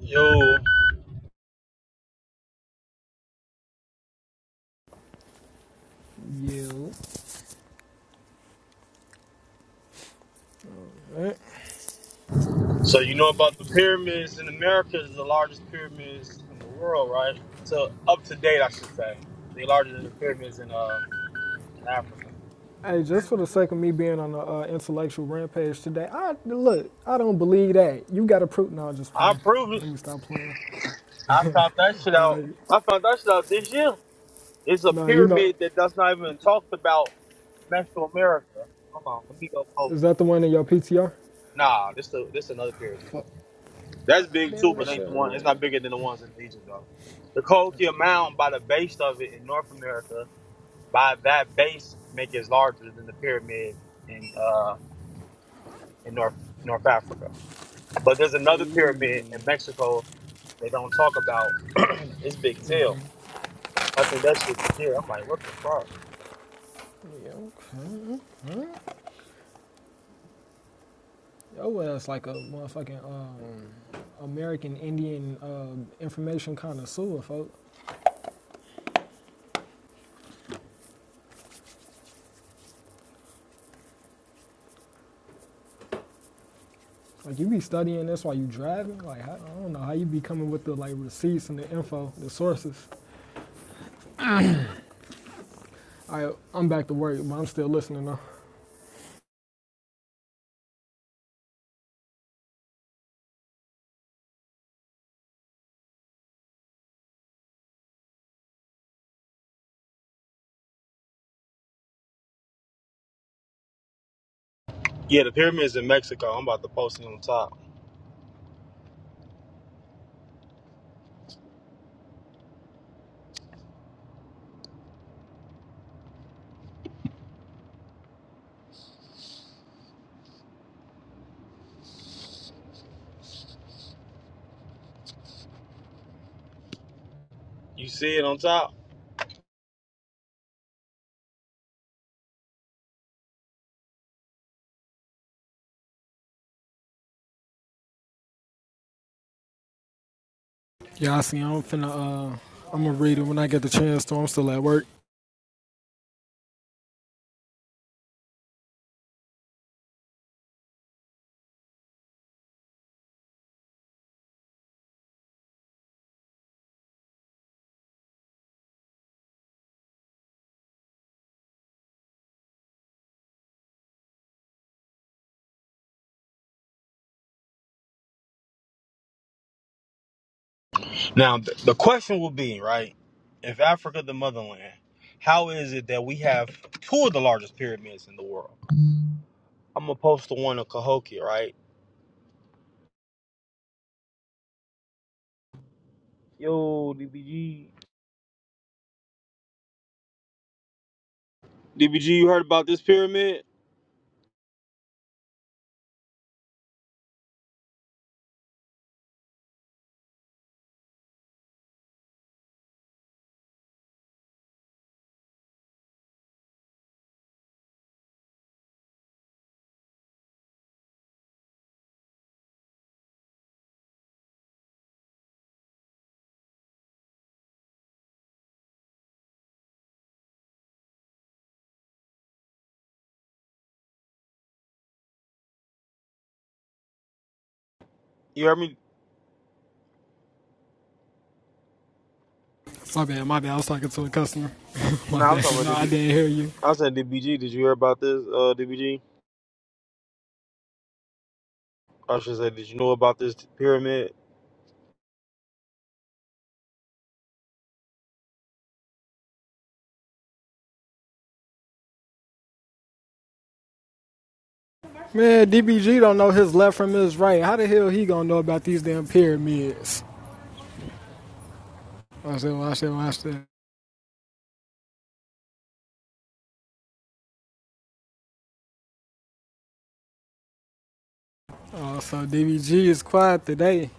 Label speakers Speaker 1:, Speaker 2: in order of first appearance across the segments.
Speaker 1: Yo,
Speaker 2: You.
Speaker 1: so you know about the pyramids in America is the largest pyramids in the world, right? So up to date, I should say, they larger than the pyramids in uh in Africa.
Speaker 2: Hey, just for the sake of me being on an uh, intellectual rampage today, I look. I don't believe that. You got to prove. No, I'm just
Speaker 1: I
Speaker 2: playing.
Speaker 1: proved it.
Speaker 2: Let me stop playing.
Speaker 1: I found that shit
Speaker 2: Nah,
Speaker 1: out. I found that shit out this year. It's a
Speaker 2: nah. You know,
Speaker 1: pyramid that that's not even talked about in Metro America. Hold on, let me go post
Speaker 2: is that the
Speaker 1: it.
Speaker 2: one in your PTR?
Speaker 1: Nah, this the this another pyramid.
Speaker 2: Fuck. Ah,
Speaker 1: That's big too,
Speaker 2: damn, that
Speaker 1: but
Speaker 2: shit
Speaker 1: ain't the one. It's
Speaker 2: hurt.
Speaker 1: not bigger than the ones in Egypt though. The Cahokia Mound by the base of it in North America by that base make it larger than the pyramid in uh in North North Africa. But there's
Speaker 2: Hey.
Speaker 1: another pyramid in Mexico they don't talk about. it's big as hell.
Speaker 2: Mhm.
Speaker 1: I think that shit is here. I'm like, what the fuck?
Speaker 2: Yeah, okay. Your ass like a motherfucking um, American Indian uh, information connoisseur, folks. Like you be studying this while you driving. Like I, I don't know how you be coming with the like receipts and the info, the sources. I I'm back to work, but I'm still listening though.
Speaker 1: Yeah, the pyramids in Mexico. I'm about to post it on top. You see it on top.
Speaker 2: Yeah, I see. I'm finna uh, I'm gonna read it when I get the chance. to. I'm still at work.
Speaker 1: Now th- the question will be right: If Africa the motherland, how is it that we have two of the largest pyramids in the world? I'm gonna post the one of Cahokia, right? Yo, DBG. DBG, you heard about this pyramid? You heard me?
Speaker 2: My bad, my bad. I was talking to a customer. my
Speaker 1: No, I'm
Speaker 2: bad.
Speaker 1: talking about
Speaker 2: No, I
Speaker 1: DBG.
Speaker 2: didn't hear you.
Speaker 1: I said DBG. Did you hear about this, uh, DBG? I should say, did you know about this pyramid?
Speaker 2: Man, DBG don't know his left from his right. How the hell he gonna know about these damn pyramids? Watch that, watch that, watch that. Oh, so DBG is quiet today.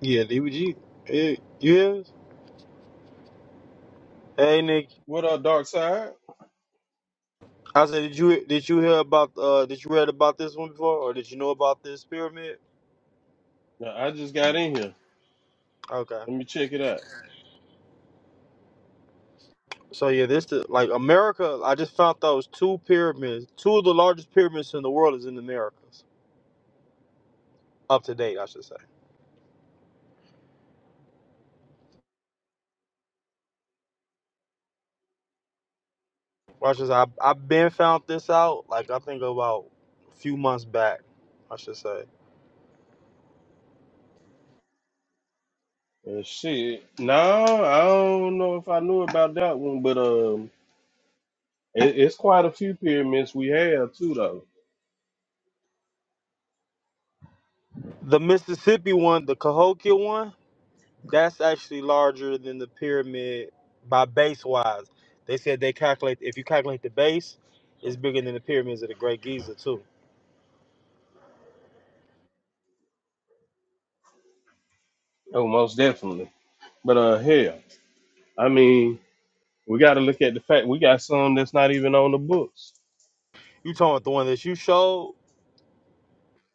Speaker 1: Yeah, DBG. Yeah. you hear? us? Hey, Nick.
Speaker 3: What up, Dark Side?
Speaker 1: I said, did you did you hear about uh did you read about this one before or did you know about this pyramid?
Speaker 3: Now, I just got in here.
Speaker 1: Okay.
Speaker 3: Let me check it out.
Speaker 1: So yeah, this the, like America. I just found out was two pyramids. Two of the largest pyramids in the world is in America. Up to date, I should say. Watch this. I I've been found this out. Like I think about a few months back, I should say.
Speaker 3: Uh, shit. No, I don't know if I knew about that one, but um, it, it's quite a few pyramids we have too, though.
Speaker 1: The Mississippi one, the Cahokia one, that's actually larger than the pyramid by base wise. They said they calculate if you calculate the base, it's bigger than the pyramids of the Great Giza too.
Speaker 3: Oh, most definitely. But uh, hell, I mean, we got to look at the fact we got some that's not even on the books.
Speaker 1: You talking about the one that you showed?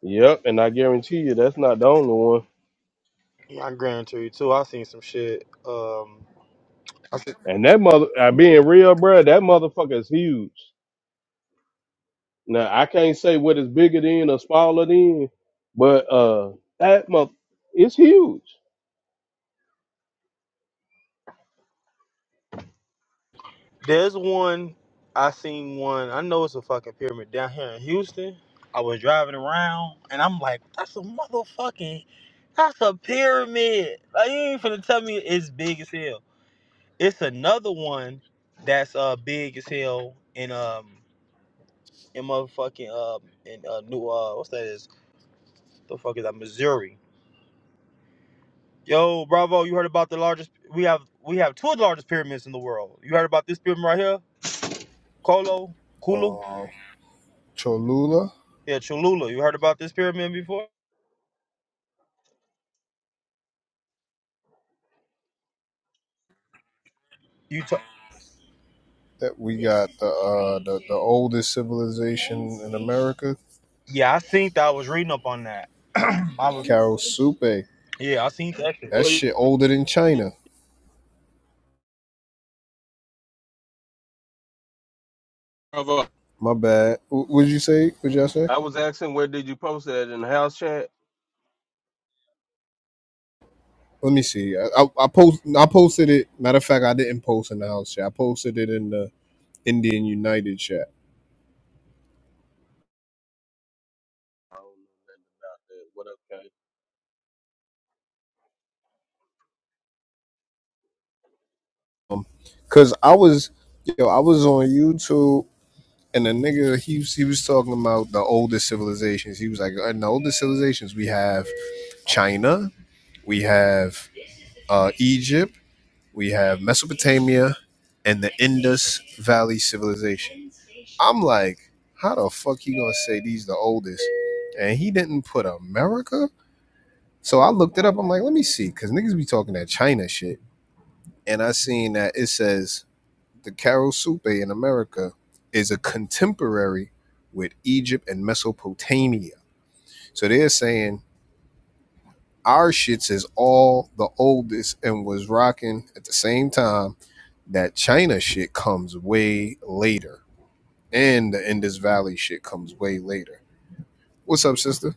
Speaker 3: Yep, and I guarantee you that's not the only one.
Speaker 1: Yeah, I guarantee you too. I seen some shit. Um, I seen
Speaker 3: And that mother, I being real, bruh, that motherfucker is huge. Now I can't say what is bigger than or smaller than, but uh that month it's huge.
Speaker 1: There's one I seen one. I know it's a fucking pyramid down here in Houston. I was driving around and I'm like, that's a motherfucking, that's a pyramid. Like you ain't finna tell me it's big as hell. It's another one that's uh big as hell in um in motherfucking uh in uh new uh what's that is the fuck is that Missouri. Yo, Bravo, you heard about the largest? We have we have two of the largest pyramids in the world. You heard about this pyramid right here, Kolo, Kulu?
Speaker 4: uh, Cholula.
Speaker 1: Yeah, Cholula. You heard about this pyramid before? You t-
Speaker 4: That we got the, uh, the the oldest civilization in America,
Speaker 1: yeah, I seen that. I was reading up on that. I was
Speaker 4: Karasupe.
Speaker 1: yeah, I seen that shit.
Speaker 4: That
Speaker 3: Where
Speaker 4: shit
Speaker 3: you
Speaker 4: older than China.
Speaker 3: from? uh,
Speaker 4: My bad. What'd you say? What'd y'all say?
Speaker 3: I was asking where did you post that in the house chat?
Speaker 4: Let me see. I, I, I post. I posted it. Matter of fact, I didn't post in the house chat. I posted it in the Indian United chat.
Speaker 3: I don't know What up, Kay?
Speaker 4: Um, cause I was, yo, I was on YouTube and the nigga he was- he was talking about the oldest civilizations. He was like, in the oldest civilizations we have China, we have uh, Egypt, we have Mesopotamia, and the Indus Valley Civilization. I'm like, how the fuck you gonna say these the oldest? And he didn't put America. So I looked it up. I'm like, let me see, because niggas be talking that China shit. And I seen that it says the Caral-Supe in America is a contemporary with Egypt and Mesopotamia. So they're saying our shits is all the oldest and was rocking at the same time that China shit comes way later, and the Indus Valley shit comes way later. What's up, sister?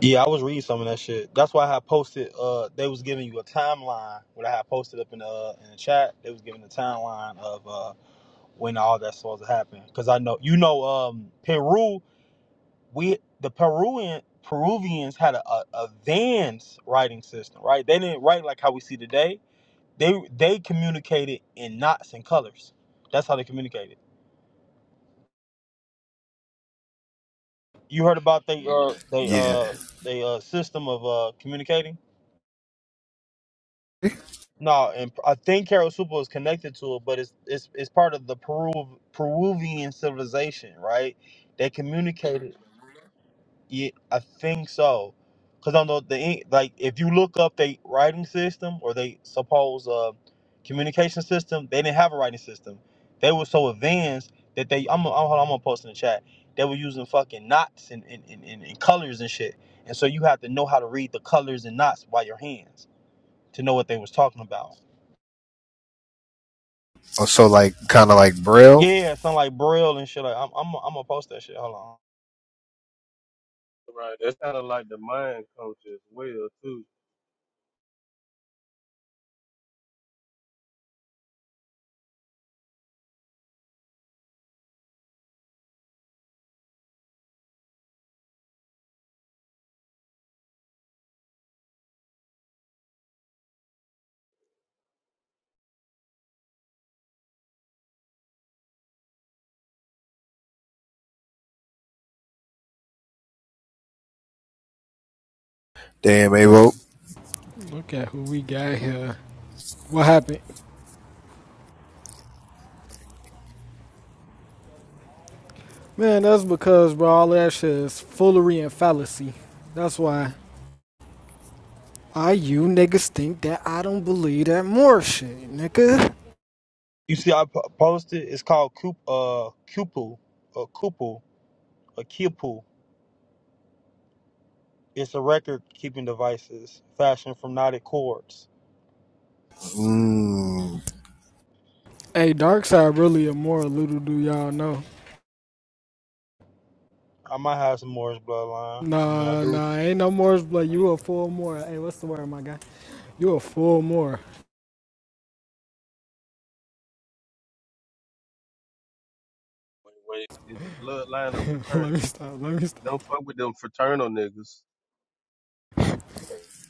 Speaker 1: Yeah, I was reading some of that shit. That's why I had posted. Uh, they was giving you a timeline. What I had posted up in the uh, in the chat, they was giving the timeline of uh when all that's supposed to happen. Cause I know you know um Peru. We the Peruvian Peruvians had a, a, a Vans writing system, right? They didn't write like how we see today. They they communicated in knots and colors. That's how they communicated You heard about they uh they
Speaker 4: Yeah.
Speaker 1: uh they uh system of uh communicating? No, and I think Carol Super is connected to it, but it's it's it's part of the Peru Peruvian civilization, right? They communicated. Yeah, I think so. Cause on the, the en- like, if you look up the writing system or they suppose uh, communication system, they didn't have a writing system. They were so advanced that they I'm gonna- I'm, hold on, I'm gonna post in the chat. They were using fucking knots and, and, and, and, and colors and shit. And so you have to know how to read the colors and knots by your hands to know what they was talking about.
Speaker 4: Oh, So like, kind of like Braille.
Speaker 1: Yeah, something like braille and shit. Like I'm I'm I'm gonna post that shit. Hold on.
Speaker 3: Right, that's kind of like the mind culture as well too.
Speaker 4: Damn, Avo.
Speaker 2: Look at who we got here. What happened? Man, that's because, bro, all that shit is foolery and fallacy. That's why why you niggas think that I don't believe that more shit, nigga.
Speaker 1: You see, I po- posted. It's called Coop uh Cupel, uh Cupel, a Kipu. It's a record keeping devices fashioned from knotted cords.
Speaker 4: Mm,
Speaker 2: Hey, dark side really a more little do y'all know.
Speaker 1: I might have some Moorish bloodline. I mean, I
Speaker 2: Nah,
Speaker 1: do.
Speaker 2: nah, ain't no more. Like you a full more. Hey, what's the word, my guy? You a full more.
Speaker 3: When, when it's the bloodline of fraternity.
Speaker 2: let me stop. Let me stop.
Speaker 3: Don't fuck with them fraternal niggas,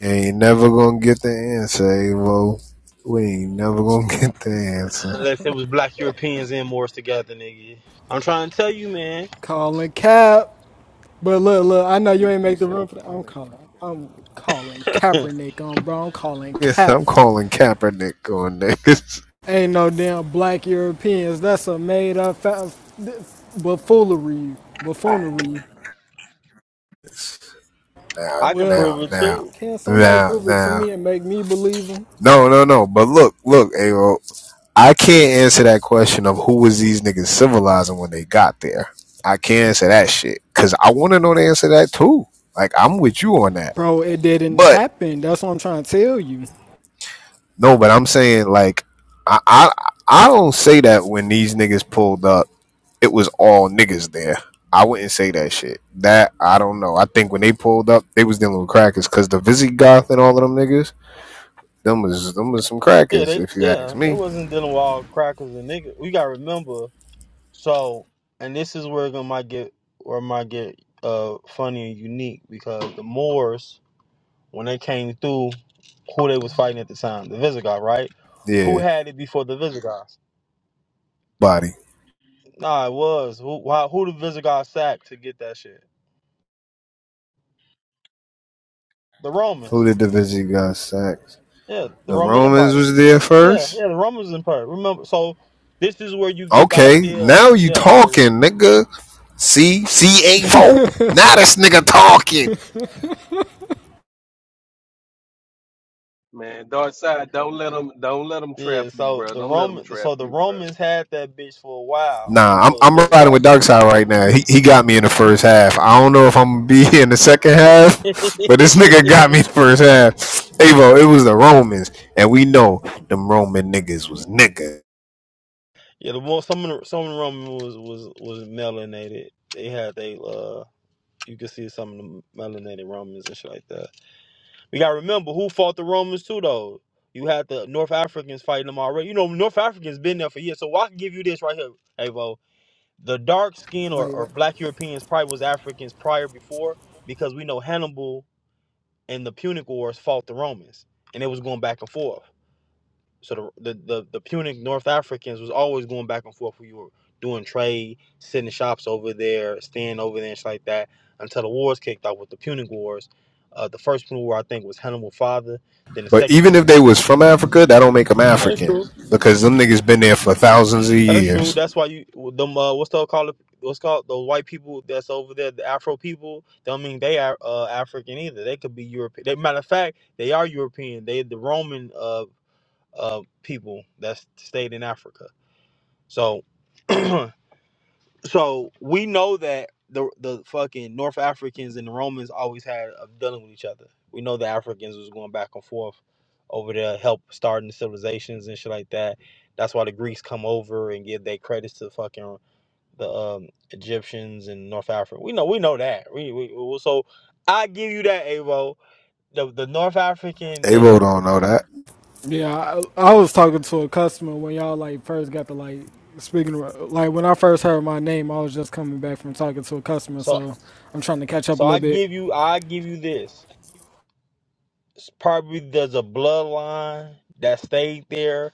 Speaker 4: ain't never gonna get the answer, Avo. We ain't never gonna get the answer.
Speaker 1: Unless it was black Europeans and Moors together, nigga. I'm trying to tell you, man.
Speaker 2: Calling cap. But look, look. I know you ain't make the room for that. I'm calling. I'm calling Kaepernick on, bro. I'm calling
Speaker 4: Yes, I'm
Speaker 2: cap.
Speaker 4: calling Kaepernick on this.
Speaker 2: Ain't no damn black Europeans. That's a made up fa- buffoonery. Buffoonery.
Speaker 4: Now,
Speaker 1: I can
Speaker 4: now,
Speaker 2: Well,
Speaker 1: prove it
Speaker 4: now,
Speaker 1: too.
Speaker 2: can somebody
Speaker 4: now,
Speaker 2: prove it to
Speaker 4: now.
Speaker 2: me and make me believe them?
Speaker 4: No, no, no. But look, look, Avo. I can't answer that question of who was these niggas civilizing when they got there. I can't answer that shit because I want to know the answer to that too. Like I'm with you on that,
Speaker 2: Bro, it didn't
Speaker 4: but
Speaker 2: happen. That's what I'm trying to tell you.
Speaker 4: no, but I'm saying like I I, I don't say that when these niggas pulled up, it was all niggas there. I wouldn't say that shit. That I don't know. I think when they pulled up, they was dealing with crackers because the Visigoth and all of them niggas, them was them was some
Speaker 1: Yeah,
Speaker 4: crackers
Speaker 1: they
Speaker 4: if you ask
Speaker 1: yeah, they
Speaker 4: me.
Speaker 1: wasn't dealing with all crackers and niggas. We gotta remember. So, and this is where it gonna might get where it might get uh funny and unique because the Moors when they came through, who they was fighting at the time, the Visigoth, right? Who
Speaker 4: Yeah,
Speaker 1: had it before the Visigoths?
Speaker 4: body.
Speaker 1: Nah, it was. Who why, who the Visigoths sacked to get that shit? The Romans.
Speaker 4: Who did the Visigoth sack?
Speaker 1: Yeah, the
Speaker 4: The
Speaker 1: Roman
Speaker 4: Romans
Speaker 1: Empire.
Speaker 4: was there
Speaker 1: Yeah,
Speaker 4: first.
Speaker 1: yeah, the Romans Empire. Remember, so this is where you get the
Speaker 4: Okay,
Speaker 1: idea.
Speaker 4: now you
Speaker 1: Yeah, so
Speaker 4: talking, nigga. See, see, Avo. Now this nigga talking.
Speaker 3: man. Dark side, don't let them, don't let them trap
Speaker 1: yeah,
Speaker 3: you,
Speaker 1: so
Speaker 3: bro.
Speaker 1: the
Speaker 3: Don't let them
Speaker 1: Roman,
Speaker 3: trap
Speaker 1: so the
Speaker 3: you, bro.
Speaker 1: Romans had that bitch for a while
Speaker 4: Nah, I'm
Speaker 1: before the
Speaker 4: I'm riding with
Speaker 1: Visigoths hit them.
Speaker 4: Darkseid right now. He he got me in the first half. I don't know if I'm gonna be here in the second half, but this nigga got me in the first half. Avo, it was the Romans, and we know them Roman niggas was nigga.
Speaker 1: yeah, the one some of the some of the Roman was was was melanated. They had they uh, you could see some of the melanated Romans and shit like that. You gotta remember who fought the Romans too, though. You had the North Africans fighting them already. You know, North Africans been there for years. So I can give you this right here, Avo. The dark skin or,
Speaker 2: Wait,
Speaker 1: or
Speaker 2: what?
Speaker 1: black Europeans probably was Africans prior before because we know Hannibal and the Punic Wars fought the Romans and it was going back and forth. So the, the the the Punic North Africans was always going back and forth. We were doing trade, sitting shops over there, staying over there, and shit like that, until the wars kicked off with the Punic Wars. Uh, the first Punic War I think was Hannibal's father. Then the
Speaker 4: But
Speaker 1: second.
Speaker 4: even if
Speaker 1: Punic
Speaker 4: they
Speaker 1: War-
Speaker 4: was from Africa, that don't make them African because them niggas been there for thousands of
Speaker 1: That's true.
Speaker 4: years.
Speaker 1: That's why you them uh, what's the called what's called those white people that's over there, the Afro people. Don't mean they are uh, African either. They could be European. They, matter of fact, they are European. They the Roman uh uh people that stayed in Africa. So. So we know that the the fucking North Africans and the Romans always had a dealing with each other. We know the Africans was going back and forth over there, help starting civilizations and shit like that. That's why the Greeks come over and give their credits to fucking the um, Egyptians and North Africa. We know we know that. We, we, we- so I give you that, Avo. The the North African that
Speaker 4: Avo don't know that.
Speaker 2: Yeah, I, I was talking to a customer when y'all like first got to like speaking of, like when I first heard my name, I was just coming back from talking to a customer,
Speaker 1: so
Speaker 2: so I'm trying to catch up
Speaker 1: so
Speaker 2: a
Speaker 1: I
Speaker 2: little bit.
Speaker 1: give you I give you this. It's probably there's a bloodline that stayed there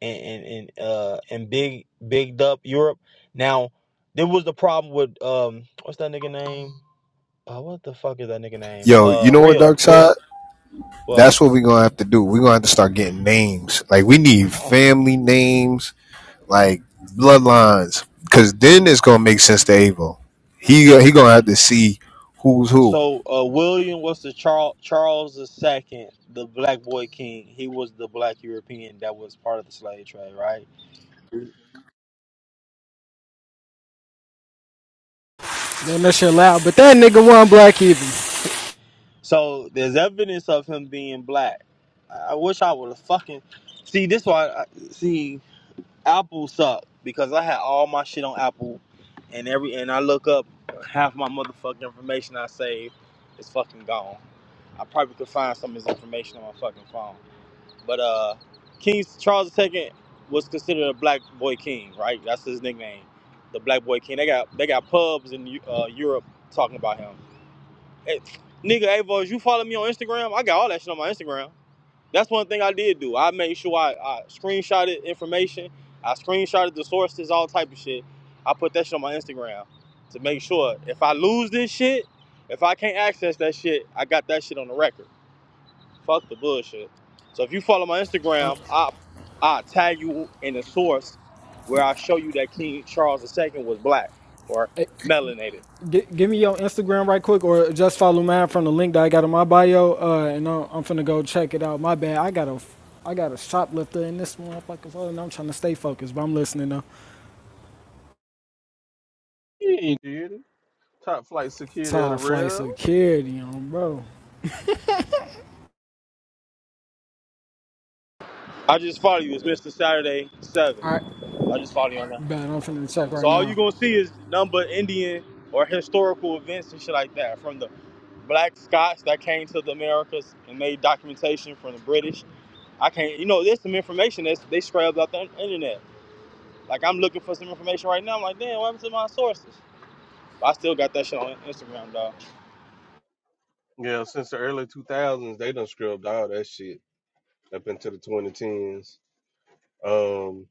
Speaker 1: and and and, uh, and big bigged up Europe. Now there was the problem with um what's that nigga name? Uh, what the fuck is that nigga name?
Speaker 4: Yo, you
Speaker 1: Uh,
Speaker 4: know what,
Speaker 1: real real.
Speaker 4: Darkseid?
Speaker 1: Well,
Speaker 4: That's what we're gonna have to do. We're gonna have to start getting names. Like we need family names, like bloodlines, because then it's gonna make sense to Abel. He he gonna have to see who's who.
Speaker 1: so uh, William was the Charles Charles the Second, the Black Boy King. He was the Black European that was part of the slave trade, right?
Speaker 2: Damn, that shit loud, but that nigga wasn't black either.
Speaker 1: So there's evidence of him being black. I I wish I would have fucking see this. Why I, see Apple sucked because I had all my shit on Apple, and every and I look up half my motherfucking information I saved is fucking gone. I probably could find some of his information on my fucking phone. But uh, King Charles II was considered a black boy king, right? That's his nickname, the black boy king. They got they got pubs in uh, Europe talking about him. Hey, nigga, hey boys, you follow me on Instagram? I got all that shit on my Instagram. That's one thing I did do. I made sure I, I screenshotted information. I screenshotted the sources, all type of shit. I put that shit on my Instagram to make sure if I lose this shit, if I can't access that shit, I got that shit on the record. Fuck the bullshit. So if you follow my Instagram, I I tag you in the source where I show you that King Charles II was black or melanated.
Speaker 2: G- give me your Instagram right quick, or just follow mine from the link that I got in my bio, uh, and I'm, I'm finna go check it out. My bad, I got a, I got a shoplifter in this motherfucker, so- and I'm trying to stay focused, but I'm listening to
Speaker 3: You ain't did it. Top flight security of the
Speaker 2: Top Flight
Speaker 3: real.
Speaker 2: Security on, bro.
Speaker 1: I just follow you. It's Mr. Saturday
Speaker 2: All right,
Speaker 1: Seven. I just follow you on that.
Speaker 2: bet I'm finna check
Speaker 1: So
Speaker 2: right
Speaker 1: all you
Speaker 2: now.
Speaker 1: gonna see is number Indian or historical events and shit like that from the black Scots that came to the Americas and made documentation from the British. I can't, you know, there's some information that they scrubbed out the internet. Like I'm looking for some information right now. I'm like, damn, what happened to my sources? But I still got that shit on Instagram, dog.
Speaker 3: Yeah, since the early 2000s, they done scrubbed all that shit up into the 2010s. Um,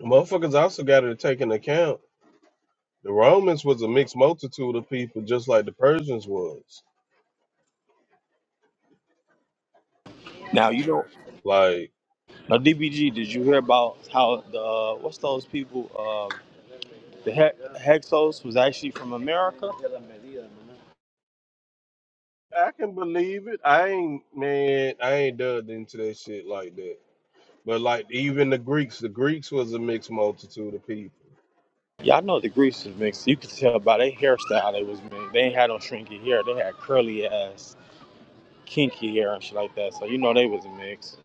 Speaker 3: motherfuckers also got to take into account the Romans was a mixed multitude of people, just like the Persians was.
Speaker 1: Now you know,
Speaker 3: Like,
Speaker 1: now DBG, did you hear about how the uh, what's those people? Uh, the he- Hexos was actually from America.
Speaker 3: I can believe it. I ain't, man, I ain't dug into that shit like that. But, like, even the Greeks, the Greeks was a mixed multitude of people.
Speaker 1: Yeah, I know the Greeks was mixed. You could tell by their hairstyle they was mixed. They ain't had no shrinky hair. They had curly ass, kinky hair and shit like that. So you know they was mixed.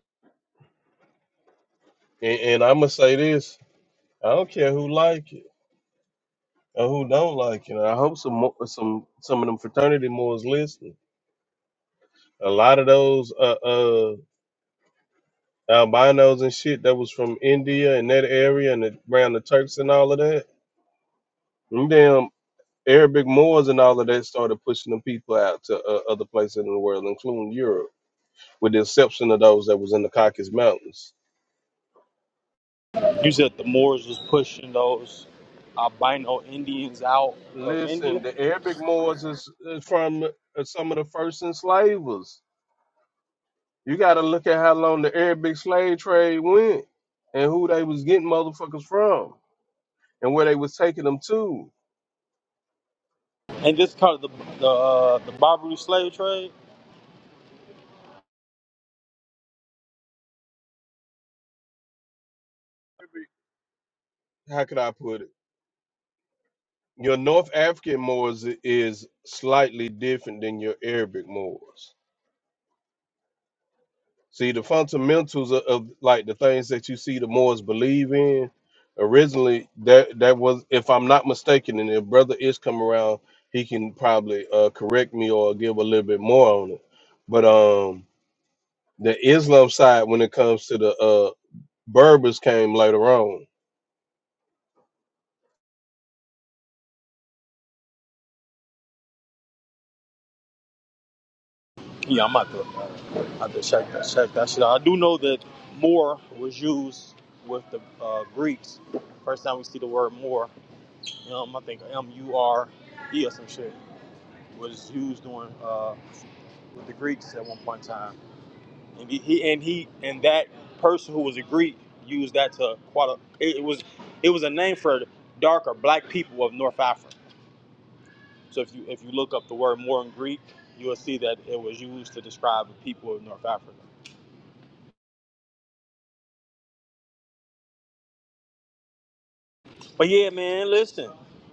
Speaker 3: And, and I'm going to say this I don't care who like it or who don't like it. I hope some, mo- some, some of them fraternity moors listen A lot of those uh, uh, albinos and shit that was from India and that area and the, around the Turks and all of that. Them damn Arabic Moors and all of that started pushing them people out to uh, other places in the world, including Europe, with the exception of those that was in the Caucasus Mountains.
Speaker 1: You said the Moors was pushing those albino Indians out of
Speaker 3: Listen,
Speaker 1: India,
Speaker 3: the Arabic Moors is, is from uh, some of the first enslavers. You got to look at how long the Arabic slave trade went and who they was getting motherfuckers from and where they was taking them to.
Speaker 1: and this part of the the, uh, the Barbary slave trade.
Speaker 3: how could I put it? Your North African Moors is slightly different than your Arabic Moors. See, the fundamentals of, of like the things that you see the Moors believe in originally that that was, if I'm not mistaken, and if Brother Ish come around, he can probably uh, correct me or give a little bit more on it. But um, the Islam side, when it comes to the uh, Berbers, came later on
Speaker 1: Yeah, I'm about to, uh, have to check that check that shit out. I do know that Moor was used with the uh, Greeks. First time we see the word Moor, um, I think M U R E or some shit. was used on uh, with the Greeks at one point in time, and he, he and he and that person who was a Greek used that to quite a, it, it was it was a name for dark or black people of North Africa. So if you if you look up the word more in Greek, you will see that it was used to describe the people of North Africa. But yeah, man, listen,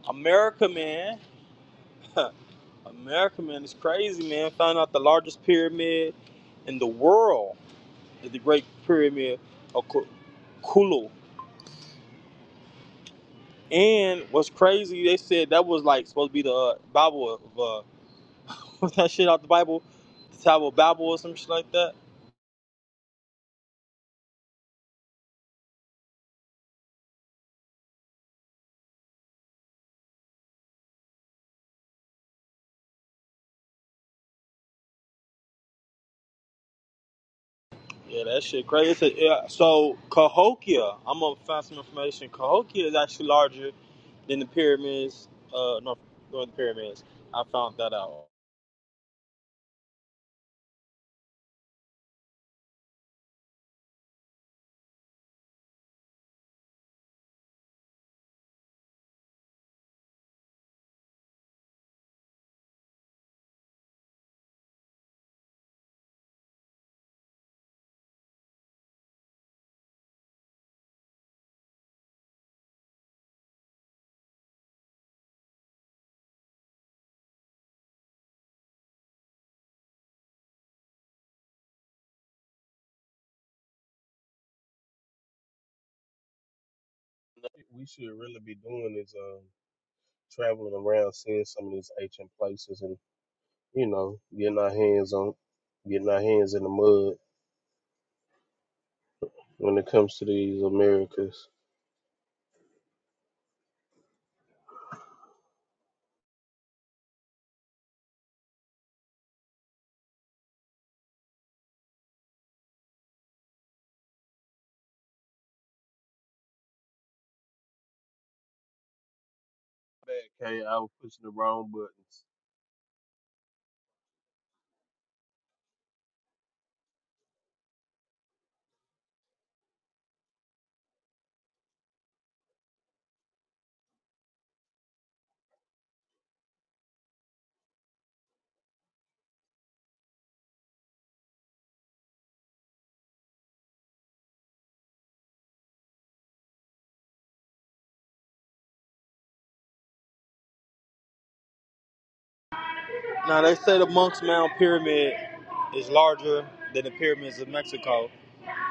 Speaker 1: America, man, America, man, is crazy, man. Found out the largest pyramid in the world is the Great Pyramid of Ku- Kulu And what's crazy, they said that was like supposed to be the uh, Bible of uh, what's that shit out the Bible, the Tower of Babel or some shit like that. Yeah, that shit crazy. It's a- yeah, so Cahokia, I'm gonna find some information. Cahokia is actually larger than the pyramids. Uh, no, than the pyramids. I found that out.
Speaker 3: we should really be doing is um, traveling around, seeing some of these ancient places and. you know, getting our hands on, getting our hands in the mud when it comes to these Americas. Bad, K, I was pushing the wrong buttons.
Speaker 1: Now they say the Monk's Mound pyramid is larger than the pyramids of Mexico,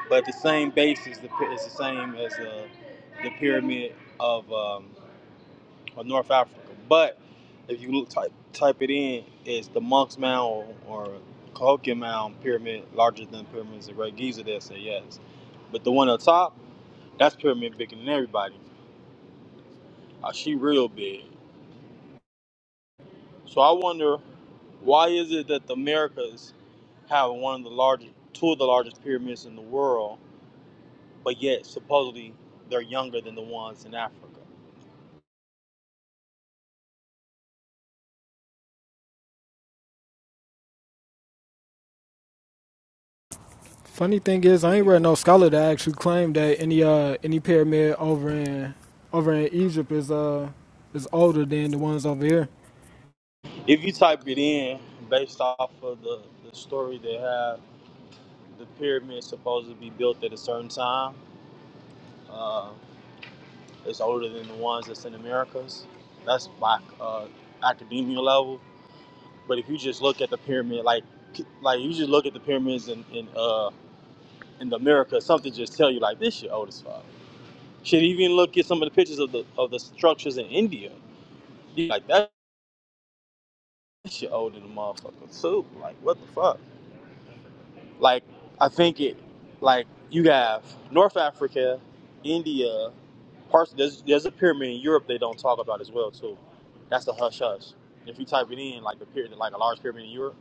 Speaker 1: but the same base is the, pi- is the same as uh, the pyramid of. Um, or North Africa. But if you type type it in, it's the Monk's Mound or, or Cahokia Mound pyramid, larger than pyramids of Great Giza. They say yes, but the one on top, that's pyramid bigger than everybody. Uh, she real big. So I wonder why is it that the Americas have one of the largest, two of the largest pyramids in the world, but yet supposedly they're younger than the ones in Africa.
Speaker 2: Funny thing is,
Speaker 3: You
Speaker 2: I ain't read
Speaker 3: getting
Speaker 2: no
Speaker 3: it?
Speaker 2: scholar that actually claimed that any uh any pyramid over in over in Egypt is uh is older than the ones over here.
Speaker 1: If you type it in, based off of the, the story they have The pyramid's supposed to be built at a certain time. Uh, it's older than the ones that's in Americas. That's by uh, academia level. But if you just look at the pyramid, like like you just look at the pyramids in in, uh, in the Americas, something just tell you like this shit old as fuck. Should even look at some of the pictures of the of the structures in India. Like that shit older than the motherfucker too. Like what the fuck? Like I think it like you have North Africa, India, parts there's there's a pyramid in Europe they don't talk about as well too. That's the hush hush. If you type it in like the pyramid like a large pyramid in Europe,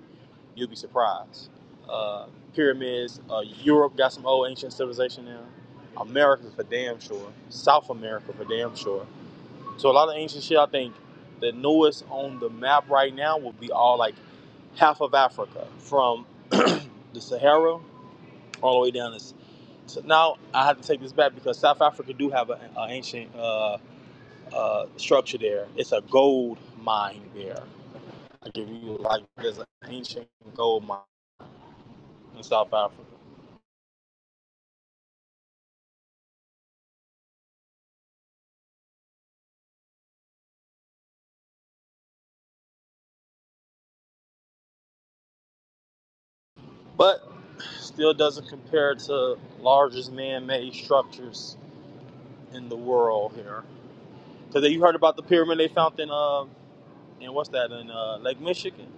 Speaker 1: you'll be surprised. Uh, pyramids, uh, Europe got some old ancient civilization there. America for damn sure. South America for damn sure. So a lot of ancient shit I think the newest on the map right now will be all like half of Africa from the Sahara all the way down this. So now I have to take this back because South Africa do have an ancient uh, uh, structure there. It's a gold mine there. I give you like there's an ancient gold mine in South Africa, but still doesn't compare to largest man-made structures in the world here. Because you heard about the pyramid they found in uh, in what's that in uh, Lake Michigan?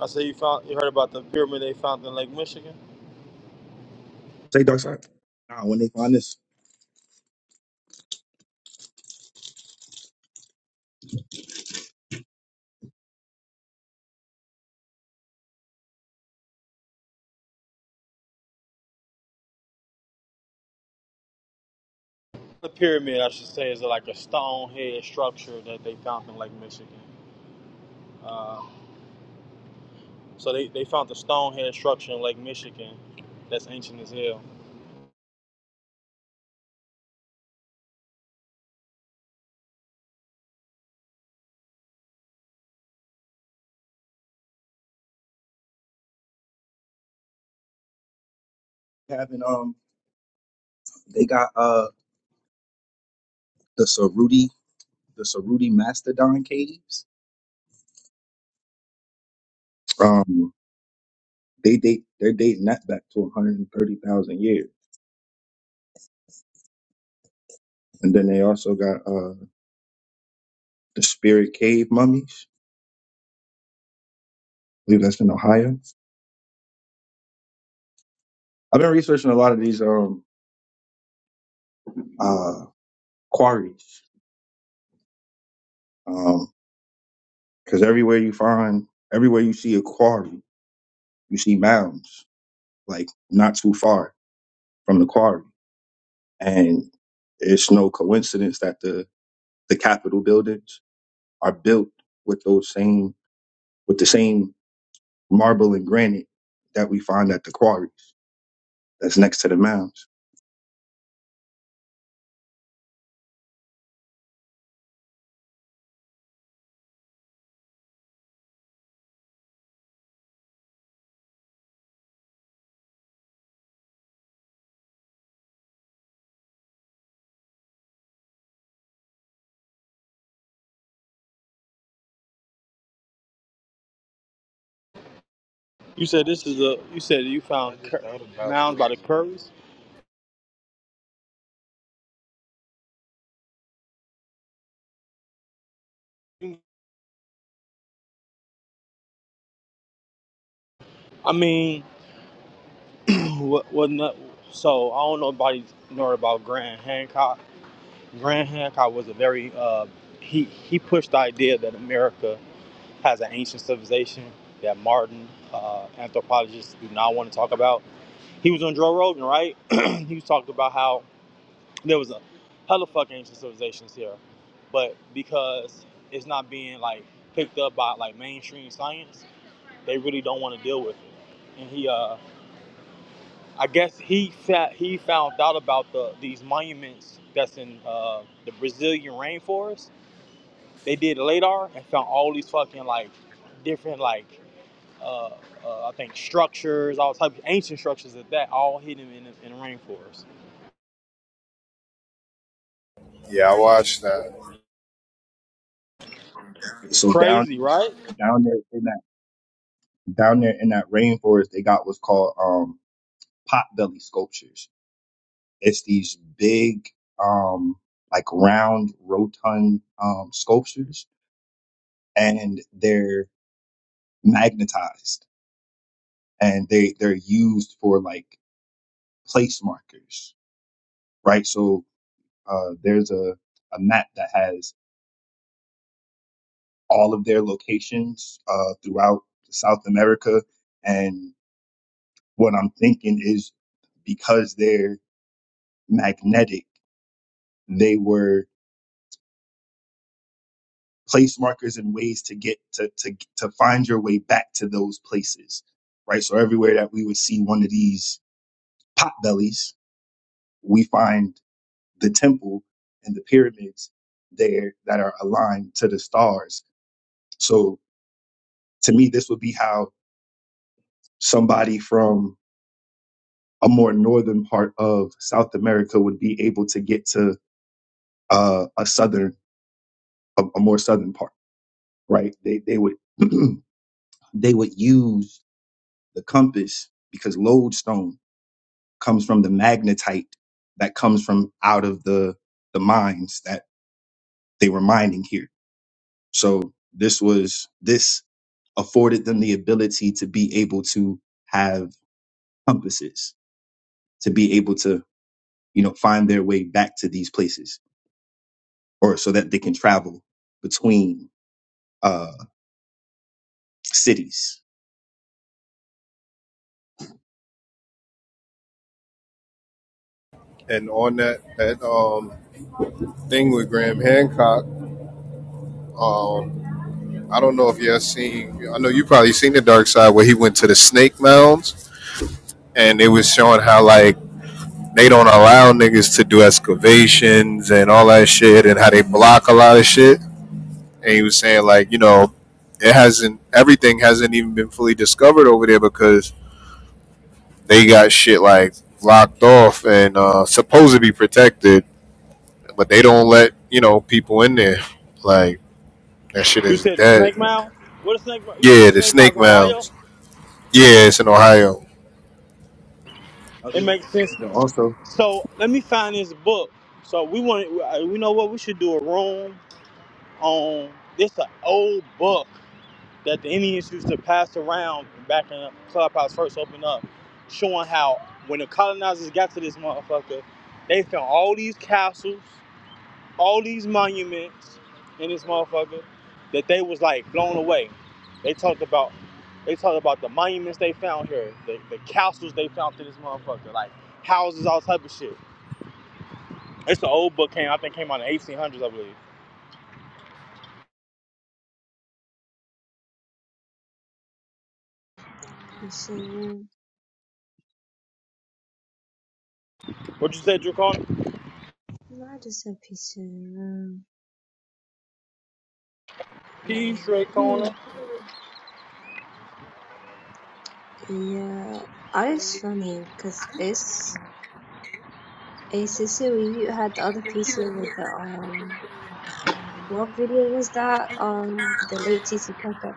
Speaker 1: I say you found you heard about the pyramid they found in Lake Michigan.
Speaker 5: Say dark side. Nah, when they find this
Speaker 1: The pyramid, I should say, is like a stone head structure that they found in Lake Michigan. Uh, so they, they found the stone head structure in Lake Michigan that's ancient as hell.
Speaker 5: having um they got uh the Saruti the Saruti Mastodon caves. Um they date they're dating that back to 130,000 years. And then they also got uh the Spirit Cave mummies. I believe that's in Ohio. I've been researching a lot of these um uh quarries. Um cuz everywhere you find everywhere you see a quarry, you see mounds like not too far from the quarry. And it's no coincidence that the the Capitol buildings are built with those same with the same marble and granite that we find at the quarries that's next to the mounds.
Speaker 1: You said this is a, you said you
Speaker 3: But
Speaker 1: found
Speaker 3: I just
Speaker 1: cur-
Speaker 3: thought about
Speaker 1: mounds by
Speaker 3: some.
Speaker 1: the Currys?
Speaker 3: See
Speaker 1: I mean, what, what not, so I don't know Nobody know about Grant Hancock. Grant Hancock was a very, uh, he, he pushed the idea that America has an ancient civilization that modern uh, anthropologists do not want to talk about He was on Joe Rogan, right? he was talking about how there was a hella fuck ancient civilizations here, but because it's not being like picked up by like mainstream science, they really don't want to deal with it. And he, uh, I guess he fa- he found out about the these monuments that's in uh, the Brazilian rainforest. They did LADAR and found all these fucking like different like uh, uh, I think structures, all types of ancient structures of that, all hidden in the, in the rainforest.
Speaker 4: Yeah, I watched that,
Speaker 5: So down
Speaker 1: Crazy, right?
Speaker 5: down there in that down there in that rainforest, they got what's called um, potbelly sculptures. It's these big um, like round rotund um, sculptures, and they're magnetized and they they're used for like place markers, right? So uh, there's a, a map that has all of their locations uh, throughout South America. And what I'm thinking is because they're magnetic, they were place markers and ways to get to, to, to find your way back to those places, right? So everywhere that we would see one of these potbellies, we find the temple and the pyramids there that are aligned to the stars. So to me, this would be how somebody from a more northern part of South America would be able to get to uh, a southern, a, a more southern part, right? They they would they would use the compass because lodestone comes from the magnetite that comes from out of the the mines that they were mining here. So this was this afforded them the ability to be able to have compasses, to be able to you know, find their way back to these places or so that they can travel between uh, cities.
Speaker 4: and on that that um thing with Graham Hancock, um, I don't know if you have seen. I know you probably seen the Dark Side where he went to the Snake Mounds, and it was showing how like they don't allow niggas to do excavations and all that shit, and how they block a lot of shit. and he was saying like you know it hasn't everything hasn't even been fully discovered over there because they got shit like locked off and uh, supposed to be protected, but they don't let you know people in there. Like that shit
Speaker 1: You
Speaker 4: is
Speaker 1: said a
Speaker 4: dead.
Speaker 1: snake mouth? What a snake mouth?
Speaker 4: Yeah, the
Speaker 1: Snake mouth
Speaker 4: snake
Speaker 1: in Ohio?
Speaker 4: mounds. Yeah, it's in Ohio.
Speaker 5: Other
Speaker 1: It
Speaker 5: one
Speaker 1: makes sense.
Speaker 5: also,
Speaker 1: So let me find this book. So we want, we know what we should do a room on. this. an old book that the Indians used to pass around back in the clubhouse first opened up, showing how when the colonizers got to this motherfucker, they found all these castles. all these monuments in this motherfucker that they was like blown away. They talked about they talked about the monuments they found here, the, the castles they found through this motherfucker, like houses, all type of shit. It's an old book came I think came out in the eighteen hundreds, I believe.
Speaker 6: Pacing room.
Speaker 1: What you said, Dracona?
Speaker 6: I just a room.
Speaker 1: P
Speaker 6: like,
Speaker 1: Shrek
Speaker 6: hmm,
Speaker 1: Corner.
Speaker 6: yeah. Oh, it's funny because it's a sister. you had the other picture with the um, what video was that? Um, the late T T Parker.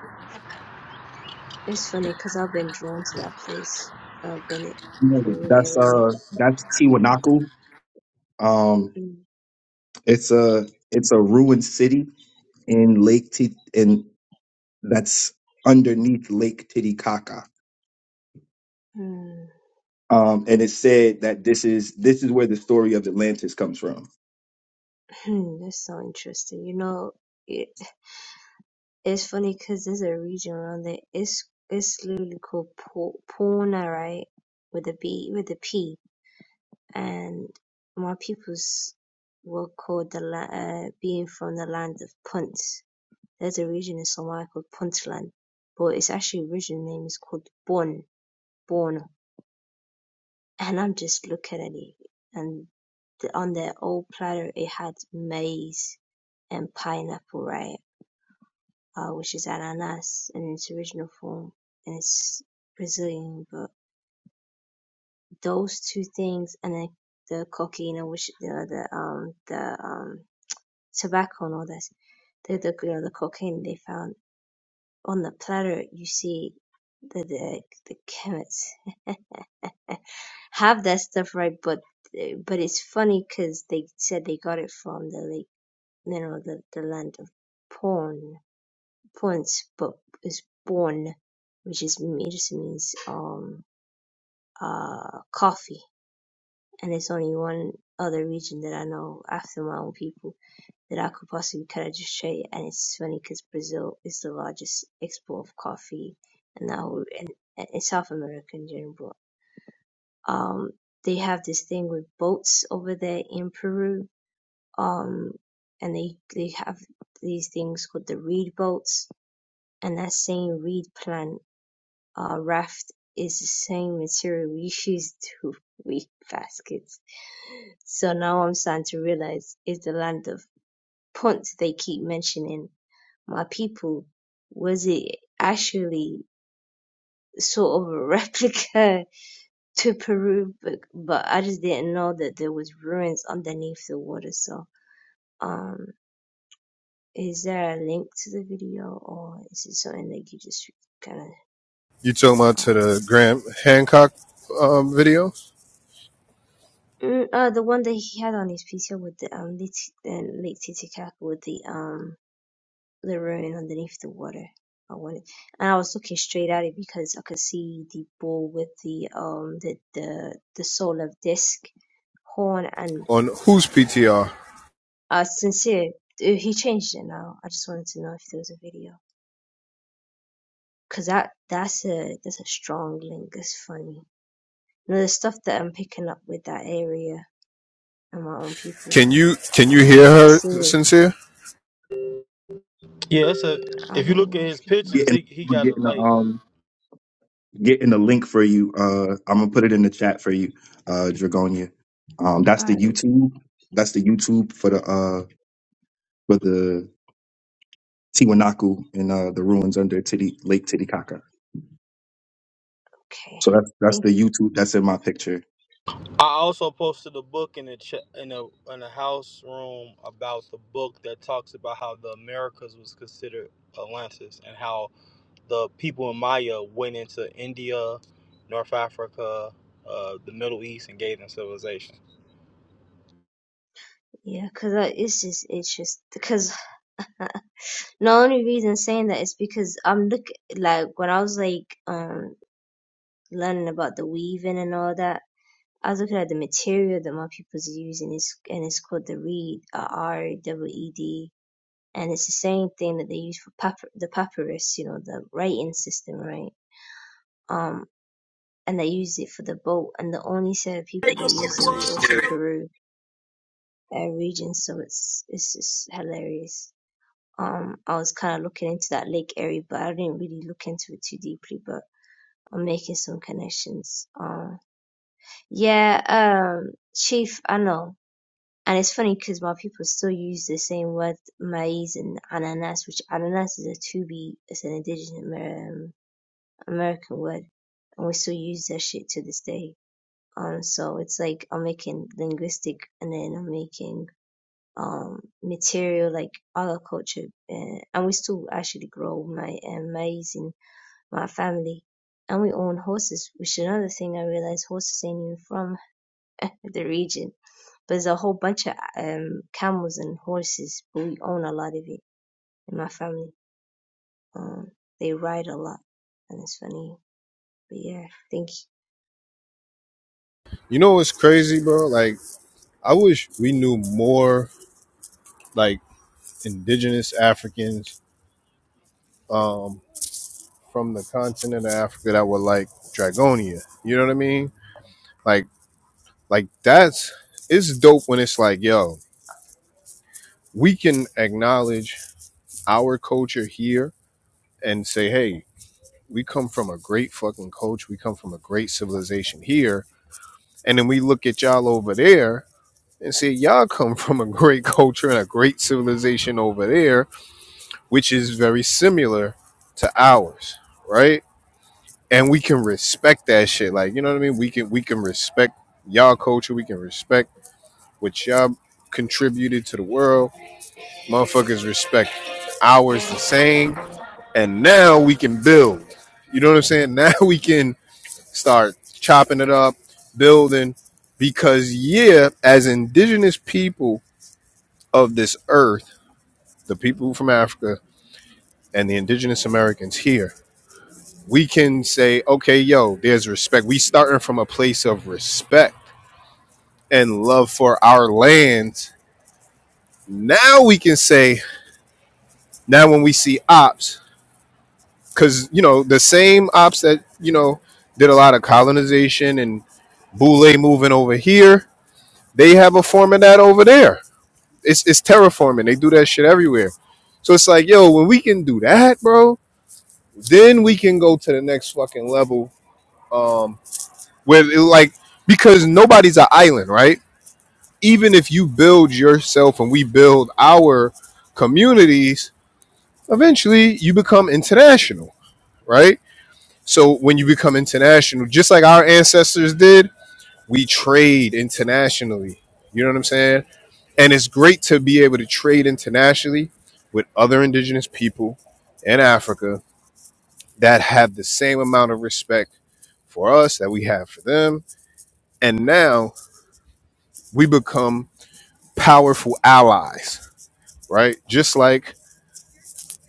Speaker 6: It's funny because I've been drawn to that place. I've been it,
Speaker 5: you know,
Speaker 6: Peru
Speaker 5: that's
Speaker 6: area.
Speaker 5: uh, that's Tiwanaku. Um,
Speaker 6: Hmm.
Speaker 5: it's a it's a ruined city in Lake T in that's underneath Lake Titicaca.
Speaker 6: Hmm.
Speaker 5: Um, and it said that this is this is where the story of Atlantis comes from.
Speaker 6: That's so interesting. You know. it. It's funny because there's a region around there. It's it's literally called Po Puna, right? With a B, with a P. And my peoples were called the la- uh, being from the land of Punt. There's a region in Somalia called Puntland, but its actually original name is called Bon Bon. And I'm just looking at it, and the, on their old platter it had maize and pineapple, right? uh, which is ananas in its original form, and it's Brazilian. But those two things, and then the cocaine, which you know, the um the um tobacco and all this, the the you know, the cocaine they found on the platter. You see, the the the chemists have that stuff right, but but it's funny because they said they got it from the like you know the the land of porn Pornsop is born, which is just means um uh coffee, and it's only one other region that I know after my own people that I could possibly kind of just straight. And it's funny because Brazil is the largest export of coffee, and that whole and, and in South America in general. Um, they have this thing with boats over there in Peru. Um, and they they have these things called the reed boats, and that same reed plant uh, raft is the same material we use to weave baskets. So now I'm starting to realize it's the land of Punt they keep mentioning. My people, was it actually sort of a replica to Peru? But, but I just didn't know that there was ruins underneath the water. So, um, is there a link to the video or is it something that you just kind
Speaker 4: You talking about
Speaker 6: of?
Speaker 4: to the Graham Hancock um, video
Speaker 6: Mm, uh, the one that he had on his picture with the um Lit- uh, Lake Titicaca with the um the ruin underneath the water. I wanted, and I was looking straight at it because I could see the bull with the um the the the soul of disc horn and
Speaker 4: on whose PTR?
Speaker 6: uh sincere. uh, He changed it now. I just wanted to know if there was a video because that that's a that's a strong link. It's funny. You know, the stuff that I'm picking up with that area and my own people,
Speaker 4: Can you can
Speaker 6: and
Speaker 4: you
Speaker 6: then
Speaker 4: hear
Speaker 6: I
Speaker 4: her
Speaker 6: see it.
Speaker 4: sincere?
Speaker 1: Yeah, it's a.
Speaker 6: I
Speaker 1: If you
Speaker 6: don't
Speaker 1: look at
Speaker 6: know
Speaker 1: his
Speaker 6: if you
Speaker 1: pictures,
Speaker 5: Getting
Speaker 1: he, he got a
Speaker 5: getting a,
Speaker 1: lake.
Speaker 5: um getting the link for you. Uh, I'm gonna put it in the chat for you, uh, Dragonia. Um,
Speaker 6: can.
Speaker 5: that's the YouTube. That's the YouTube for the uh for the Tiwanaku and uh the ruins under Titi, Lake Titicaca.
Speaker 6: Okay.
Speaker 5: So that's that's
Speaker 6: think
Speaker 5: the YouTube that's in my picture.
Speaker 1: I also posted a book in the ch- in a in a house room about the book that talks about how the Americas was considered Atlantis and how the people in Maya went into India, North Africa, uh, the Middle East, and gave them civilization.
Speaker 6: yeah, cause uh, it's just it's just because the only reason saying that is because I'm look like when I was like um learning about the weaving and all that, I was looking at the material that my people's using is and it's called the reed uh, R E W E D and it's the same thing that they use for papy- the papyrus, you know, the writing system, right? Um, and they used it for the boat, and the only set of people that used it was also Peru uh, region, so it's it's just hilarious Um, I was kind of looking into that Lake Erie, but I didn't really look into it too deeply. But I'm making some connections. Um, yeah, um, Chief, I know. And it's funny because my people still use the same word maize and ananas, which ananas is a Tubi, it's an indigenous um, American word, and we still use that shit to this day. Um, so it's like I'm making linguistic, and then I'm making um material like agriculture uh, and we still actually grow my uh, maize in my family and we own horses which is another thing i realized horses ain't even from the region but there's a whole bunch of um camels and horses but we own a lot of it in my family um they ride a lot and it's funny but yeah thank you
Speaker 4: You know what's crazy, bro? Like I wish we knew more like indigenous Africans um, from the continent of Africa that were like Dragonia. You know what I mean? Like, like that's it's dope when it's like, yo, we can acknowledge our culture here and say, hey, we come from a great fucking culture. We come from a great civilization here, and then we look at y'all over there and say, y'all come from a great culture and a great civilization over there, which is very similar to ours, right? and we can respect that shit. Like, you know what I mean? We can we can respect y'all culture. We can respect what y'all contributed to the world. Motherfuckers respect ours the same. And now we can build. You know what I'm saying? Now we can start chopping it up, building. Because yeah, as indigenous people of this earth, the people from Africa and the indigenous Americans here, we can say, okay, yo, there's respect. We starting from a place of respect and love for our land, now we can say, now when we see ops, because, you know, the same ops that, you know, did a lot of colonization and Boule moving over here, they have a form of that over there. It's, it's terraforming. They do that shit everywhere. So it's like, yo, when we can do that, bro, then we can go to the next fucking level. Um, where it, like, because nobody's an island, right? Even if you build yourself and we build our communities, eventually you become international, right? So when you become international, just like our ancestors did, we trade internationally. You know what I'm saying? And it's great to be able to trade internationally with other indigenous people in Africa that have the same amount of respect for us that we have for them. And now we become powerful allies, right? Just like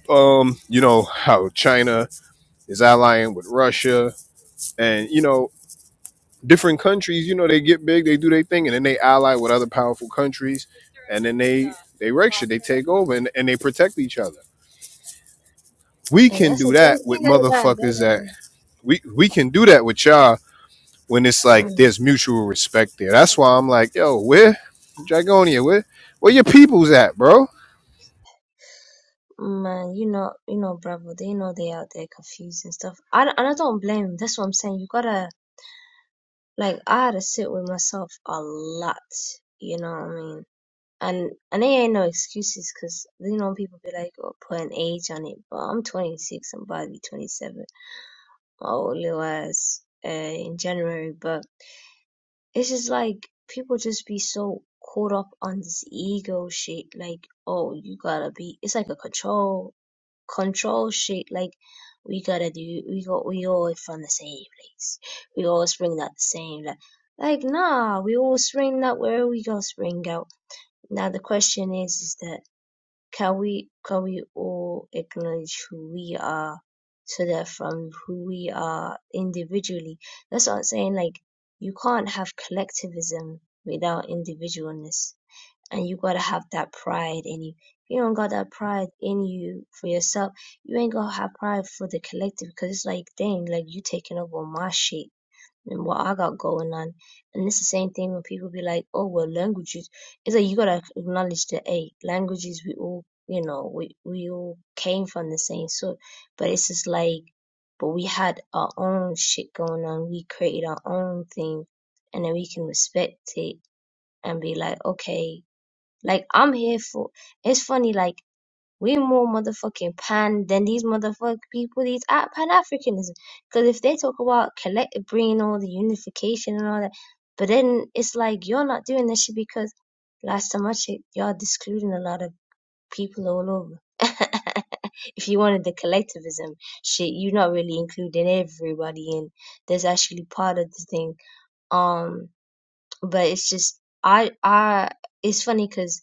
Speaker 4: um, you know, how China is allying with Russia and you know different countries, you know, they get big, they do their thing, and then they ally with other powerful countries, and then they they wreck shit, they take over, and, and they protect each other. We
Speaker 6: hey,
Speaker 4: can
Speaker 6: that's a
Speaker 4: do that
Speaker 6: great
Speaker 4: with
Speaker 6: thing like that,
Speaker 4: motherfuckers that
Speaker 6: that,
Speaker 4: we we can do that with y'all when it's
Speaker 6: uh,
Speaker 4: like
Speaker 6: mm.
Speaker 4: there's mutual respect there. That's why I'm like, yo, where Dragonia, where where your peoples at, bro?
Speaker 6: Man, you know, you know, Bravo, they know they out there confused and stuff. I, don't- and I don't blame them. That's what I'm saying. You gotta, like, I had to sit with myself a lot. You know what I mean? And and they ain't no excuses, cause you know people be like, oh, put an age on it. But I'm 26. I'm about to be 27. My old little ass uh, in January. But it's just like people just be so caught up on this ego shit. Like, oh, you gotta be. It's like a control control shit. Like we gotta do. We go. We all from the same place. We all spring out the same. Like, like nah. We all spring out where we go. Spring out. Now the question is, is that can we can we all acknowledge who we are? So that from who we are individually, that's what I'm saying. Like you can't have collectivism without individualness and you gotta have that pride in you. If you don't got that pride in you for yourself, you ain't gonna have pride for the collective because it's like, dang, like you taking over my shit and what I got going on. And it's the same thing when people be like, oh, well, languages. It's like you gotta acknowledge that, hey, languages, we all, you know, we, we all came from the same source. But it's just like, but we had our own shit going on. We created our own thing and then we can respect it and be like, okay, like I'm here for. It's funny. Like we more motherfucking pan than these motherfucking people. These pan Africanism. Because if they talk about collective bringing all the unification and all that, but then it's like you're not doing this shit because last time I checked, y'all excluding a lot of people all over. If you wanted the collectivism shit, you're not really including everybody in. That's actually part of the thing. Um, but it's just I I. It's funny because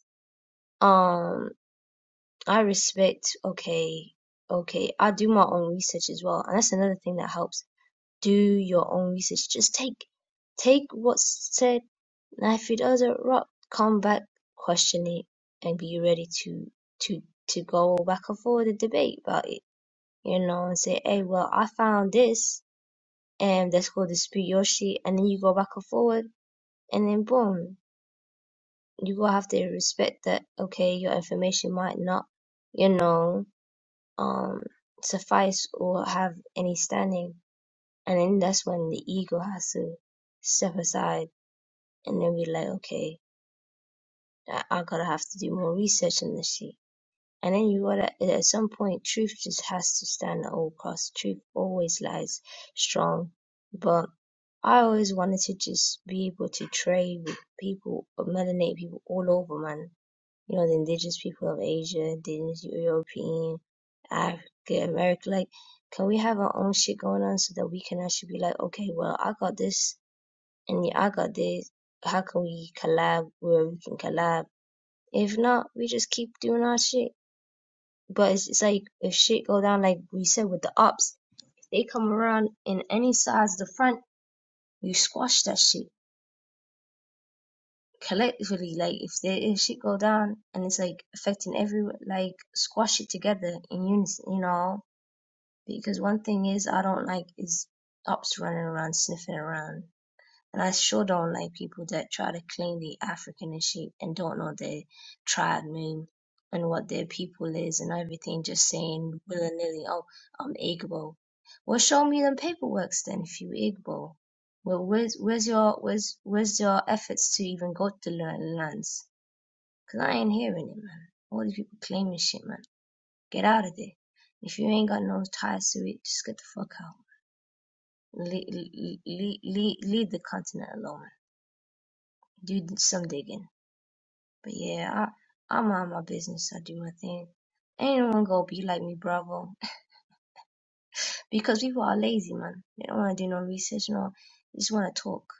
Speaker 6: I respect, okay, okay. I do my own research as well. And that's another thing that helps. Do your own research. Just take take what's said, and if it doesn't rock, come back, question it, and be ready to to to go back and forth and debate about it. You know, and say, hey, well, I found this, and let's go dispute your shit, and then you go back and forward, and then boom, you gonna have to respect that. Okay, your information might not, you know. um, suffice or have any standing. And then that's when the ego has to step aside and then be like, okay, I, I gotta have to do more research on this shit. And then you gotta, at some point, truth just has to stand at all costs. Truth always lies strong. But I always wanted to just be able to trade with people, melanated people all over, man you know, the indigenous people of Asia, indigenous European, Africa, America. Like, can we have our own shit going on so that we can actually be like, okay, well, I got this and yeah, I got this. How can we collab where we can collab? If not, we just keep doing our shit. But it's, it's like if shit go down, like we said with the ops, if they come around in any size, the front, you squash that shit collectively, like if there if shit go down and it's like affecting everyone, like squash it together in unison, you know. Because one thing is I don't like is ops running around sniffing around. And I sure don't like people that try to claim they African and shit and don't know their tribe name and what their people is and everything, just saying willy nilly, oh, I'm Igbo. Well, show me them paperworks then if you Igbo. Well, where's where's your where's where's your efforts to even go to learn lands? 'Cause I ain't hearing it, man. All these people claiming shit, man. Get out of there. If you ain't got no ties to it, just get the fuck out. Le- le- le- le- leave the continent alone, do some digging. But yeah, I, I mind my business. I do my thing. Ain't no one gonna be like me, bravo. because people are lazy, man. They don't wanna do no research, no. They just wanna talk.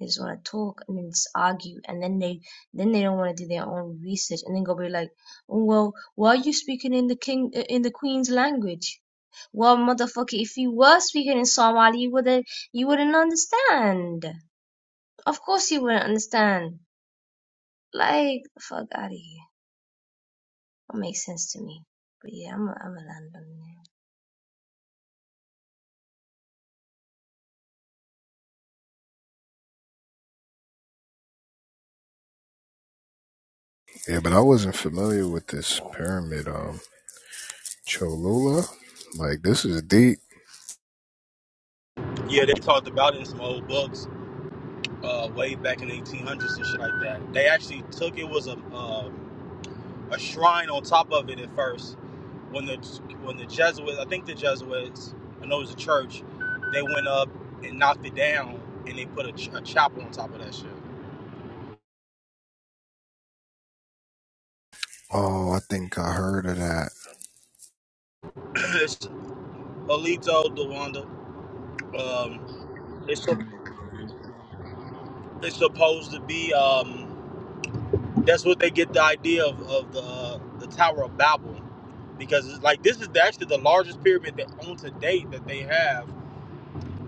Speaker 6: They just wanna talk and then just argue, and then they then they don't wanna do their own research, and then go be like, "Oh, well, why are you speaking in the king uh, in the queen's language? Well, motherfucker, if you were speaking in Somali, you wouldn't you wouldn't understand. Of course, you wouldn't understand. Like, the fuck out of here. What makes sense to me. But yeah, I'm a, I'm a land on the
Speaker 4: Yeah, but I wasn't familiar with this pyramid, um, Cholula. Like this is deep.
Speaker 1: Yeah, they talked about it in some old books uh, way back in the 1800s and shit like that. They actually took it was a um a shrine on top of it at first. When the when the Jesuits, I think the Jesuits, I know it was a church, they went up and knocked it down, and they put a, ch- a chapel on top of that shit.
Speaker 4: Oh, I think I heard of that.
Speaker 1: it's Alito Dewanda. Um, it's sup- it's supposed to be. Um, that's what they get the idea of, of the uh, the Tower of Babel, because it's like this is the, actually the largest pyramid that on to date that they have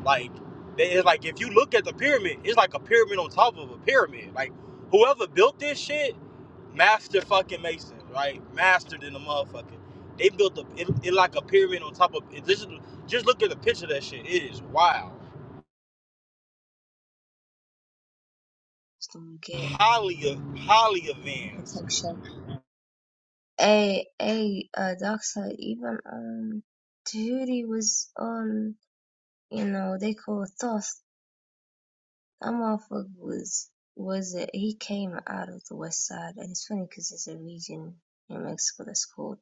Speaker 1: Like they it's like if you look at the pyramid, it's like a pyramid on top of a pyramid. Like whoever built this shit, master fucking mason, right? Mastered in the motherfucker. They built a it, it like a pyramid on top of it. Just just look at the picture of that shit. It is wild.
Speaker 6: Just gonna get
Speaker 1: Highly highly advanced.
Speaker 6: protection. Hey, hey, uh, Doctor, even um, Tahuti was on, you know, they call Thoth. That motherfucker was, was it, he came out of the west side. And it's funny because there's a region in Mexico that's called,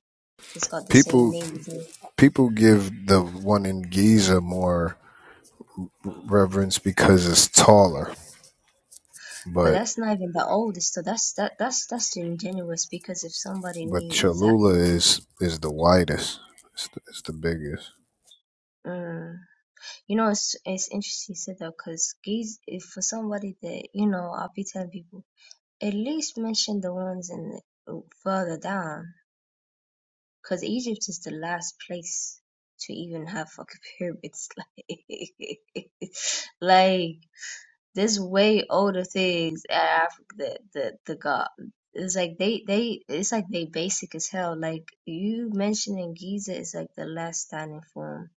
Speaker 6: that's got the same
Speaker 4: People
Speaker 6: name as it.
Speaker 4: People give the one in Giza more reverence because it's taller,
Speaker 6: But
Speaker 4: but
Speaker 6: that's not even the oldest, so that's, that, that's, that's ingenuous because if somebody
Speaker 4: but
Speaker 6: knew
Speaker 4: Cholula
Speaker 6: exactly,
Speaker 4: is is the widest. It's the, it's the biggest.
Speaker 6: mm, You know, it's it's interesting you said that because gays, if for somebody that you know, I'll be telling people at least mention the ones in the, uh, further down, because Egypt is the last place to even have fucking pyramids. Like, like there's way older things in Africa that the the god. It's like they they it's like they basic as hell. Like you mentioning Giza is like the last standing form,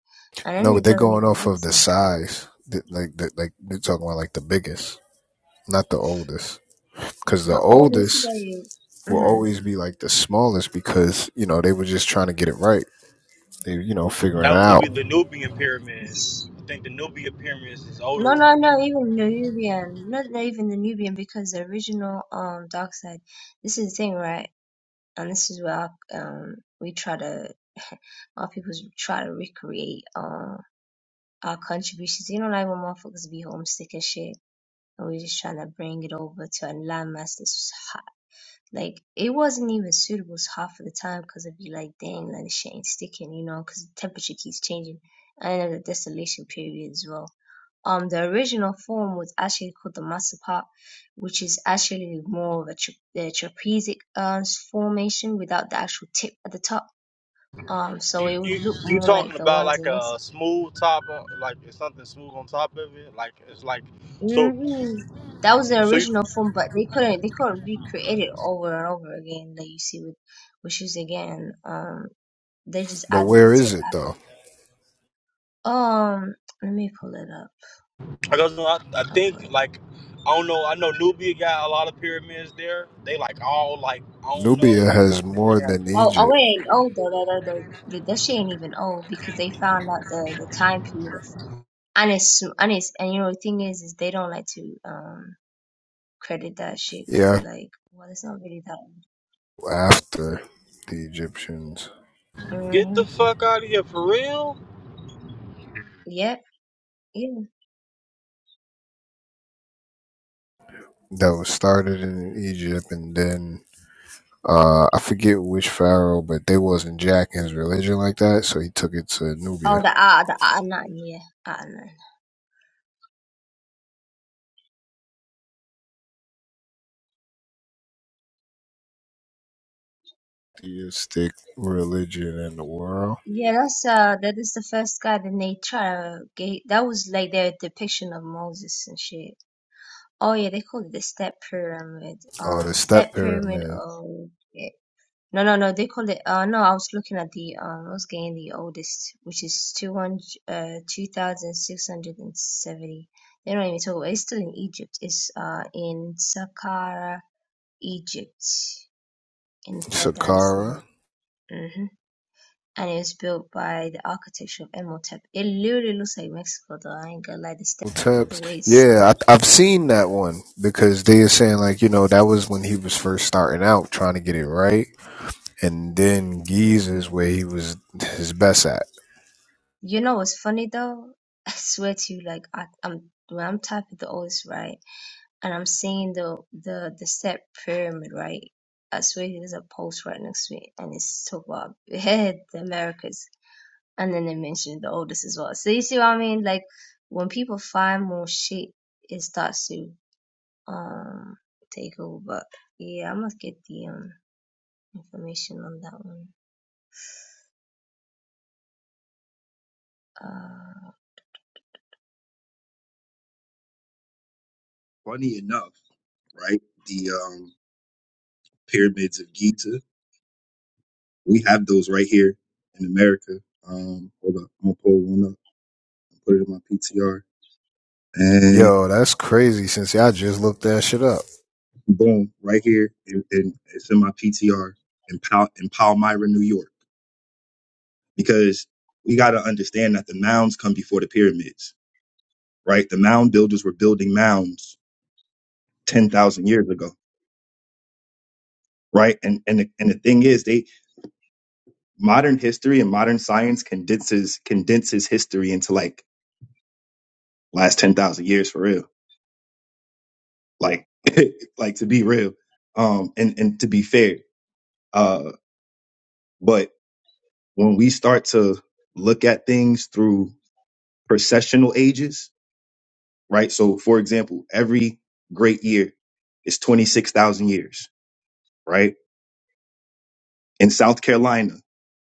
Speaker 6: and then
Speaker 4: No, but
Speaker 6: it
Speaker 4: they're
Speaker 6: doesn't
Speaker 4: going
Speaker 6: even
Speaker 4: off
Speaker 6: look the
Speaker 4: of the
Speaker 6: same.
Speaker 4: size. Like the, like they're talking about like the biggest, not the oldest, because the
Speaker 6: The oldest
Speaker 4: oldest
Speaker 6: they
Speaker 4: will
Speaker 6: mhm.
Speaker 4: always be like the smallest because you know they were just trying to get it right. They you know figuring it
Speaker 1: That would
Speaker 4: out.
Speaker 1: be the Nubian pyramids.
Speaker 6: It's-
Speaker 1: I think the Nubian pyramids is
Speaker 6: No, no,
Speaker 1: older.
Speaker 6: no. Even the Nubian, not the- even the Nubian, because the original um dark side. This is the thing, right? And this is where our, um we try to our people try to recreate uh our contributions. You know, like when motherfuckers be homesick and shit, and we just trying to bring it over to a landmass that's Like it wasn't even suitable half of the time because i would be like, dang, like the shit ain't sticking, you know, because the temperature keeps changing. And then the distillation period as well. Um, the original form was actually called the masa pot, which is actually more of a, tra- the trapezic uh, formation without the actual tip at the top. Um, so
Speaker 1: You,
Speaker 6: it would
Speaker 1: you
Speaker 6: look
Speaker 1: you
Speaker 6: more like
Speaker 1: talking
Speaker 6: the
Speaker 1: about
Speaker 6: ones
Speaker 1: like
Speaker 6: in
Speaker 1: a
Speaker 6: Mexico.
Speaker 1: smooth top on like it's something smooth on top of it like it's like so
Speaker 6: hmm That was the
Speaker 1: So you,
Speaker 6: original form, but they couldn't they couldn't recreate it over and over again. Like you see with wishes again. Um, They just
Speaker 4: But
Speaker 6: added the
Speaker 4: where is
Speaker 6: tip
Speaker 4: it
Speaker 6: after.
Speaker 4: though?
Speaker 6: Um, let me pull it up.
Speaker 1: I, guess, I I
Speaker 6: I'll pull it
Speaker 1: think
Speaker 6: up.
Speaker 1: like I don't know. I know Nubia got a lot of pyramids there. They like all like I don't know.
Speaker 4: Nubia has
Speaker 1: They
Speaker 4: more
Speaker 1: have-
Speaker 4: than
Speaker 6: Oh, oh,
Speaker 4: Egypt.
Speaker 6: it ain't old though. That that that, that shit ain't even old because they found out the the time period of and it's and it's and you know the thing is is they don't like to um credit that shit because they're
Speaker 4: Yeah,
Speaker 6: like well it's not really that old.
Speaker 4: after the Egyptians.
Speaker 1: Get
Speaker 6: Mm-hmm.
Speaker 1: the fuck out of here for real.
Speaker 6: Yep. Yeah.
Speaker 4: that was started in Egypt, and then uh, I forget which pharaoh, but they wasn't jacking his religion like that, so he took it to
Speaker 6: Oh,
Speaker 4: Nubia.
Speaker 6: the ah the ah nine. Yeah, ah nine.
Speaker 4: Theistic religion in the world.
Speaker 6: Yeah, that's uh that is the first guy that they try to get. That was like their depiction of Moses and shit. Oh yeah, they called it the step pyramid.
Speaker 4: Oh,
Speaker 6: Um,
Speaker 4: the step
Speaker 6: step pyramid.
Speaker 4: pyramid,
Speaker 6: Oh, yeah. no, no, no. They called it. Uh, no, I was looking at the. Um, I was getting the oldest, which is two hundred. Uh, two thousand six hundred and seventy. They don't even talk about. It's still in Egypt. It's uh in Saqqara, Egypt, in the Third
Speaker 4: Saqqara,
Speaker 6: Dynasty. Mm-hmm. And it was built by the architecture of Imhotep. It literally looks like Mexico, though. I ain't gonna lie. The step, the
Speaker 4: Teps.
Speaker 6: way it's
Speaker 4: Yeah, I, I've seen that one because they are saying like you know that was when he was first starting out trying to get it right. and then Giza
Speaker 6: built.
Speaker 4: is where he was his best at.
Speaker 6: You know what's funny though? I swear to you, like I, I'm when I'm typing the oldest right? And I'm seeing the the the step pyramid, right? I swear there's a post right next to it, and it's talk about the Americas, and then they mention the oldest as well. So you see what I mean? Like when people find more shit, it starts to um take over. But yeah, I must get the um information on that one. Uh,
Speaker 5: Funny enough, right? The um pyramids of Giza, we have those right here in America. Um, hold up, I'm gonna pull one up and put it in my PTR, and
Speaker 4: Yo, that's crazy. Since I just looked that shit up.
Speaker 5: boom, right here, and, it's in my PTR in Pal- in Palmyra, New York. because we got to understand that the mounds come before the pyramids, right? The mound builders were building mounds 10,000 years ago, right? And and the, and the thing is they modern history and modern science condenses condenses history into like last 10,000 years for real. Like like to be real um and and to be fair. Uh but when we start to look at things through processional ages, right? So, for example, every great year is 26,000 years, right? In South Carolina,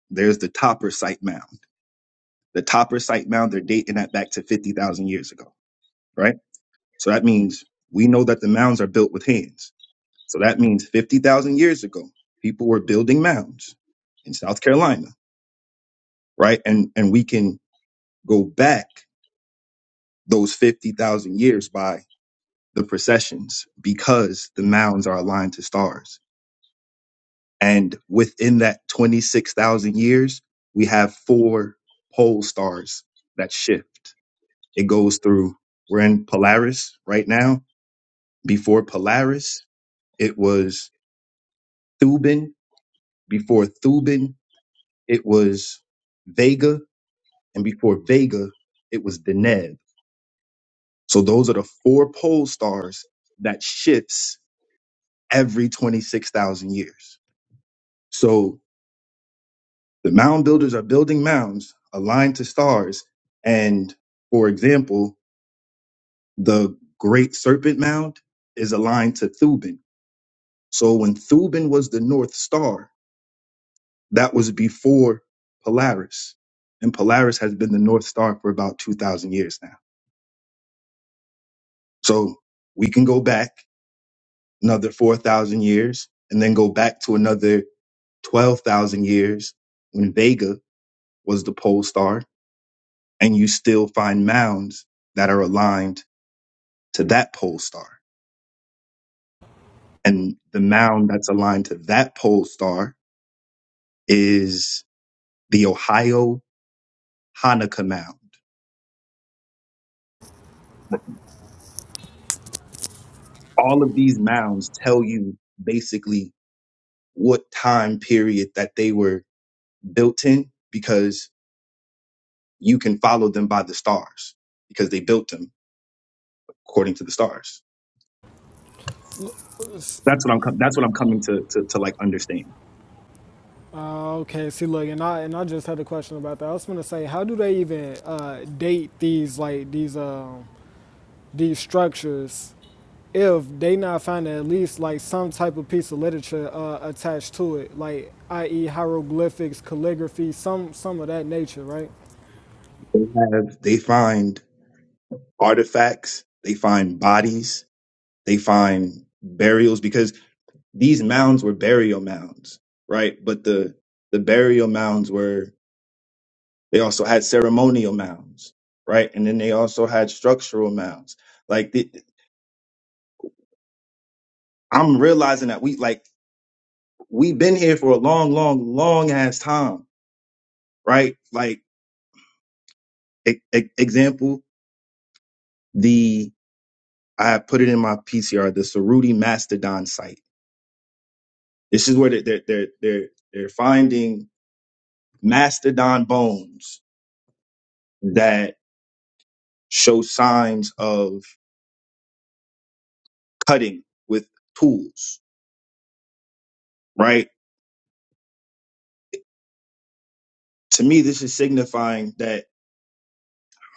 Speaker 5: there's the Topper Site Mound. The Topper Site Mound, they're dating that back to 50,000 years ago, right? So that means we know that the mounds are built with hands. So that means 50,000 years ago, people were building mounds in South Carolina, right? And and we can go back those 50,000 years by the processions because the mounds are aligned to stars And within that 26,000 years, we have four pole stars that shift. It goes through, we're in Polaris right now. Before Polaris, it was Thuban. Before Thuban, it was Vega. And before Vega, it was Deneb. So those are the four pole stars that shifts every 26,000 years. So The mound builders are building mounds aligned to stars. And for example, the Great Serpent Mound is aligned to Thuban. So when Thuban was the North Star, that was before Polaris. And Polaris has been the North Star for about 2,000 years now. So we can go back another 4,000 years and then go back to another 12,000 years when Vega was the pole star. And you still find mounds that are aligned to that pole star. And the mound that's aligned to that pole star is the Ohio Hanukkah mound. All of these mounds tell you basically what time period that they were built in because you can follow them by the stars because they built them according to the stars. That's what I'm com- that's what I'm coming to, to to like understand.
Speaker 2: Uh, okay, see, look, and I and I just had a question about that. I was gonna say, how do they even uh, date these like these um these structures if they not finding at least like some type of piece of literature uh, attached to it, like i.e. hieroglyphics, calligraphy, some some of that nature, right?
Speaker 5: They have they find artifacts, they find bodies, they find burials because these mounds were burial mounds, right? But the the burial mounds were they also had ceremonial mounds, right? And then they also had structural mounds. Like the, I'm realizing that we like we've been here for a long, long, long ass time, right? Like e- e- example, the I put it in my PCR, the Saruti mastodon site. This is where they're they're they're they're, they're finding mastodon bones that show signs of cutting with tools, right? To me, this is signifying that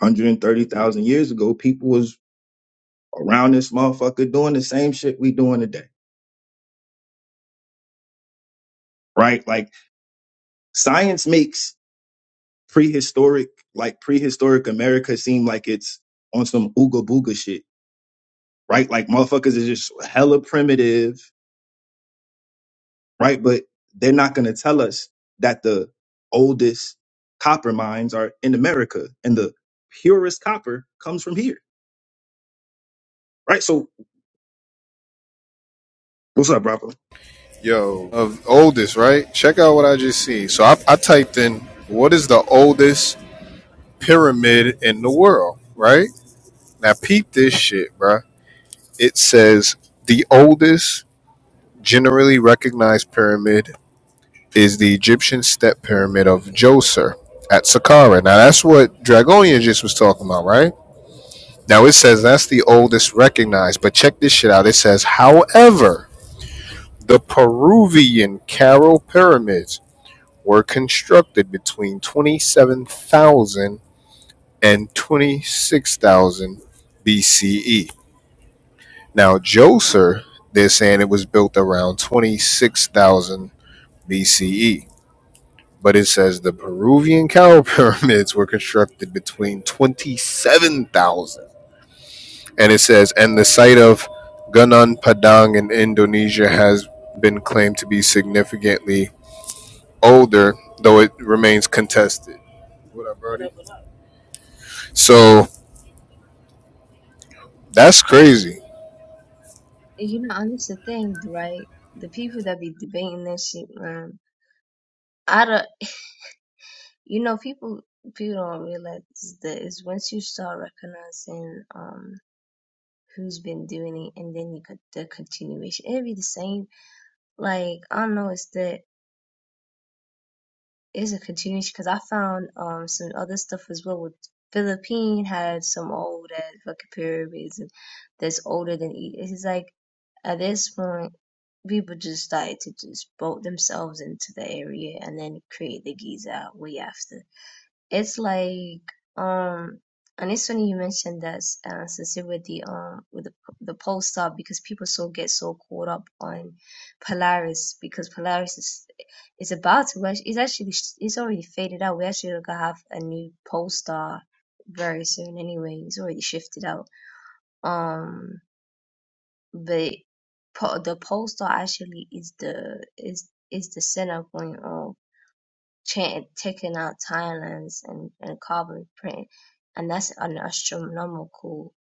Speaker 5: 130,000 years ago, people was around this motherfucker doing the same shit we doing today, right? Like science makes prehistoric, like prehistoric America seem like it's on some ooga booga shit, right? Like motherfuckers is just hella primitive, right? But they're not gonna tell us that the oldest copper mines are in America and the purest copper comes from here, right? So What's up, Bravo?
Speaker 4: Yo, of oldest, right? Check out what I just seen. So I, I typed in what is the oldest pyramid in the world, right? Now peep this shit, bruh. It says the oldest generally recognized pyramid is the Egyptian step pyramid of Djoser at Saqqara. Now that's what Dragonian just was talking about, right? Now it says that's the oldest recognized, but check this shit out. It says, however, the Peruvian Carol pyramids were constructed between 27,000 and 26,000 BCE. Now Djoser, they're saying it was built around 26,000 BCE. but it says the Peruvian cow pyramids were constructed between 27,000 and it says and the site of Gunung Padang in Indonesia has been claimed to be significantly older though it remains contested. What up, Brody? So that's crazy.
Speaker 6: You know, and it's the thing, right? The people that be debating this shit, man. I don't, you know, people people don't realize that is once you start recognizing um who's been doing it, and then you could the continuation, it'd be the same. Like I don't know, it's the it's a continuation because I found um some other stuff as well with Philippine had some old ass fucking pyramids and that's older than E- it's like at this point. people just started to just boat themselves into the area and then create the Giza way after. It's like um and it's funny you mentioned that uh, Cecil with the um with the the pole star because people so get so caught up on Polaris because Polaris is is about to rush- it's actually it's already faded out. We actually gonna have a new pole star very soon anyway. It's already shifted out. Um but po- the postal actually is the is is the center point of cha- taking out Thailand's and and carbon print, and that's an astronomical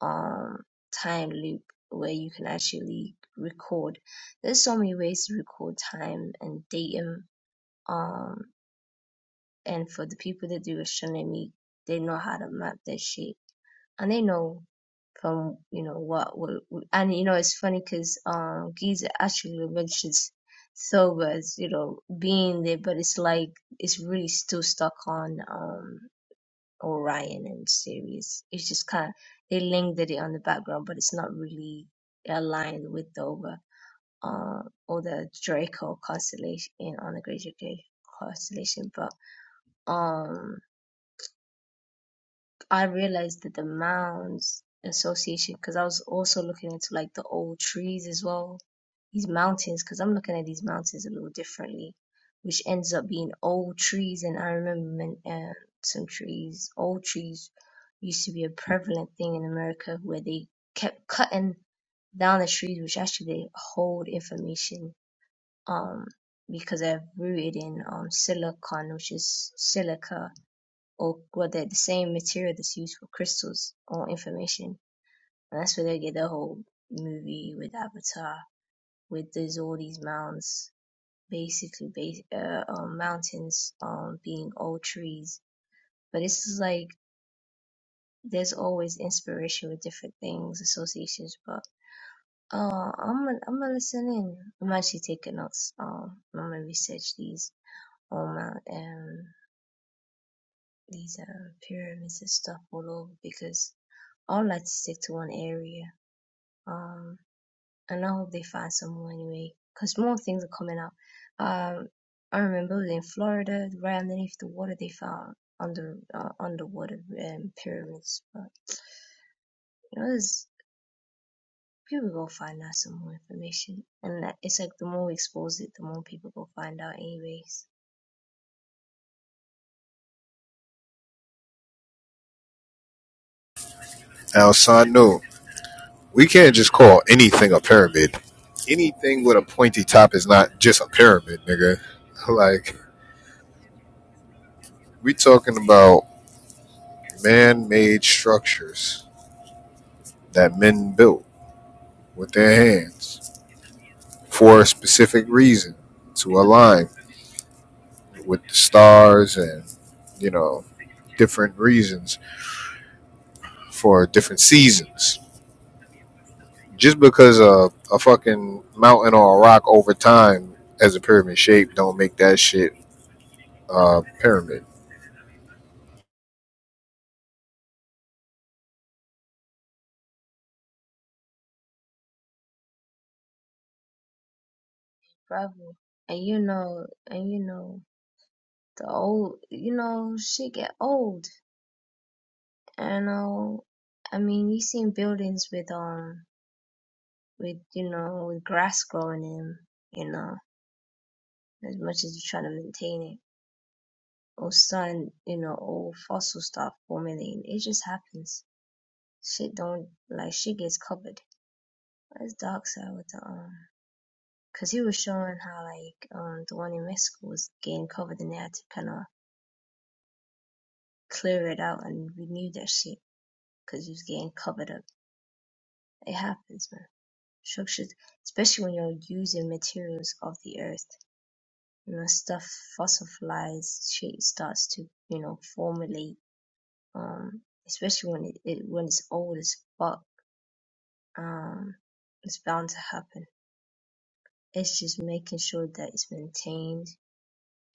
Speaker 6: um time loop where you can actually record. There's so many ways to record time and datum. Um, and for the people that do astronomy, they know how to map that shit and they know from you know what will will- and you know it's funny because um Giza actually mentions Soba as you know being there, but it's like it's really still stuck on um Orion and Sirius. It's just kind of they lingered it on the background, but it's not really aligned with the over uh or the Draco constellation in on the Great Draco constellation, but. um. I realized that the mounds association, because I was also looking into like the old trees as well, these mountains, because I'm looking at these mountains a little differently, which ends up being old trees. And I remember men- uh, some trees, old trees used to be a prevalent thing in America where they kept cutting down the trees, which actually hold information um, because they're rooted in um, silicon, which is silica or whether the same material that's used for crystals or information. And that's where they get the whole movie with Avatar, with there's all these mounds, basically base, uh, um, mountains um, being old trees. But this is like there's always inspiration with different things, associations. But uh, I'm gonna, I'm gonna listen in. I'm actually taking notes. Um, I'm gonna research these all mount um these um pyramids and stuff all over because I would like to stick to one area Um, and I hope they find someone anyway, because more things are coming up. Um, I remember it was in Florida, right underneath the water, they found under uh, underwater um, pyramids. But you know, there's people go find out some more information, and that- it's like the more we expose it, the more people go find out, anyways.
Speaker 4: Now, son, no, we can't just call anything a pyramid. Anything with a pointy top is not just a pyramid, nigga. Like we talking about man-made structures that men built with their hands for a specific reason to align with the stars and you know different reasons for different seasons just because a, a fucking mountain or a rock over time as a pyramid shape don't make that shit a pyramid
Speaker 6: Bravo. And you know, and you know, the old, you know, shit get old. And uh, I mean, you seen buildings with um with you know with grass growing in you know as much as you're trying to maintain it or sun you know or fossil stuff formulating it just happens shit don't like shit gets covered that's dark side with the um because he was showing how like um the one in mexico was getting covered and they had to kind of clear it out and renew that shit because it was getting covered up it happens man structures especially when you're using materials of the earth you know stuff fossilize shit starts to you know formulate um especially when it, it when it's old as fuck um it's bound to happen it's just making sure that it's maintained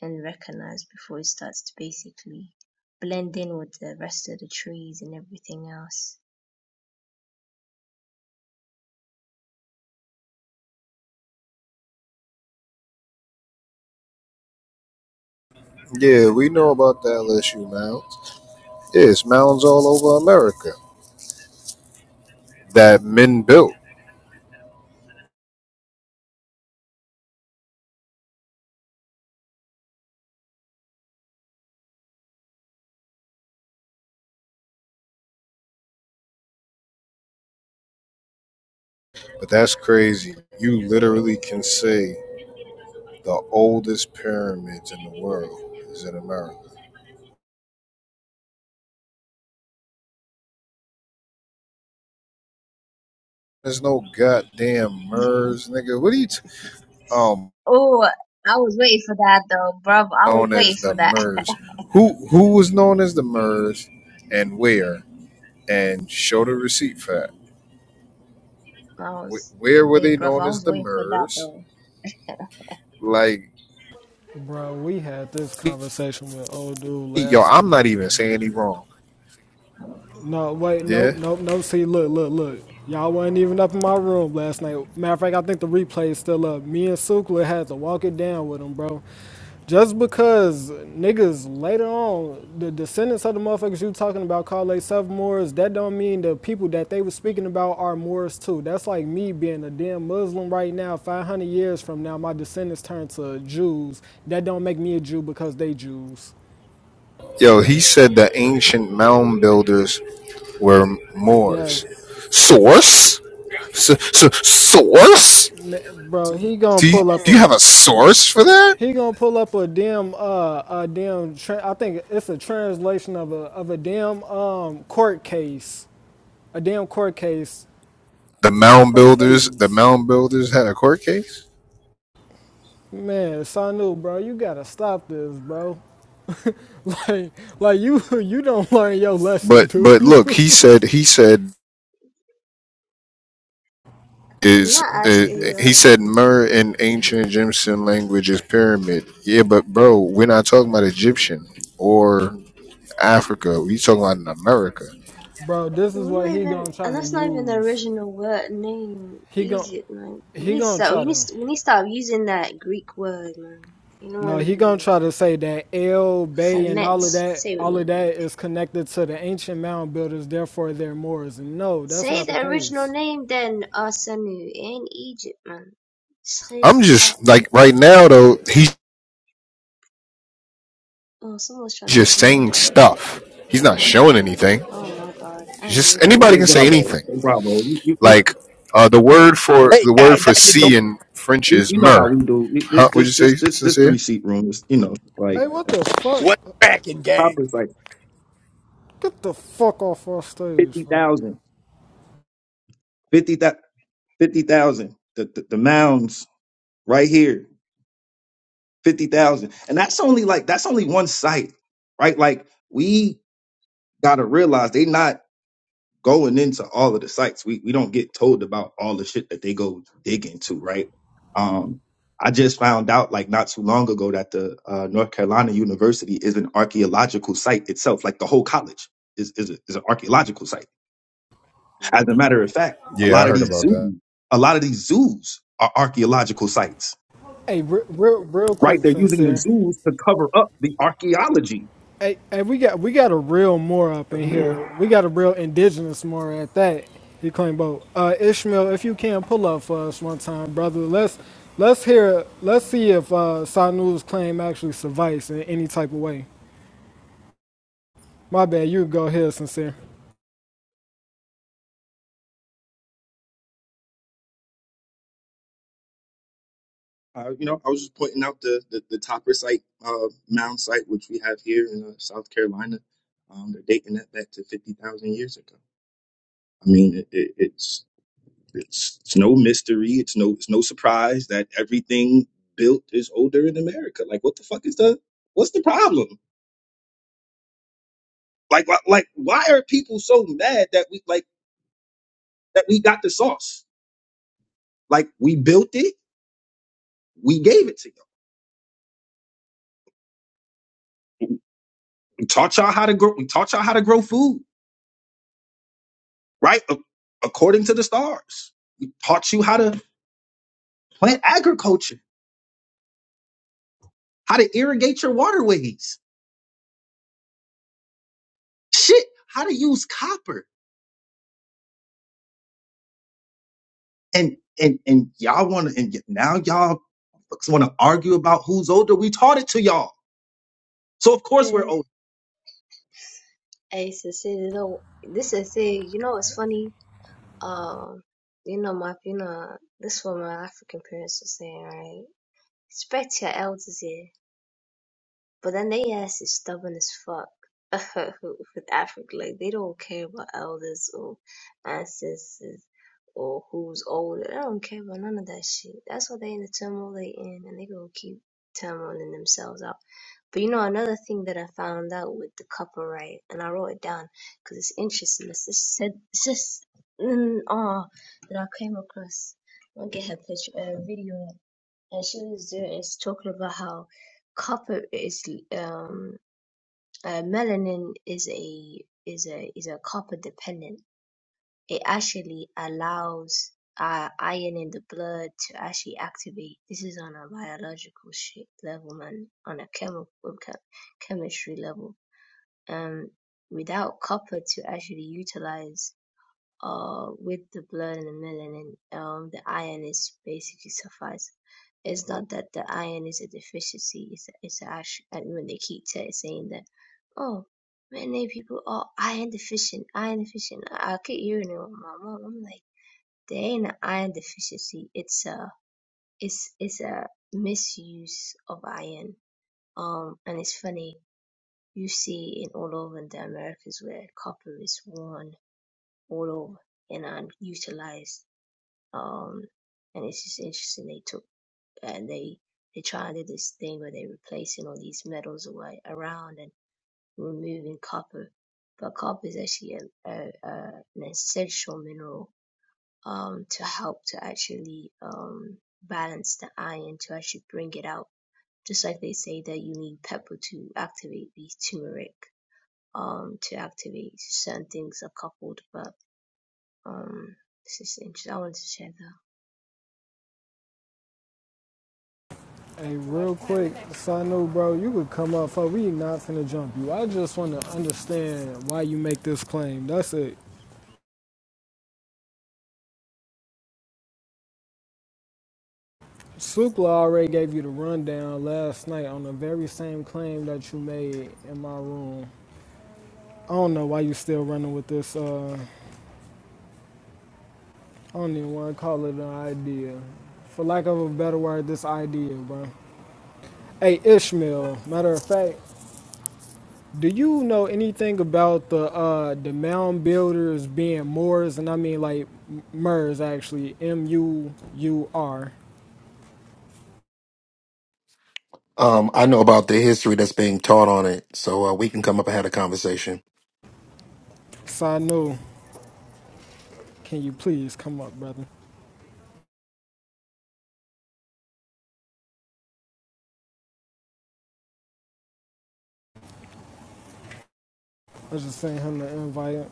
Speaker 6: and recognized before it starts to basically blend in with the rest of the trees and everything else
Speaker 4: yeah we know about the lsu mounds yeah, it's mounds all over america that men built but that's crazy you literally can say The oldest pyramids in the world is in America. There's no goddamn MERS, nigga. What are you t- um
Speaker 6: oh i was waiting for that though bruv i was
Speaker 4: known as
Speaker 6: waiting for
Speaker 4: the
Speaker 6: that
Speaker 4: MERS?
Speaker 6: i
Speaker 4: Who who was known as the MERS and where? And show the receipt for that.
Speaker 6: was
Speaker 4: Where were
Speaker 6: hey
Speaker 4: they
Speaker 6: bruv
Speaker 4: known
Speaker 6: i
Speaker 4: as
Speaker 6: was
Speaker 4: the
Speaker 6: waiting for that
Speaker 4: MERS?
Speaker 6: though
Speaker 4: Like
Speaker 2: Bro, we had this conversation with old dude
Speaker 4: yo,
Speaker 2: last
Speaker 4: I'm
Speaker 2: night,
Speaker 4: not
Speaker 2: man.
Speaker 4: even saying he wrong.
Speaker 2: No, wait,
Speaker 4: Yeah.
Speaker 2: nope, nope, nope. See, look, look, look. Y'all wasn't even up in my room last night. Matter of fact, I think the replay is still up. Me and Sukla had to walk it down with him, bro. Just because niggas later on, the descendants of the motherfuckers you talking about call themselves Moors, that don't mean the people that they was speaking about are Moors too. That's like me being a damn Muslim right now. 500 years from now, my descendants turn to Jews. That don't make me a Jew because they Jews.
Speaker 4: Yo, he said the ancient mound builders were
Speaker 2: Yeah,
Speaker 4: Moors. Source? So, s- source?
Speaker 2: Ma- bro, he gonna
Speaker 4: Do you,
Speaker 2: pull up
Speaker 4: do you have
Speaker 2: a.
Speaker 4: a source for that?
Speaker 2: He gonna pull up a damn uh a damn tra- I think it's a translation of a of a damn um court case, a damn court case
Speaker 4: The mound
Speaker 2: from the
Speaker 4: builders, the
Speaker 2: eighties.
Speaker 4: mound builders had a court case.
Speaker 2: Man, Sanu, bro, you gotta stop this, bro. Like, like you you don't learn your lesson,
Speaker 4: But
Speaker 2: do
Speaker 4: but
Speaker 2: you?
Speaker 4: look, he said he said is
Speaker 6: not
Speaker 4: uh,
Speaker 6: asking
Speaker 2: This
Speaker 4: he
Speaker 6: you
Speaker 2: is,
Speaker 4: said myrrh in ancient Egyptian language is pyramid. Yeah, but bro, we're not talking about Egyptian or Africa. We are talking about in America.
Speaker 2: bro. This is
Speaker 6: We're
Speaker 2: what
Speaker 6: not
Speaker 2: he
Speaker 6: even,
Speaker 2: gonna try
Speaker 6: and
Speaker 2: to
Speaker 6: that's not even the
Speaker 2: use.
Speaker 6: original word name.
Speaker 2: He gonna
Speaker 6: Egypt, man. We
Speaker 2: he
Speaker 6: need to
Speaker 2: gonna
Speaker 6: start. We
Speaker 2: try
Speaker 6: need
Speaker 2: to.
Speaker 6: to, we need to stop using that Greek word, man. You know what
Speaker 2: No,
Speaker 6: I
Speaker 2: he gonna
Speaker 6: mean?
Speaker 2: try to say that El Bay and
Speaker 6: Semet.
Speaker 2: all of that,
Speaker 6: Say it with
Speaker 2: all of
Speaker 6: me.
Speaker 2: that is connected to the ancient mound builders. Therefore, they're Moors. And no, that's
Speaker 6: Say
Speaker 2: not the
Speaker 6: the original
Speaker 2: case.
Speaker 6: name, then Asanu in Egypt, man. Sheikh.
Speaker 4: I'm just like right now though. He's
Speaker 6: Oh, someone's trying to
Speaker 4: just
Speaker 6: come
Speaker 4: saying
Speaker 6: up.
Speaker 4: stuff. He's not showing anything.
Speaker 6: Oh my God, I
Speaker 4: He's just
Speaker 6: ain't gonna
Speaker 5: Hey,
Speaker 6: bring
Speaker 4: anybody
Speaker 5: hey,
Speaker 6: that
Speaker 4: can say
Speaker 6: person. up.
Speaker 5: Bravo,
Speaker 4: anything.
Speaker 5: hey, Bravo. You, you, you
Speaker 4: Like uh, the word for
Speaker 7: Hey
Speaker 4: the word
Speaker 7: guys, how
Speaker 4: for
Speaker 7: you doing?
Speaker 4: sea in French
Speaker 5: you-
Speaker 4: is
Speaker 5: you know how
Speaker 4: myrrh.
Speaker 5: we do We- this.
Speaker 4: Huh? Would
Speaker 5: This,
Speaker 4: you
Speaker 5: this,
Speaker 4: say
Speaker 5: this, this
Speaker 4: sincere?
Speaker 5: three seat room is, you know, like
Speaker 2: Hey, what
Speaker 5: uh,
Speaker 2: the fuck?
Speaker 7: What's cracking, gang?
Speaker 5: Hopper's like
Speaker 2: Get the fuck off our stage, fuck.
Speaker 5: 50,000, 50,000, 50,000. The, the the mounds right here, fifty thousand, and that's only like that's only one site, right? Like we gotta realize they not. going into all of the sites. We we don't get told about all the shit that they go dig into, right? Um, I just found out like not too long ago that the uh, North Carolina University is an archaeological site itself. Like the whole college is is, a, is an archaeological site. As
Speaker 6: Mm.
Speaker 5: a matter of fact, a
Speaker 4: Yeah, I
Speaker 5: lot of
Speaker 4: heard
Speaker 5: these
Speaker 4: about that.
Speaker 5: zoos, a lot of these zoos are archaeological sites,
Speaker 2: Hey, re- real, real
Speaker 5: right?
Speaker 2: quick,
Speaker 5: They're using the
Speaker 2: sincere.
Speaker 5: zoos to cover up the archaeology
Speaker 2: Hey, hey, we got we got a real Moor up
Speaker 8: Well,
Speaker 2: in
Speaker 8: he is
Speaker 2: here. We got a real indigenous Moor at that. He claimed both. Uh, Ishmael, if you can pull up for us one time, brother. Let's let's hear. Let's see if uh, Sanu's claim actually suffice in any type of way. My bad, you go here, sincere.
Speaker 5: Uh, you know, I was just pointing out the the, the Topper site, uh, mound site, which we have here in uh, South Carolina. Um, they're dating that back to fifty thousand years ago. I mean, it, it, it's it's it's no mystery. It's no it's no surprise that everything built is older in America. Like, what the fuck is the what's the problem? Like, wh- like why are people so mad that we like that we got the sauce? Like, we built it, we gave it to you. We taught y'all how to grow. We taught y'all how to grow food. right? A- According to the stars. We taught you how to plant agriculture, how to irrigate your waterways, shit, how to use copper. And and and y'all wanna and y- now y'all want to argue about who's older. We taught it to y'all. So of course we're
Speaker 6: The
Speaker 5: older.
Speaker 6: hey, so say you know, this is say you know what's funny? Um, you know my you know this is what my African parents were saying, right? Spector elders here, but then they ass is stubborn as fuck. With Africa, like they don't care about elders or ancestors or who's older. They don't care about none of that shit. That's why they in the turmoil they in, and they gonna keep turmoiling themselves out. But you know another thing that I found out with the copper right, and I wrote it down because it's interesting. It's just said, it's just mm, oh that I came across. I'll get her picture, uh, video and she was doing is talking about how copper is um uh, melanin is a is a is a copper dependent. It actually allows uh, iron in the blood to actually activate. This is on a biological shit level, man, on a chemical chem- chemistry level. Um, without copper to actually utilize uh, with the blood and the melanin, um, the iron is basically suffice. It's not that the iron is a deficiency. It's it's actually I mean, when they keep t- saying that, oh, many people are iron deficient, iron deficient. I, I keep hearing it with my mom. I'm like, there ain't an iron deficiency. It's a it's it's a misuse of iron. Um, and it's funny. You see in all over the Americas where copper is worn all over and unutilized um, and it's just interesting they took and they they try and do this thing where they're replacing all these metals away around and removing copper, but copper is actually a, a, a, an essential mineral um, to help to actually um, balance the iron to actually bring it out. Just like they say that you need pepper to activate the turmeric um, to activate certain things are coupled, but um, it's just interesting. I wanted to share that.
Speaker 2: Hey, real quick, so bro, you could come up for we not finna jump you. I just wanna understand why you make this claim. That's it. Sukla already gave you the rundown last night on the very same claim that you made in my room. I don't know why you still running with this uh I don't even wanna call it an idea. For lack of a better word, this idea, bro. Hey Ishmael, matter of fact. Do you know anything about the uh, the mound builders being Moors, and I mean like M- Murs actually, M U U R?
Speaker 9: Um, I know about the history that's being taught on it, so uh, we can come up and have a conversation.
Speaker 2: So I Can you please come up, brother? I was just sent him the invite.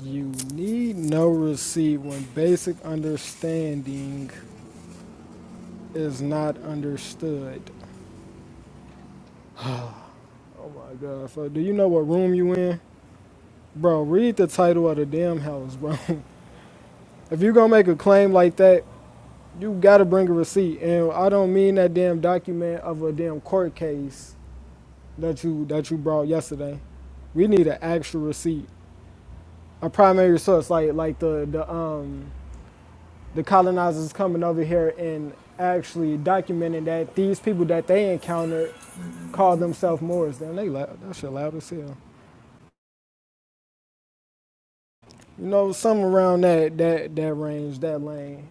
Speaker 2: You need no receipt when basic understanding is not understood. Oh my God! So do you know what room you in, bro? Read the title of the damn house, bro. if you gonna make a claim like that, You gotta bring a receipt, and I don't mean that damn document of a damn court case that you that you brought yesterday. We need an actual receipt, a primary source, like like the the um the colonizers coming over here and actually documenting that these people that they encountered call themselves Moors. Then they loud, that shit loud as hell. You know, something around that that that range, that lane,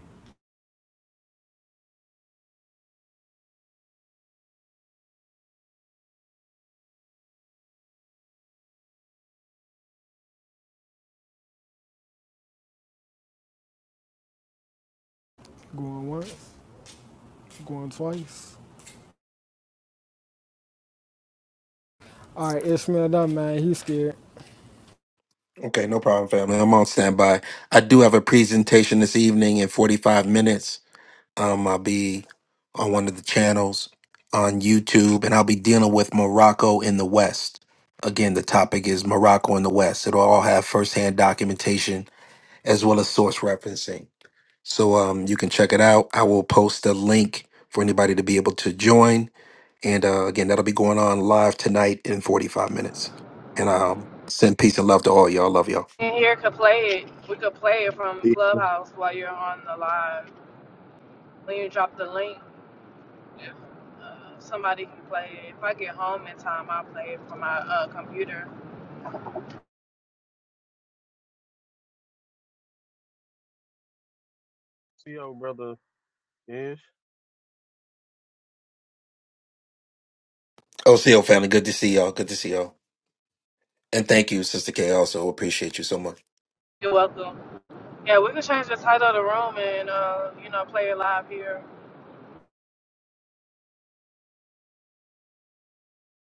Speaker 2: going once, going twice. All right, Ishmael, done man, he's scared.
Speaker 9: Okay, no problem, family. I'm on standby. I do have a presentation this evening in 45 minutes. Um, I'll be on one of the channels on YouTube, and I'll be dealing with Morocco in the West. Again, the topic is Morocco in the West. It'll all have firsthand documentation as well as source referencing. So um, you can check it out. I will post a link for anybody to be able to join And uh, again, that'll be going on live tonight in 45 minutes. And um, send peace and love to all y'all. Love y'all.
Speaker 10: And here could play it. We could play it from Clubhouse while you're on the live. When you drop the link, uh, somebody can play it. If I get home in time, I'll play it from my uh, computer.
Speaker 3: your brother Ish.
Speaker 9: OCO family, good to see y'all. Good to see y'all. And thank you, Sister K. Also appreciate you so much.
Speaker 10: You're welcome. Yeah, we could change the title of the room and uh, you know play it live here.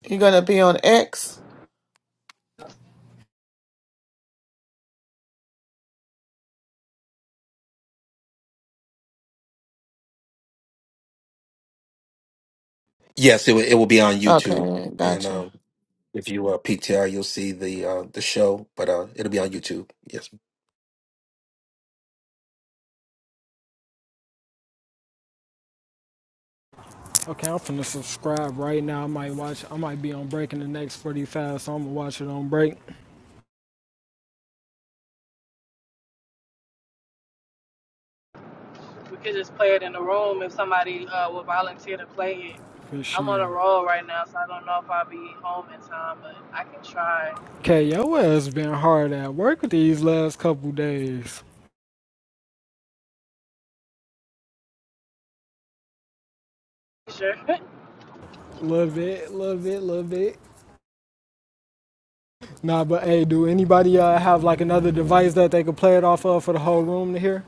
Speaker 11: You're gonna be on X?
Speaker 9: Yes, it, will- it will be on YouTube.
Speaker 11: Okay,
Speaker 9: And
Speaker 11: gotcha.
Speaker 9: um, if you uh, PTR, you'll see the uh, the show, but uh, it'll be on YouTube. Yes.
Speaker 2: Okay, I'm finna subscribe right now. I might watch. I might be on break in the next 45, so I'm gonna watch it on break
Speaker 10: We could just play it in the room if somebody uh, will volunteer to play it.
Speaker 2: for
Speaker 10: I'm on
Speaker 2: sure.
Speaker 10: a roll right now, so I don't know if I'll be home in time, but I can try.
Speaker 2: Okay, your ass been hard at work with these last couple days.
Speaker 10: Sure.
Speaker 2: Love it, love it, love it. Nah, but hey, do anybody uh, have like another device that they could play it off of for the whole room to hear?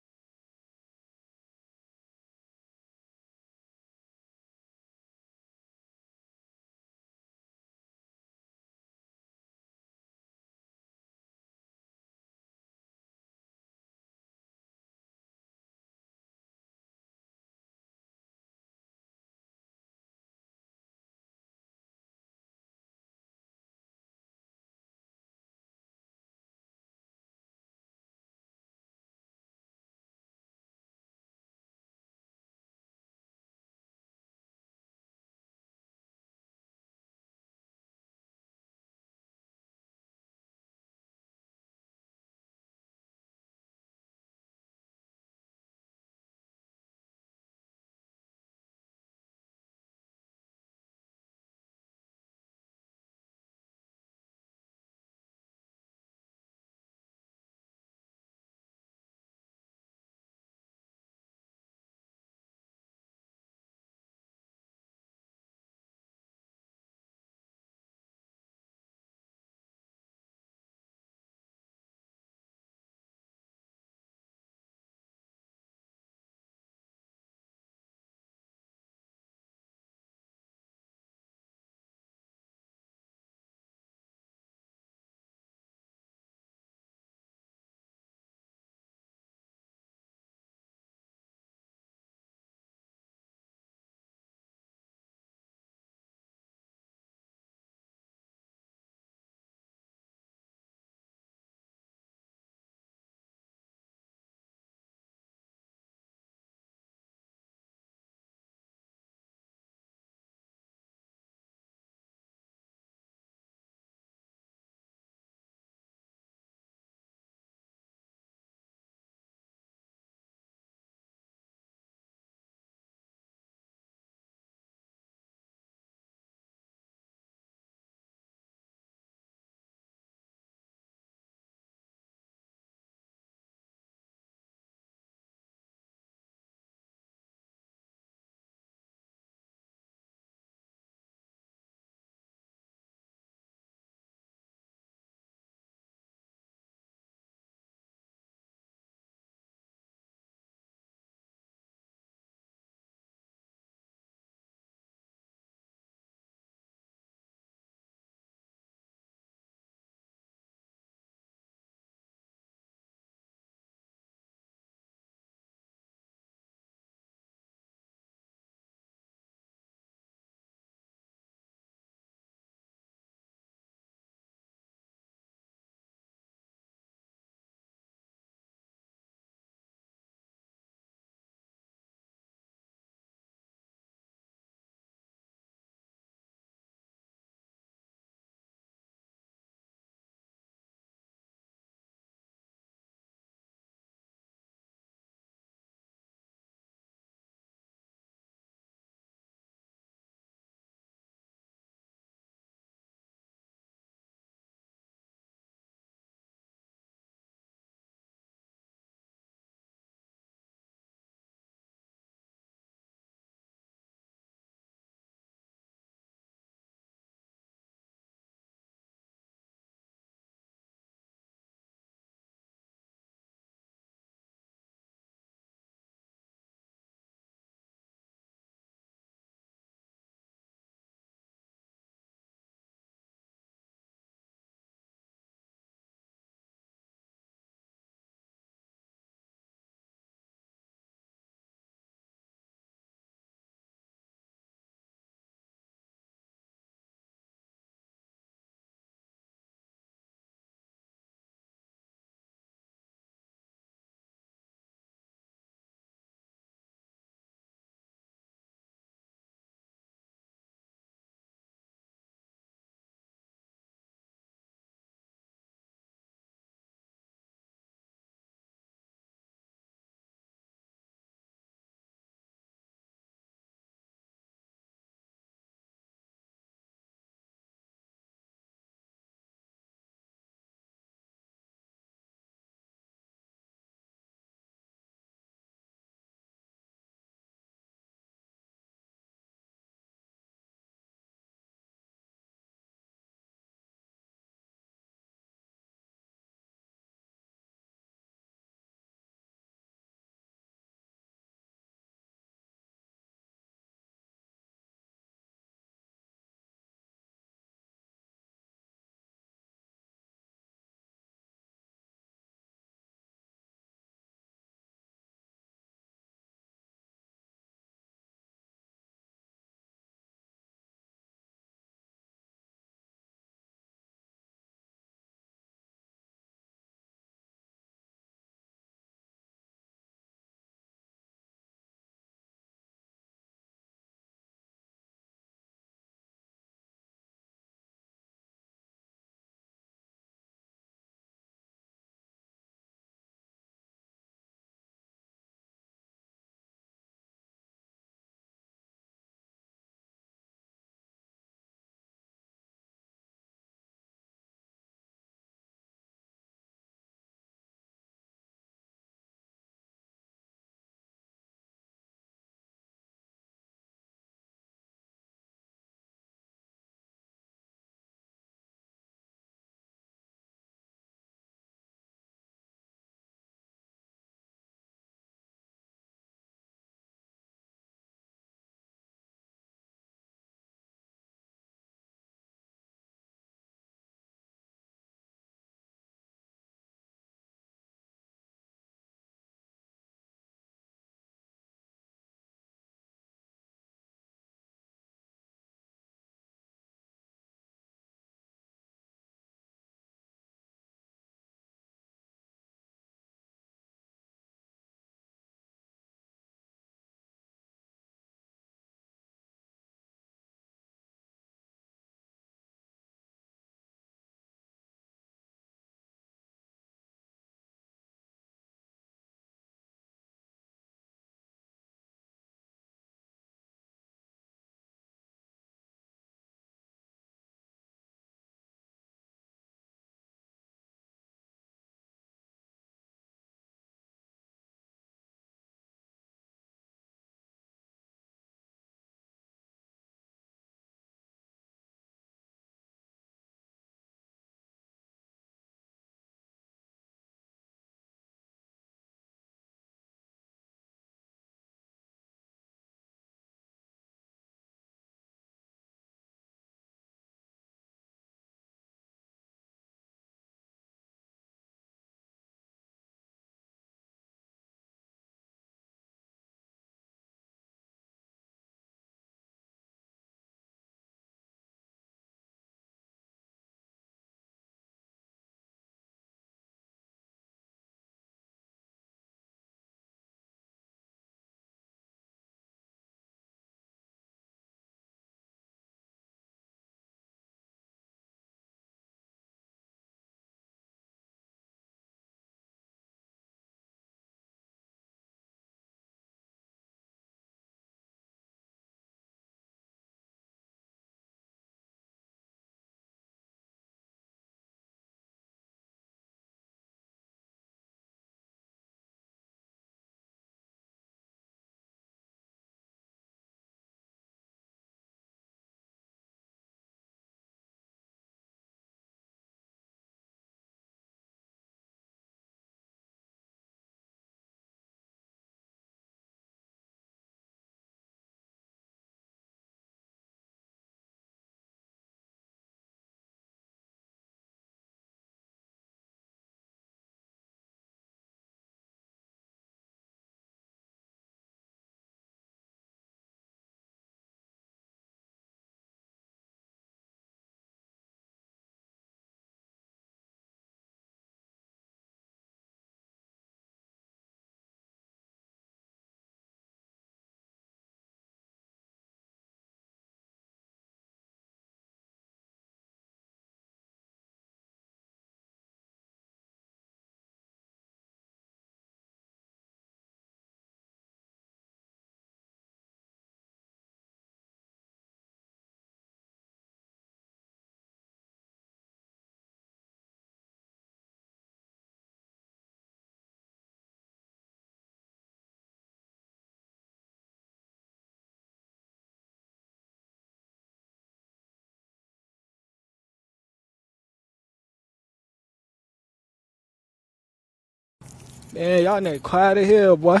Speaker 2: Man, y'all need quiet here, boy.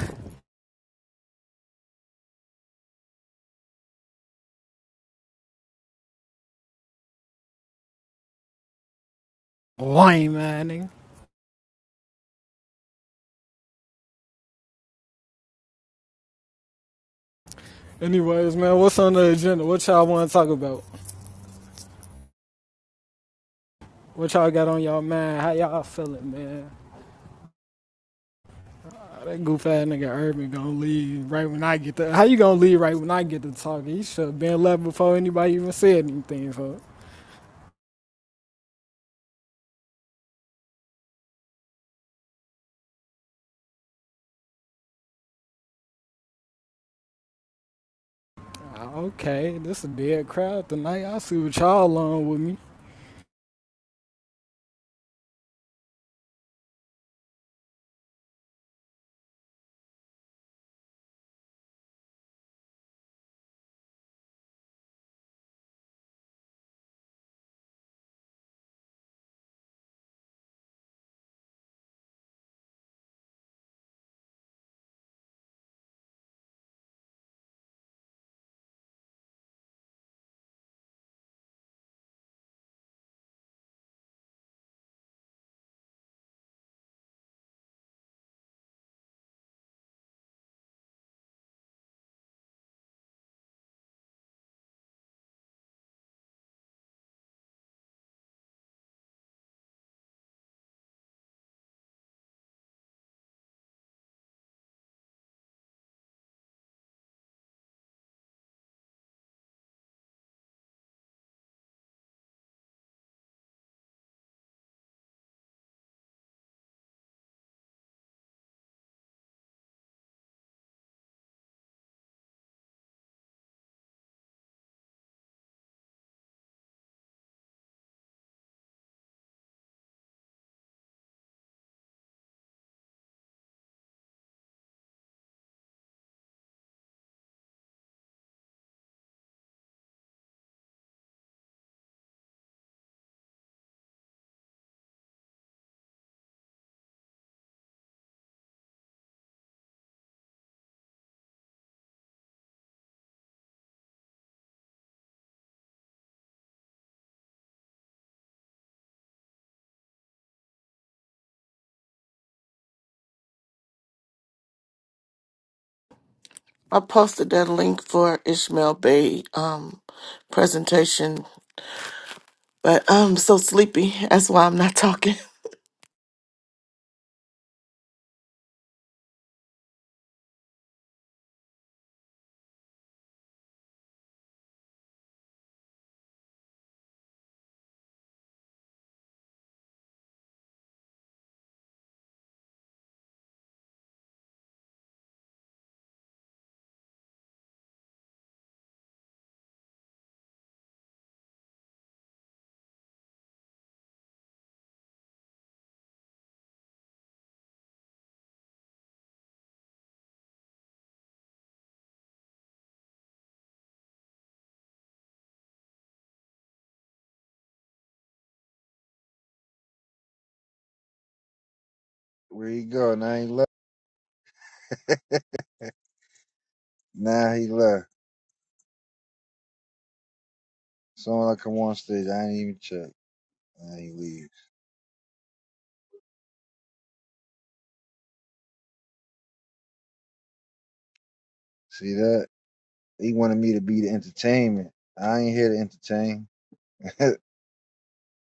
Speaker 2: Lame, man. nigga. Anyways, man, what's on the agenda? What y'all want to talk about? What y'all got on y'all mind? How y'all feeling, man? That goof ass nigga Urban gonna leave right when I get the. How you gonna leave right when I get to talking? He should have been left before anybody even said anything. So, ah, okay, this a dead crowd tonight. I see what y'all along with me.
Speaker 11: I posted that link for Ishmael Bay um presentation, but I'm so sleepy. That's why I'm not talking.
Speaker 12: Where he go? Now he left. Now he left. Someone like come on stage. I ain't even check. Now he leaves. See that? He wanted me to be the entertainment. I ain't here to entertain.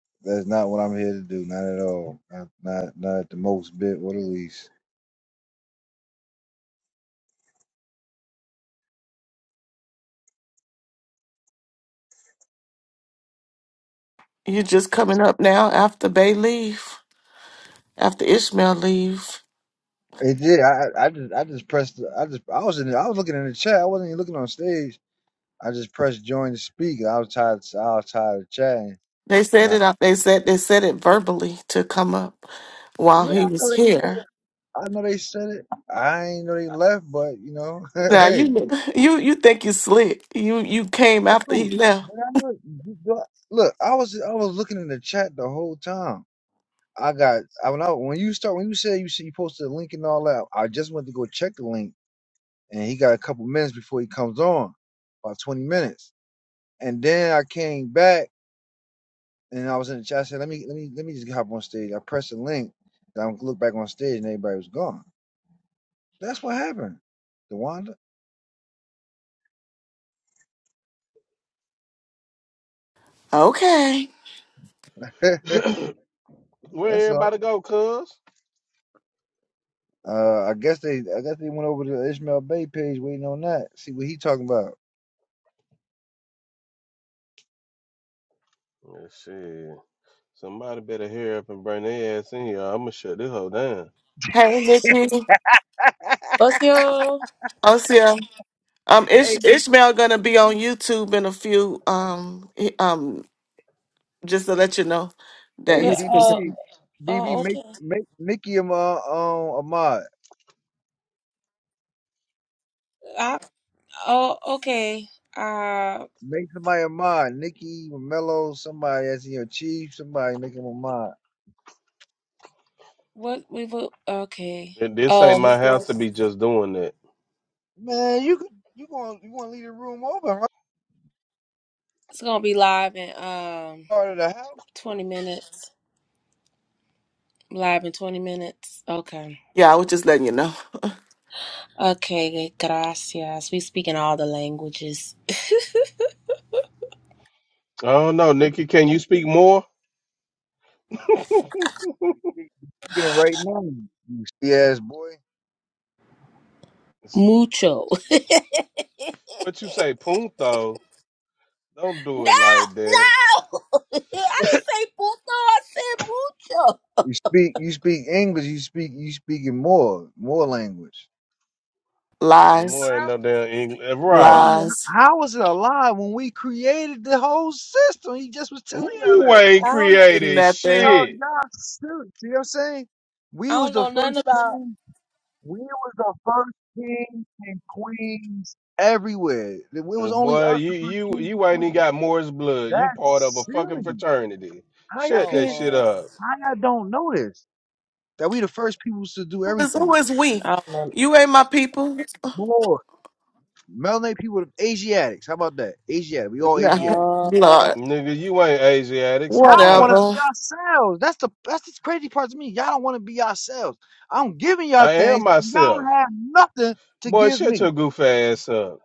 Speaker 12: That's not what I'm here to do. Not at all. Not not, not at the most bit or the least.
Speaker 11: You're just coming up now after Bay leave, after Ishmael leave.
Speaker 12: It did. I I I just I just pressed. I just I was in. I was looking in the chat. I wasn't even looking on stage. I just pressed join to speak. I was tired. I was tired of chatting.
Speaker 11: They
Speaker 12: And
Speaker 11: said
Speaker 12: I,
Speaker 11: it out. They said they said it verbally to come up while
Speaker 12: yeah,
Speaker 11: he
Speaker 12: I
Speaker 11: was
Speaker 12: know they said
Speaker 11: here.
Speaker 12: it. I know they said it. I ain't know they left, but you know,
Speaker 11: Now
Speaker 12: hey.
Speaker 11: you you you think you slick? You you came
Speaker 12: Dude,
Speaker 11: after he left.
Speaker 12: when I look, you go- look, I was I was looking in the chat the whole time. I got I when I when you start when you said you see you posted a link and all that, I just went to go check the link and he got a couple minutes before he comes on, about twenty minutes. And then I came back and I was in the chat. I said, let me let me let me just hop on stage. I pressed the link. and I looked back on stage and everybody was gone. That's what happened. DeWanda.
Speaker 11: Okay.
Speaker 3: Where
Speaker 12: That's all.
Speaker 3: everybody go, cuz?
Speaker 12: Uh, I guess they I guess they went over to the Ishmael Bay page waiting on that. See what he talking about.
Speaker 3: Yeah, shit. Somebody better hurry up and bring their ass in here. I'ma shut this hoe down.
Speaker 11: Hey Nikki.
Speaker 13: What's your
Speaker 11: Oh, Um, Ish-
Speaker 12: Hey,
Speaker 11: Ishmael gonna be on YouTube in a few. Um, he- um, just to let you know that
Speaker 12: hey,
Speaker 13: the-
Speaker 11: he's
Speaker 13: uh
Speaker 12: DB,
Speaker 11: present.
Speaker 12: DB,
Speaker 13: oh
Speaker 12: make
Speaker 13: okay.
Speaker 12: make Nikki a mo- um a mod.
Speaker 13: I, oh okay. Uh
Speaker 12: Make somebody a mod. Nikki, Mello, somebody that's in your chief. Somebody make him a mod.
Speaker 13: what we will okay.
Speaker 3: Th- This ain't
Speaker 13: Oh
Speaker 3: my
Speaker 13: he's
Speaker 3: house
Speaker 13: going
Speaker 3: to be just doing that.
Speaker 12: Man, you could you gonna you gonna leave the room open right
Speaker 13: it's gonna be live in um
Speaker 12: part of the house?
Speaker 13: twenty minutes. Live in twenty minutes. Okay.
Speaker 11: Yeah, I was just letting you know.
Speaker 13: Okay, gracias. We speak in all the languages.
Speaker 3: I don't know, Nikki. Can you speak more?
Speaker 12: You Speaking it right now, you ass boy.
Speaker 13: Mucho. no,
Speaker 3: what you say, punto? Don't do it like that.
Speaker 13: no. I didn't say puto, I said mucho.
Speaker 12: you speak you speak English. You speak you speaking more more language.
Speaker 11: Lies,
Speaker 3: More
Speaker 13: I
Speaker 3: ain't no damn English,
Speaker 12: But
Speaker 3: right?
Speaker 12: you-
Speaker 11: lies,
Speaker 12: How was it alive when we created the whole system? He just was telling y'all
Speaker 3: You
Speaker 12: that.
Speaker 3: ain't
Speaker 13: don't know.
Speaker 3: created
Speaker 12: Yo,
Speaker 11: nothing.
Speaker 3: shit,
Speaker 12: y'all shoot. See what I'm saying?
Speaker 13: I
Speaker 12: We was
Speaker 13: don't
Speaker 12: the
Speaker 13: know
Speaker 12: first
Speaker 13: nothing about.
Speaker 12: king. We was the first kings and queens everywhere. It
Speaker 3: Eh,
Speaker 12: was only
Speaker 3: boy.
Speaker 12: us,
Speaker 3: You
Speaker 12: the first
Speaker 3: you
Speaker 12: kings and
Speaker 3: you ain't even
Speaker 12: queens.
Speaker 3: got Morris blood. You part of a
Speaker 12: That's
Speaker 3: fucking
Speaker 12: silly.
Speaker 3: fraternity.
Speaker 12: How y'all
Speaker 3: Shut
Speaker 13: Oh
Speaker 3: that
Speaker 12: can't?
Speaker 3: shit
Speaker 13: Lord.
Speaker 3: up,
Speaker 12: How y'all don't know this? That we the first peoples to do
Speaker 11: Who is, who
Speaker 12: everything.
Speaker 11: is we?
Speaker 13: I don't
Speaker 11: You ain't my people.
Speaker 12: More melanated people, Asiatics. How about that? Asiatic. We all
Speaker 11: No,
Speaker 12: Asiatic.
Speaker 11: Lord,
Speaker 13: know.
Speaker 3: nigga. You ain't Asiatic.
Speaker 12: Y'all
Speaker 3: Stop
Speaker 12: don't want to
Speaker 3: lying.
Speaker 12: be
Speaker 11: whatever.
Speaker 12: yourselves. That's the that's the crazy part to me. Y'all don't want to be yourselves. I'm giving y'all
Speaker 3: I am
Speaker 12: things. Y'all don't
Speaker 3: myself,
Speaker 12: have nothing to
Speaker 3: boy.
Speaker 12: give
Speaker 3: Shut
Speaker 12: me.
Speaker 3: your goof ass up.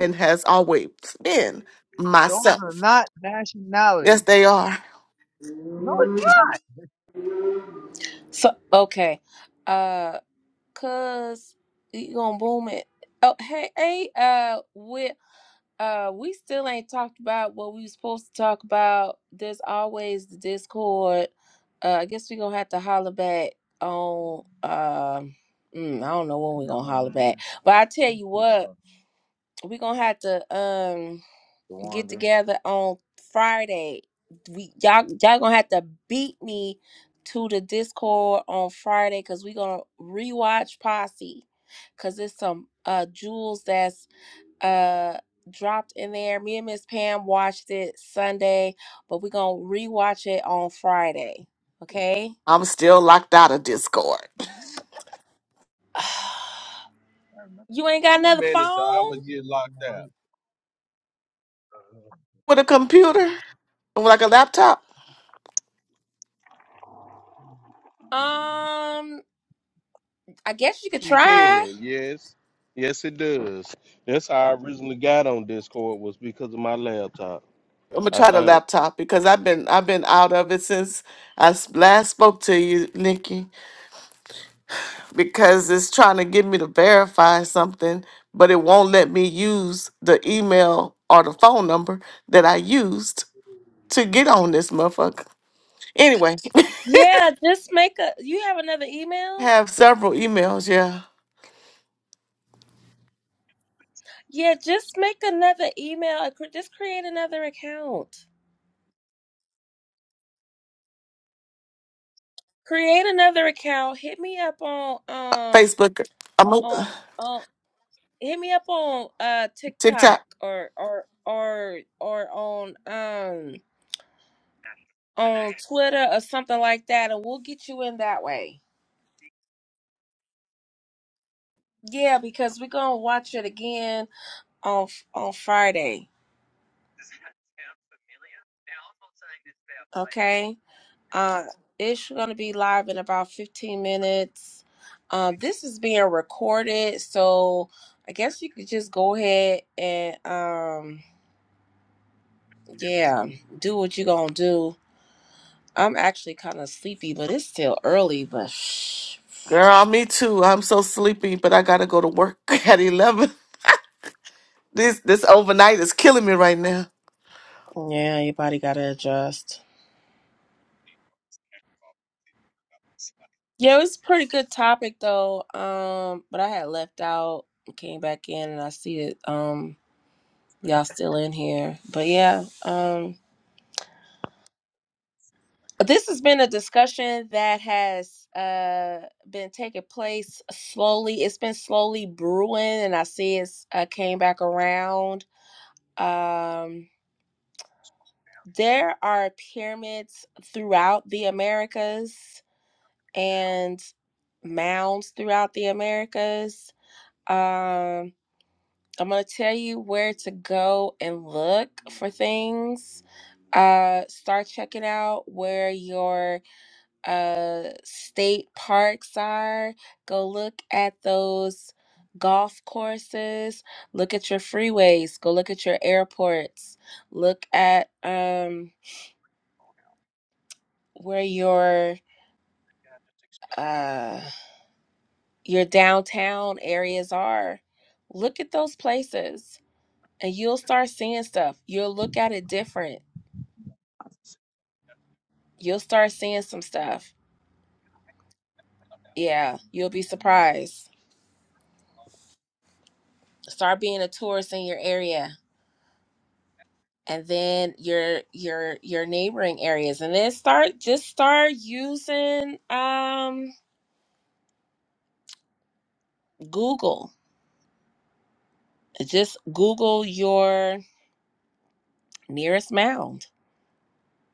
Speaker 11: And has always been
Speaker 12: Those are
Speaker 11: myself.
Speaker 12: not
Speaker 11: Yes,
Speaker 12: nationalities.
Speaker 11: they are.
Speaker 12: No,
Speaker 13: So okay, uh, cause you gonna boom it. Oh hey hey uh we uh we still ain't talked about what we was supposed to talk about. There's always the Discord. Uh, I guess we gonna have to holler back on um. mm, I don't know when we gonna
Speaker 12: y'all,
Speaker 13: holler back,
Speaker 12: man.
Speaker 13: but I tell you
Speaker 12: Yeah,
Speaker 13: what, we gonna have to. um, get
Speaker 12: Rwanda.
Speaker 13: together on Friday. We y'all y'all gonna have to beat me to the Discord on Friday because we gonna rewatch Posse because there's some uh jewels that's uh dropped in there. Me and Miss Pam watched it Sunday, but we gonna rewatch it on Friday. Okay.
Speaker 11: I'm still locked out of Discord
Speaker 13: you ain't
Speaker 3: How
Speaker 13: got
Speaker 3: you
Speaker 13: another
Speaker 3: manage to
Speaker 13: phone?
Speaker 3: always get locked out?
Speaker 11: with a computer, like a laptop.
Speaker 13: Um, I guess you could
Speaker 3: You
Speaker 13: try.
Speaker 3: can, yes, yes, it does. That's how I originally got on Discord was because of my laptop.
Speaker 11: I'm gonna
Speaker 3: I
Speaker 11: try the
Speaker 3: think.
Speaker 11: laptop because I've been I've been out of it since I s- last spoke to you, Nikki, because it's trying to get me to verify something, but it won't let me use the email or the phone number that I used to get on this motherfucker. Anyway, I
Speaker 13: Yeah, just make a. You have another email?
Speaker 11: have several emails, yeah.
Speaker 13: Yeah, just make another email. uh, cre- Just create another account. Create another account. Hit me up on um
Speaker 11: Facebook, I'm a
Speaker 13: on on hit me up on uh
Speaker 11: TikTok.
Speaker 13: TikTok or or or or on um on Twitter or something like that, and we'll get you in that way. Yeah, because we're gonna watch it again on on Friday. Okay. Uh, it's going to be live in about 15 minutes. Um, this is being recorded, so I guess you could just go ahead and, um, yeah, do what you're going to do. I'm actually kind of sleepy, but it's still early, but shh.
Speaker 11: Girl, me too. I'm so sleepy, but I gotta go to work at eleven. This this overnight is killing me right now.
Speaker 13: Yeah, your body got to adjust. Yeah, it was a pretty good topic, though. Um, but I had left out, came back in, and I see it. Um, y'all still in here, but yeah. Um, This has been a discussion that has uh, been taking place slowly. It's been slowly brewing, and I see it's uh, came back around. Um, there are pyramids throughout the Americas and mounds throughout the Americas. Um, I'm going to tell you where to go and look for things. Uh, start checking out where your uh state parks are. Go look at those golf courses. Look at your freeways. Go look at your airports. Look at um where your uh your downtown areas are. Look at those places and you'll start seeing stuff. You'll look at it different. You'll start seeing some stuff. Yeah, you'll be surprised. Start being a tourist in your area and then your your your neighboring areas and then start just start using um google just google your nearest mound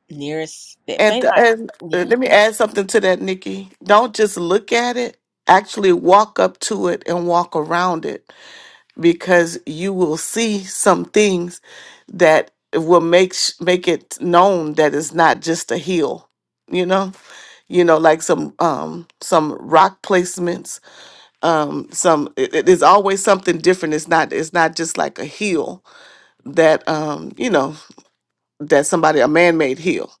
Speaker 13: nearest it may
Speaker 11: And,
Speaker 13: not
Speaker 11: and uh,
Speaker 13: yeah
Speaker 11: let me add something to that, Nikki. Don't just look at it, actually walk up to it and walk around it because you will see some things that will make sh- make it known that it's not just a hill, you know? You know, like some um some rock placements, um some it, it is always something different. It's not it's not just like a hill that um, you know, that somebody a man-made hill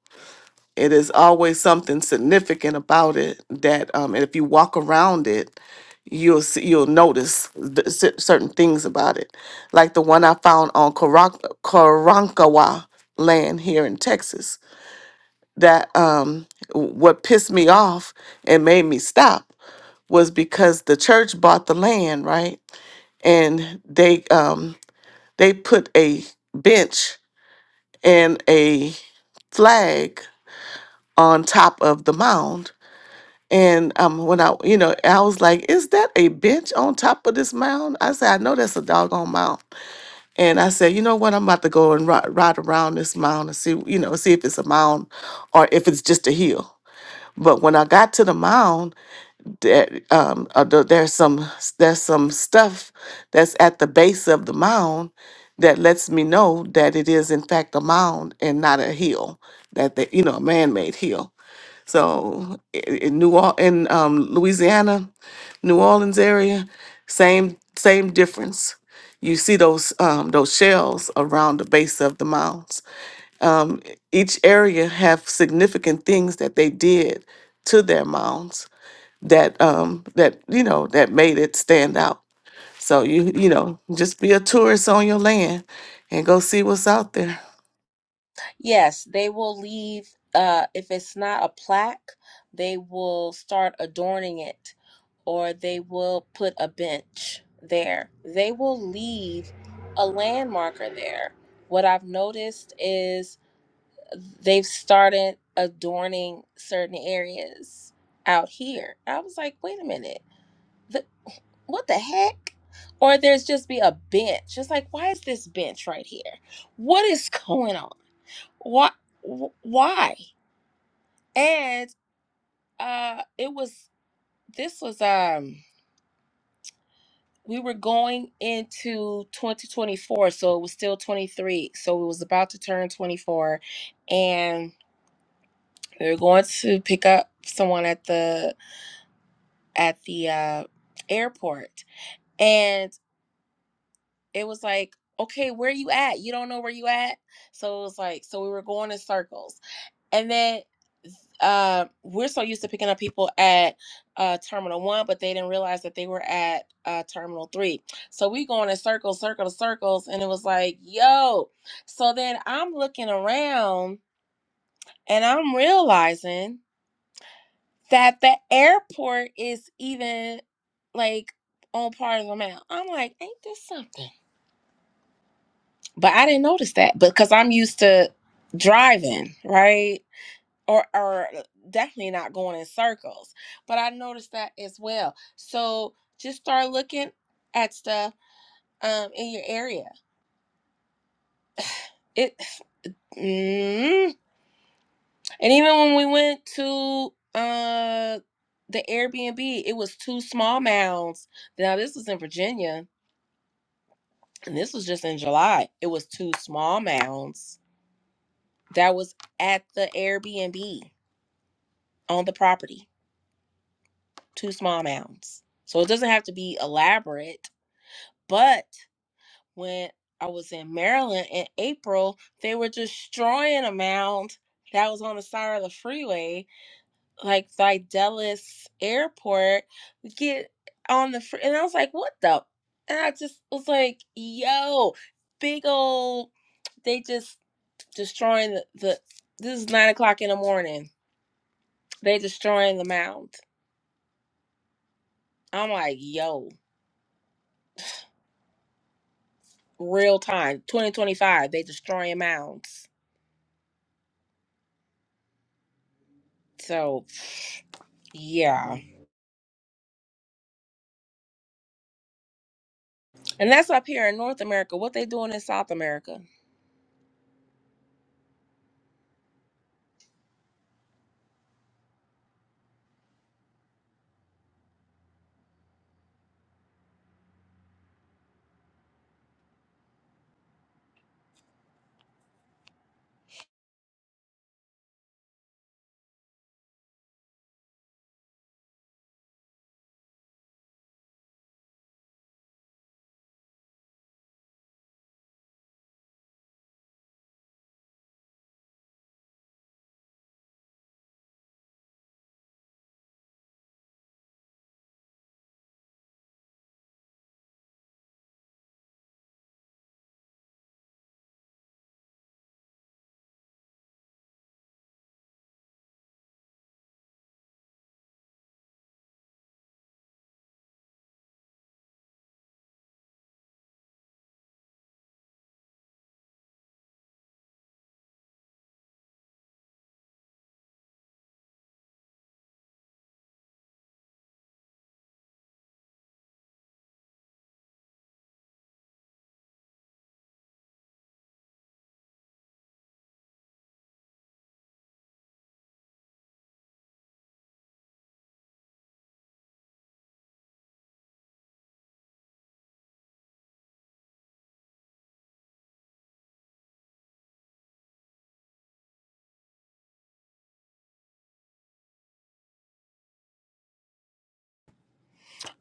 Speaker 11: it is always something significant about it that, um, and if you walk around it, you'll see, you'll notice the, cer- certain things about it. Like the one I found on Karan- Karankawa land here in Texas. That um, w- what pissed me off and made me stop was because the church bought the land, right? And they um, they put a bench and a flag on top of the mound And um, when I, you know, I was like, "Is that a bench on top of this mound?" I said, "I know that's a doggone mound." And I said, "You know what? I'm about to go and ride, ride around this mound and see, you know, see if it's a mound or if it's just a hill." But when I got to the mound, there, um, uh, th- there's some there's some stuff that's at the base of the mound that lets me know that it is in fact a mound and not a hill that they, you know, a man-made hill. So i- in New Orleans, in um, Louisiana, New Orleans area, same same difference. You see those um, those shells around the base of the mounds. Each area have significant things that they did to their mounds that um, that you know that made it stand out. So you you know just be a tourist on your land and go see what's out there.
Speaker 13: yes they will leave uh if it's not a plaque they will start adorning it or they will put a bench there they will leave a landmarker there what i've noticed is they've started adorning certain areas out here. I was like, wait a minute, the, what the heck? Or there's just be a bench. It's like, why is this bench right here? What is going on? Why? wh- Why? And uh, it was this was um we were going into 2024, so it was still 23, so it was about to turn 24, and we were going to pick up someone at the at the uh, airport, and it was like, okay, where you at? You don't know where you at, so it was like, so we were going in circles, and then uh, we're so used to picking up people at uh, Terminal One, but they didn't realize that they were at uh, Terminal Three. So we going in circles, circle to circles, and it was like, yo. So then I'm looking around, and I'm realizing. that the airport is even like on part of the mount. I'm like, ain't this something? But I didn't notice that because I'm used to driving, right? Or or uh, definitely not going in circles. But I noticed that as well. So just start looking at stuff um in your area. It mm, and even when we went to uh the Airbnb, it was two small mounds. Now this was in Virginia and this was just in July. It was two small mounds that was at the Airbnb on the property. Two small mounds. So it doesn't have to be elaborate. But when I was in Maryland in April, they were destroying a mound that was on the side of the freeway, like by Dallas Airport. Get on the fr- and I was like, what the? And I just was like, yo, big old. They just destroying the, the this is nine o'clock in the morning. They destroying the mound. I'm like, yo, real time, 2025. They destroying mounds. So yeah, and that's up here in North America. What they doing in South America?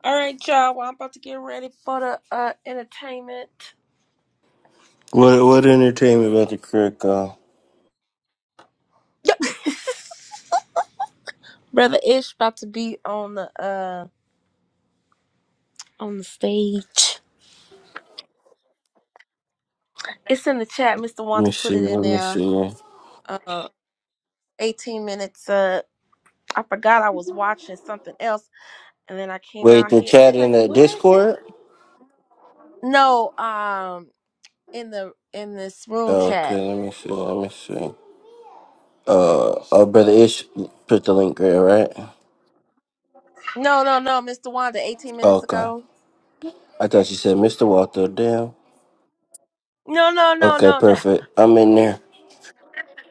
Speaker 13: All right, y'all. Well, I'm about to get ready for the uh entertainment.
Speaker 14: What what entertainment about the crick? Uh,
Speaker 13: Brother Ish about to be on the uh on the stage. It's in the chat. Mr.
Speaker 14: let
Speaker 13: Wanda
Speaker 14: me
Speaker 13: put
Speaker 14: see.
Speaker 13: it in
Speaker 14: Let me
Speaker 13: there.
Speaker 14: see.
Speaker 13: Uh, 18 minutes. Uh, I forgot I was watching something else. and then I came
Speaker 14: Wait,
Speaker 13: out
Speaker 14: the
Speaker 13: here. I'm
Speaker 14: chat in
Speaker 13: like,
Speaker 14: the
Speaker 13: why is it?
Speaker 14: Discord.
Speaker 13: No, um, in the in this room
Speaker 14: Oh, Okay,
Speaker 13: chat.
Speaker 14: let me see. Let me see. Uh, oh, brother Ish put the link there, right?
Speaker 13: No, no, no, Mr. Wanda, 18 minutes
Speaker 14: Okay,
Speaker 13: ago.
Speaker 14: I thought you said Mr. Walter. Damn.
Speaker 13: No, no, no,
Speaker 14: Okay,
Speaker 13: no, no.
Speaker 14: perfect. I'm in there,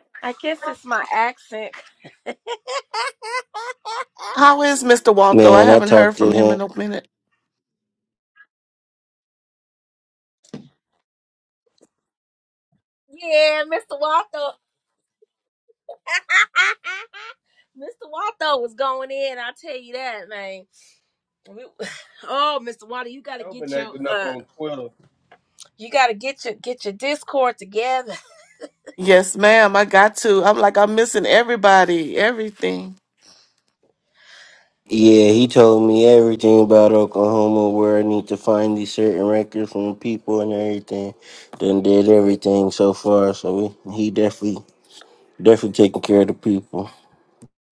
Speaker 13: I guess it's my accent. yeah,
Speaker 11: How is Mr. Waltho? I
Speaker 14: man. I
Speaker 11: haven't
Speaker 14: talked
Speaker 11: heard
Speaker 14: to
Speaker 11: from him
Speaker 14: him.
Speaker 11: in a minute.
Speaker 13: Mr. Waltho. Mr. Waltho was going in. I'll tell you that, man. We, oh, Mr. Wanda, you gotta
Speaker 3: I've
Speaker 13: get
Speaker 3: been
Speaker 13: your
Speaker 3: acting up
Speaker 13: uh,
Speaker 3: on Twitter.
Speaker 13: you gotta get your get your Discord together.
Speaker 11: Yes, ma'am. I got to. I'm like, I'm missing everybody, everything.
Speaker 14: Yeah, he told me everything about Oklahoma, where I need to find these certain records from people and everything. Done did everything so far, so we, he definitely Definitely taking care of the people.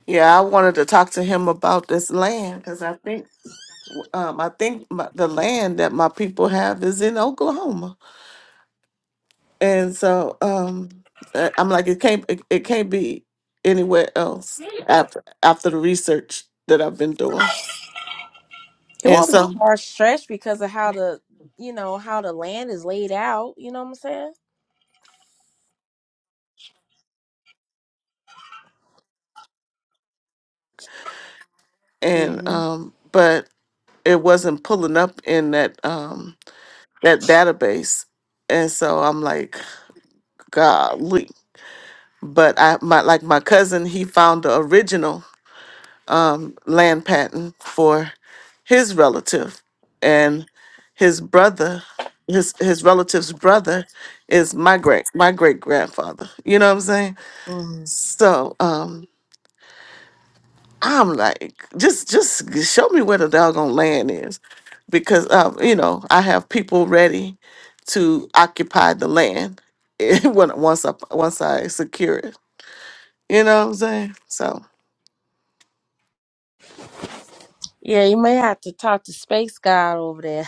Speaker 11: Yeah, I wanted to talk to him about this land because I think, um, I think my, the land that my people have is in Oklahoma, and so um, uh, I'm like, it can't, it, it can't be anywhere else after after the research that I've been doing,
Speaker 13: It
Speaker 11: and
Speaker 13: won't be
Speaker 11: so
Speaker 13: far stretched because of how the you know how the land is laid out. You know what I'm saying?
Speaker 11: and
Speaker 13: hmm
Speaker 11: um, but it wasn't pulling up in that um that database, and so I'm like, golly. but I my like my cousin, he found the original um, land patent for his relative, and his brother, his his relative's brother, is my great my great grandfather. You know what I'm saying?
Speaker 13: hmm
Speaker 11: So um, I'm like, just just show me where the doggone land is, because um, you know I have people ready to occupy the land when once I once I secure it. You know what I'm saying? So.
Speaker 13: Yeah, you may have to talk to Space God over there.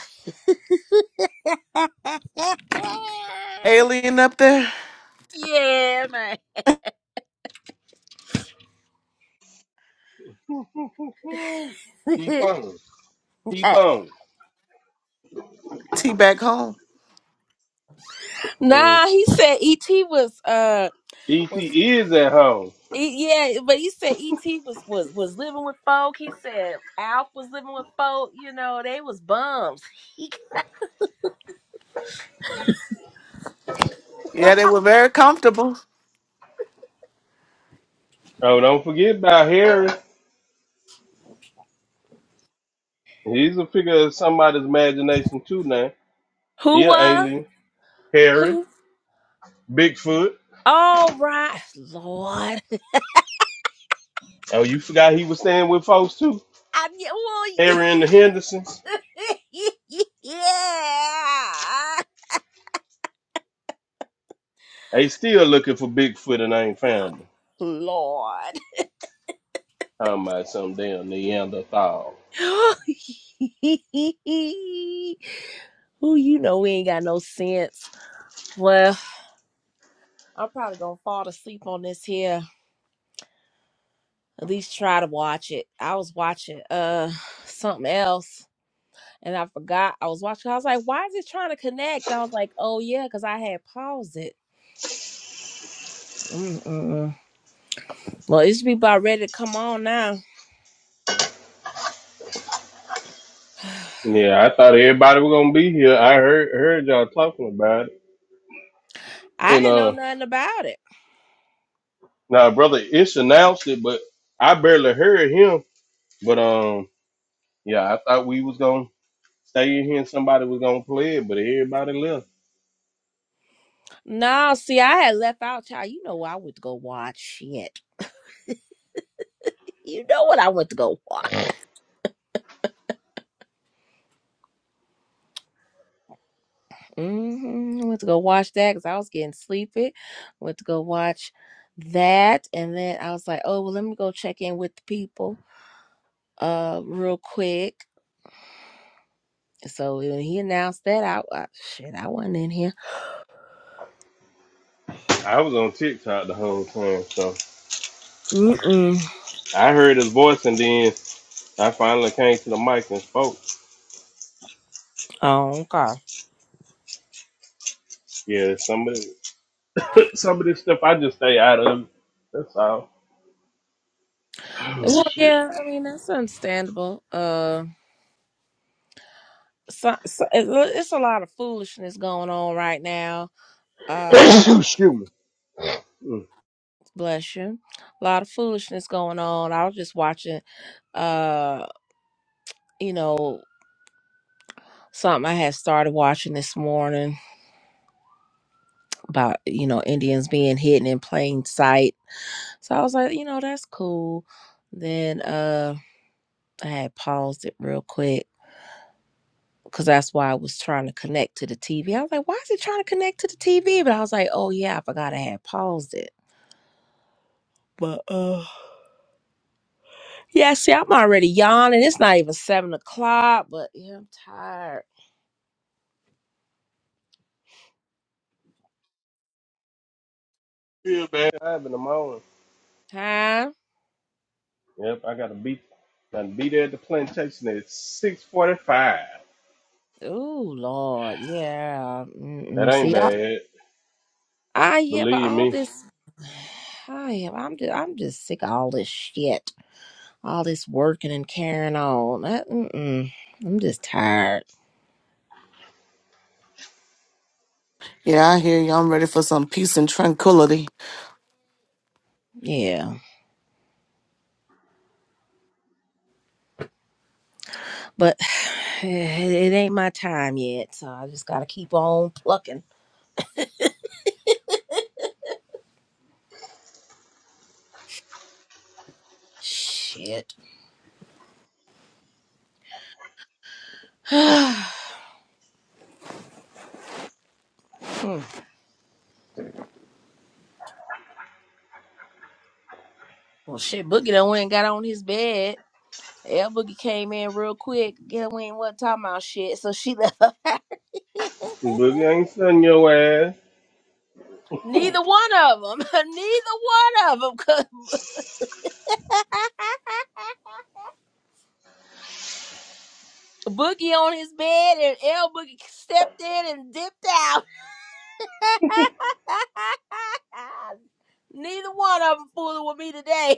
Speaker 11: alien up there.
Speaker 13: yeah, man.
Speaker 3: Keep on. Keep on.
Speaker 11: Tea back home.
Speaker 3: Mm.
Speaker 13: nah, he said ET was uh
Speaker 3: ET
Speaker 13: was
Speaker 3: is at home.
Speaker 13: e- yeah, but he said ET was was was living with folk. He said Alf was living with folk. You know, they was bums.
Speaker 11: Yeah, they were very comfortable.
Speaker 3: Oh, don't forget about Harry. He's a figure of somebody's imagination too now. He
Speaker 13: Who
Speaker 3: an
Speaker 13: was?
Speaker 3: alien. Harry. Bigfoot.
Speaker 13: All right, Lord.
Speaker 3: Oh, you forgot he was staying with folks too.
Speaker 13: i mean,
Speaker 3: Harry and the Hendersons.
Speaker 13: well, y- yeah,
Speaker 3: They still looking for Bigfoot and ain't found him.
Speaker 13: Lord.
Speaker 3: Talking about some damn Neanderthal.
Speaker 13: Who you know we ain't got no sense. Well, I'm probably gonna fall asleep on this here. At least try to watch it. I was watching uh something else and I forgot I was watching. I was like, why is it trying to connect? I was like, oh yeah, because I had paused it. Mm-mm. Well, it should be about ready to come on now.
Speaker 3: Yeah, I thought everybody was gonna be here. I heard heard y'all talking about it.
Speaker 13: I
Speaker 3: And
Speaker 13: didn't know
Speaker 3: uh
Speaker 13: nothing about it.
Speaker 3: now brother Ish announced it, but I barely heard him. But um, yeah, I thought we was gonna stay in here and somebody was gonna play it, but everybody left.
Speaker 13: No, see, I had left out, child. You know I went to go watch shit. You know what I went to go watch. hmm I went to go watch that because I was getting sleepy. Went to go watch that, and then I was like, oh well, let me go check in with the people, uh, real quick. So when he announced that, I, I shit, I wasn't in here.
Speaker 3: I was on TikTok the whole time, so
Speaker 13: Mm-mm.
Speaker 3: I heard his voice, and then I finally came to the mic and spoke.
Speaker 13: Oh, okay.
Speaker 3: Yeah, some of the, some of this stuff I just stay out of. That's all. Oh
Speaker 13: Well,
Speaker 3: shit.
Speaker 13: yeah, I mean that's understandable. Um. so, so it- it's a lot of foolishness going on right now. Uh,
Speaker 3: Excuse me. Mm.
Speaker 13: bless you. A lot of foolishness going on. I was just watching, uh, you know, something I had started watching this morning about you know Indians being hidden in plain sight. So I was like, you know, that's cool. Then uh, I had paused it real quick. Cause that's why I was trying to connect to the TV. I was like, "Why is it trying to connect to the TV?" But I was like, "Oh yeah, I forgot I had paused it." But uh. Yeah, see, I'm already yawning. It's not even seven o'clock, but yeah, I'm tired.
Speaker 3: Feel bad. Five in the morning.
Speaker 13: Huh?
Speaker 3: Yep, I gotta be, gotta be there at the plantation at six forty-five.
Speaker 13: oh Lord. Yeah.
Speaker 3: That
Speaker 13: Mm-mm.
Speaker 3: ain't
Speaker 13: See, I,
Speaker 3: bad.
Speaker 13: I yeah, but
Speaker 3: Believe
Speaker 13: all
Speaker 3: me,
Speaker 13: this, I am. I'm just, I'm just sick of all this shit, all this working and carrying on. I, mm-mm. I'm just tired.
Speaker 11: Yeah, I hear you. I'm ready for some peace and tranquility.
Speaker 13: Yeah, but it, it ain't my time yet, so I just gotta keep on plucking. Shit. Hmm. well, shit, Boogie done went and got on his bed. Air Boogie came in real quick. Yeah, we ain't what talking about shit. So she left.
Speaker 3: Boogie ain't stunning your ass.
Speaker 13: Neither one of them. Neither one of them. Boogie on his bed and El Boogie stepped in and dipped out. Neither one of them fooling with me today.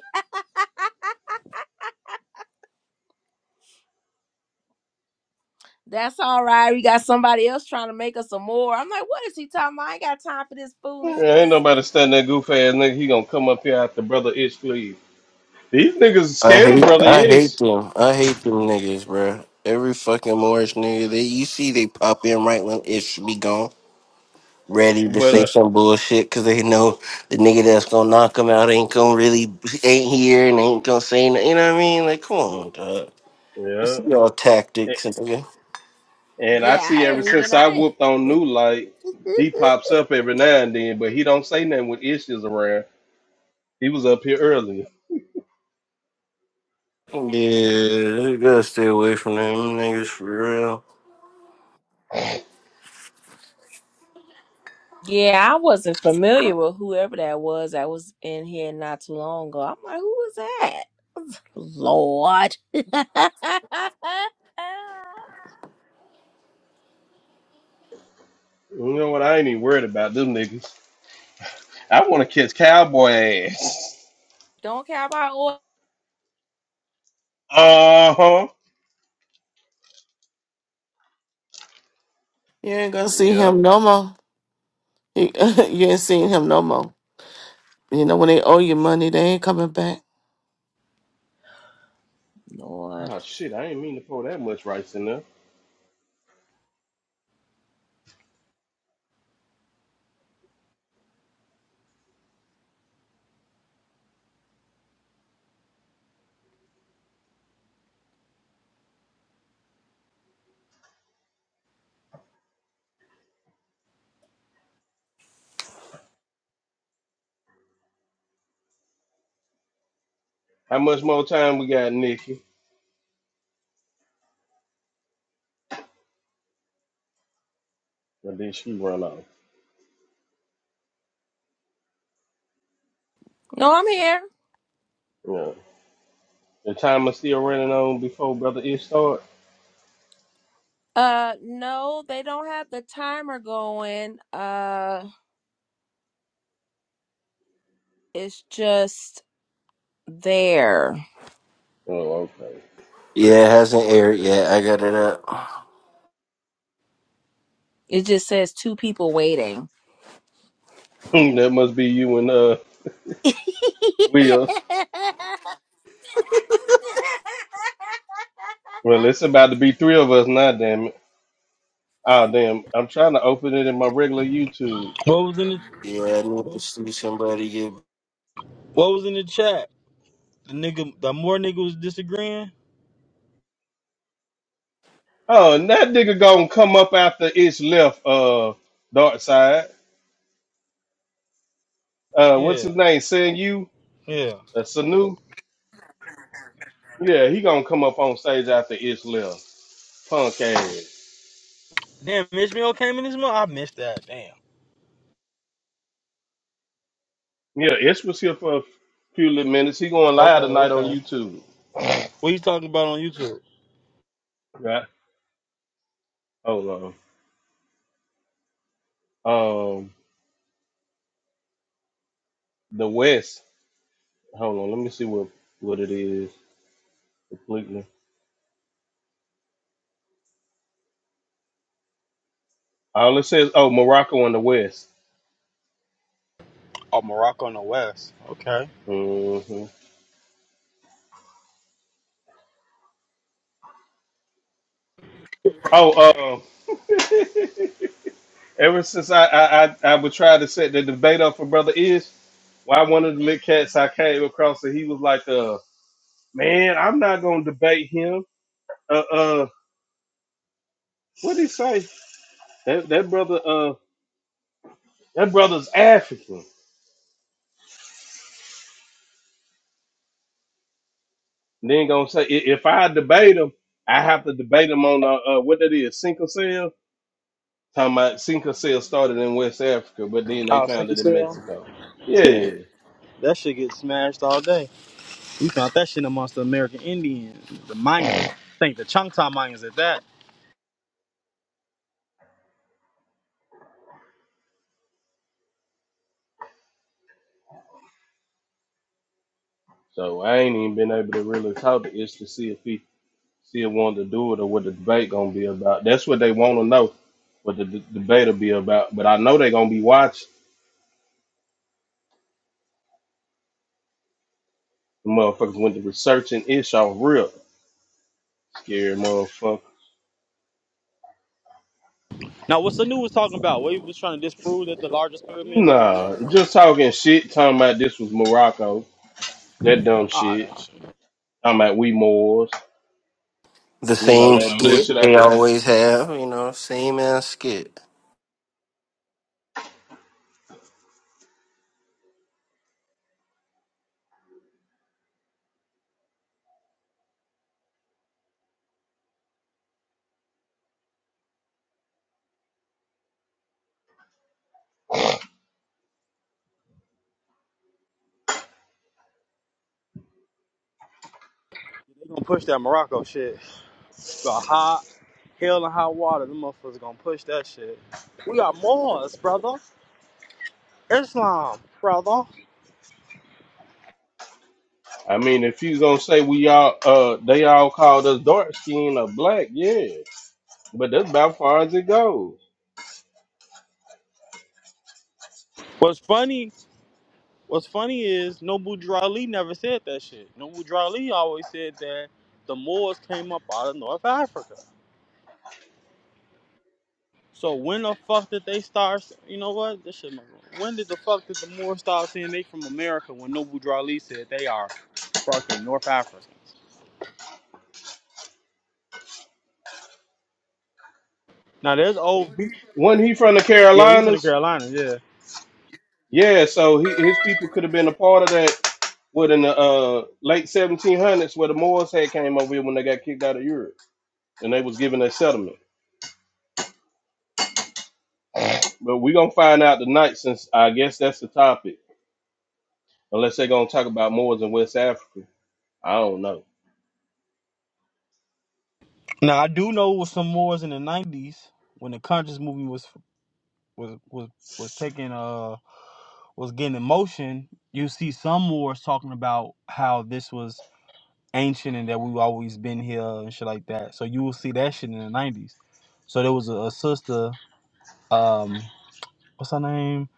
Speaker 13: That's all right. We got somebody else trying to make us some more. I'm like, what is he talking about? I ain't got time for this
Speaker 3: Yeah, ain't
Speaker 13: foolishness.
Speaker 3: nobody studying that goof ass nigga. He gonna come up here after brother Ish leave. These niggas
Speaker 14: I
Speaker 3: scared of
Speaker 14: hate,
Speaker 3: brother
Speaker 14: I hate
Speaker 3: Ish,
Speaker 14: them. I hate them niggas, bruh. Every fucking Morris nigga, they you see they pop in right when it should be gone, ready to
Speaker 3: but uh,
Speaker 14: say some bullshit because they know the nigga that's gonna knock them out ain't gonna really ain't here and ain't gonna say nothing. You know what I mean? Like, come on, dog. It's
Speaker 3: yeah.
Speaker 14: y'all tactics,
Speaker 3: A-
Speaker 14: nigga.
Speaker 3: And I
Speaker 13: Yeah,
Speaker 3: see
Speaker 13: I
Speaker 3: ever
Speaker 13: ain't even.
Speaker 3: since I
Speaker 13: I
Speaker 3: whooped on New Light,
Speaker 13: ain't.
Speaker 3: he pops up every now and then, but he don't say nothing when Ish is around. He was up here earlier.
Speaker 14: Yeah, you gotta stay away from them niggas for real.
Speaker 13: Yeah, I wasn't familiar with whoever that was that was in here not too long ago. I'm like, who was that? Lord.
Speaker 3: You know what? I ain't even worried about them niggas. I want to catch cowboy ass.
Speaker 13: don't care about oil.
Speaker 3: Uh huh.
Speaker 11: You ain't gonna see
Speaker 3: Yep.
Speaker 11: him no more. You, you ain't seen him no more. You know when they owe you money, they ain't coming back.
Speaker 13: Lord.
Speaker 3: Oh shit! I ain't mean to pour that much rice in there. How much more time we got, Nikki? But then she run off.
Speaker 13: No, I'm here.
Speaker 3: Yeah. The time is still running on before Brother Ish start.
Speaker 13: Uh no, they don't have the timer going. Uh it's just there.
Speaker 3: Oh,
Speaker 14: Yeah, it hasn't aired yet. I got it up.
Speaker 13: It just says two people waiting.
Speaker 3: okay. that must be you and uh Will. Well, it's about to be three of us now, damn it. Oh damn. I'm trying to open it in my regular YouTube.
Speaker 1: What was in the
Speaker 14: Yeah, I need to see somebody get.
Speaker 1: What was in the chat? The nigga, the more nigga was disagreeing.
Speaker 3: Oh, and that nigga gonna come up after Ish left uh Dark Side. Uh what's
Speaker 1: Yeah,
Speaker 3: his name? Saying you?
Speaker 1: yeah.
Speaker 3: Uh, Sanu? Yeah, he gonna come up on stage after Ish left. Punk ass.
Speaker 1: Damn, Ishmael came in this month. I missed that. Damn.
Speaker 3: Yeah, Ish was here for a few little minutes. He going
Speaker 1: Okay,
Speaker 3: live tonight on
Speaker 1: okay.
Speaker 3: YouTube.
Speaker 1: What you talking about on YouTube?
Speaker 3: Right. Hold on. Um, The West. Hold on, let me see what what it is completely. All it says, oh, Morocco and the West.
Speaker 1: Oh, Morocco and the West. Okay.
Speaker 3: hmm Oh, uh, ever since I, I I I would try to set the debate up for brother Ish, why one of the lit cats I came across and he was like, uh, man, I'm not gonna debate him. Uh, uh, what did he say? That that brother, uh, that brother's African. And then gonna say "I- if I debate him, I have to debate him on uh, uh what that is, single cell Talking about Cinco Cell started in West Africa, but then they
Speaker 1: Oh,
Speaker 3: found
Speaker 1: thank you,
Speaker 3: it in
Speaker 1: Cell.
Speaker 3: Mexico. Yeah.
Speaker 1: That shit gets smashed all day. We found that shit amongst the American Indians, the Mayans. I think the Choctaw Mayans at that.
Speaker 3: So I ain't even been able to really talk to Ish to see if he still wanted to do it or what the debate gonna be about. That's what they want to know, what the d- debate'll be about. But I know they gonna be watching. The motherfuckers went to researching Ish off real scary motherfucker.
Speaker 1: Now, what Sanu was talking about? What he was trying to disprove that the largest pyramids is in
Speaker 3: Nah,
Speaker 1: America?
Speaker 3: just talking shit. Talking about this was Morocco. That dumb
Speaker 1: Ah,
Speaker 3: shit.
Speaker 1: that shit.
Speaker 3: Talking about we Moors.
Speaker 14: The
Speaker 3: You know
Speaker 14: same
Speaker 3: that
Speaker 14: skit
Speaker 3: bullshit
Speaker 14: they always have, you know, same ass skit.
Speaker 1: They gonna push that Morocco shit. The hot hell and hot water. Them motherfuckers gonna push that shit. We got Moors, brother. Islam, brother.
Speaker 3: I mean, if you gonna say we all, uh, they all called us dark skin or black, yeah, but that's about far as it goes.
Speaker 1: What's funny? What's funny is Nobu Drali never said that shit. Nobu Drali always said that the Moors came up out of North Africa. So when the fuck did they start? s- You know what? This shit. my- When did the fuck did the Moors start saying they from America? When Nobu Drali said they are fucking North Africans. Now there's old. be-
Speaker 3: Wasn't he from the
Speaker 1: Yeah, he's from the
Speaker 3: Carolinas?
Speaker 1: Carolinas. Yeah.
Speaker 3: Yeah, so he, his people could have been a part of that. What in the uh, late 1700s, where the Moors had came over here when they got kicked out of Europe, and they was given a settlement. But we gonna find out tonight, since I guess that's the topic. Unless they are gonna talk about Moors in West Africa, I don't know.
Speaker 1: Now I do know it was some Moors in the '90s when the conscious movement was was was was taking uh was getting in motion. You see some Moors talking about how this was ancient and that we've always been here and shit like that. So you will see that shit in the '90s. So there was a, a sister. Um, what's her name?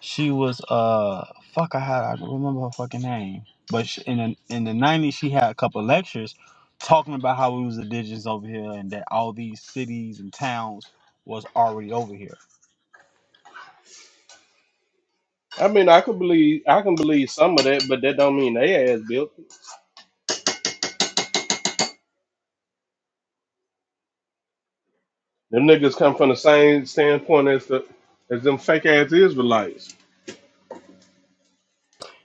Speaker 1: She was uh, fuck. I had I don't remember her fucking name. But she, in the in the nineties, she had a couple of lectures talking about how we was indigenous over here and that all these cities and towns was already over here.
Speaker 3: I mean, I could believe I can believe some of that, but that don't mean they ass built. Them niggas come from the same standpoint as the as them fake ass Israelites.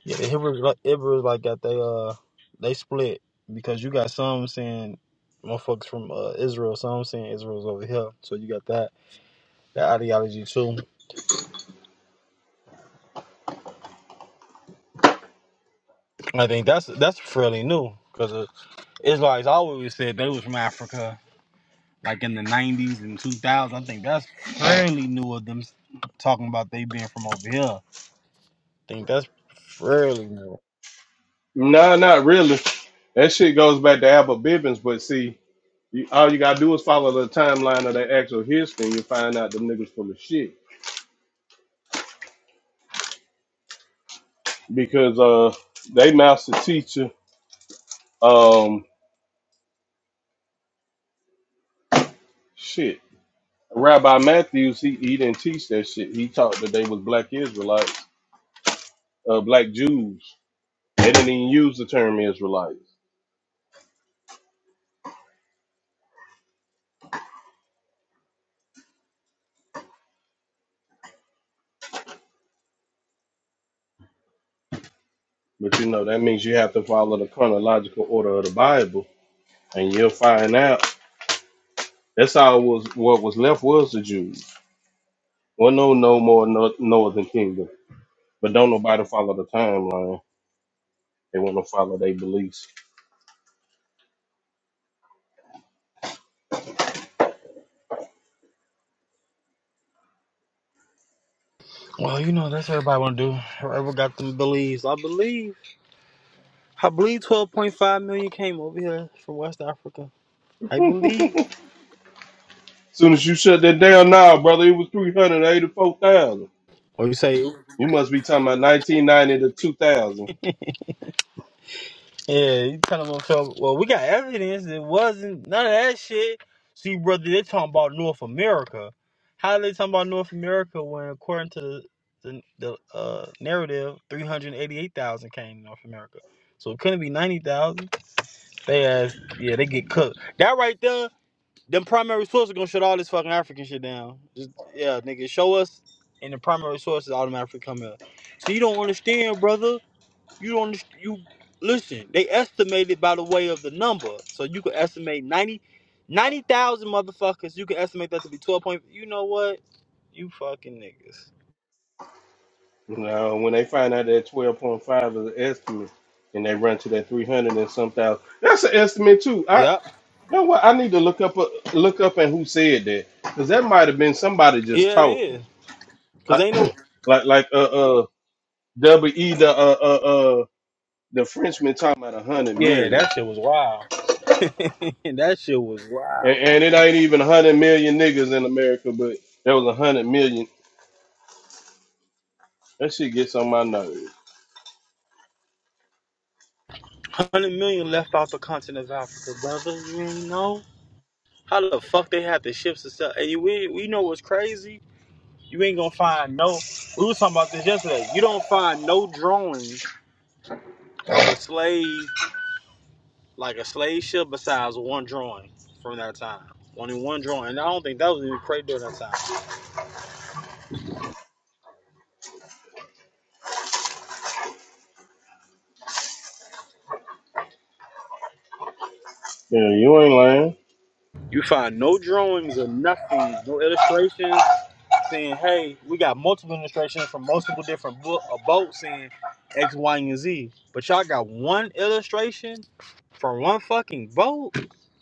Speaker 1: Yeah, the Hebrews like Hebrews like got they uh they split because you got some saying motherfuckers from uh, Israel, some saying Israel's over here. So you got that that ideology too. I think that's that's fairly new because Israelites always said they was from Africa, like in the '90s and 2000s. I think that's fairly new of them talking about they being from over here. I think that's fairly new.
Speaker 3: Nah, not really. That shit goes back to Albert Bibbins, but see, you, all you gotta do is follow the timeline of their actual history, and you find out them niggas full of shit because uh, they master teacher, um, shit, Rabbi Matthews, he, he didn't teach that shit. He taught that they was black Israelites, uh, black Jews. They didn't even use the term Israelites, but you know that means you have to follow the chronological order of the Bible and you'll find out. That's all was what was left was the Jews. Well, no, no more no, northern kingdom, but don't nobody follow the timeline. They want to follow their beliefs.
Speaker 1: Well, you know that's what everybody want to do. Whoever got them beliefs, I believe. I believe 12.5 million came over here from West Africa. I believe.
Speaker 3: Soon as you shut that down, now, brother, it was three hundred eighty-four thousand.
Speaker 1: Or you say,
Speaker 3: You must be talking about nineteen ninety to two thousand.
Speaker 1: yeah, you tell them I'm Well, we got evidence. It wasn't none of that shit. See, brother, they talking about North America. How they talking about North America when, according to the the, the uh, narrative, 388,000 came to North America. So it couldn't be 90,000. They asked, yeah, they get cooked. That right there Them primary sources gonna shut all this fucking African shit down. Just yeah, nigga, show us, and the primary sources automatically come out. So you don't understand, brother. You don't. underst- You listen. They estimated by the way of the number, so you could estimate 90, 90,000 motherfuckers. You can estimate that to be twelve point. You know what? You fucking niggas.
Speaker 3: You know, when they find out that twelve point five is an estimate, and they run to that three hundred and some thousand, that's an estimate too. I
Speaker 1: Yep.
Speaker 3: you know what? I need to look up a, look up and who said that because that might have been somebody just
Speaker 1: Yeah, it
Speaker 3: talking.
Speaker 1: is. Cause
Speaker 3: like
Speaker 1: ain't no.
Speaker 3: like like uh uh W E the uh uh uh the Frenchman talking about a hundred
Speaker 1: Yeah,
Speaker 3: million,
Speaker 1: that shit was wild. that shit was wild.
Speaker 3: and, and it ain't even a hundred million niggas in America, but there was a hundred million. That shit gets on my nerves.
Speaker 1: Hundred million left off the continent of Africa, brother. You ain't know. How the fuck they had the ships to sell? And you- we we know what's crazy. You ain't gonna find no. We were talking about this yesterday. You don't find no drawings of a slave like a slave ship besides one drawing from that time. Only one drawing. And I don't think that was even created during that time.
Speaker 3: Yeah, you ain't lying.
Speaker 1: You find no drawings or nothing, no illustrations saying, "Hey, we got multiple illustrations from multiple different bo- uh, boats saying X, Y, and Z." But y'all got one illustration from one fucking boat.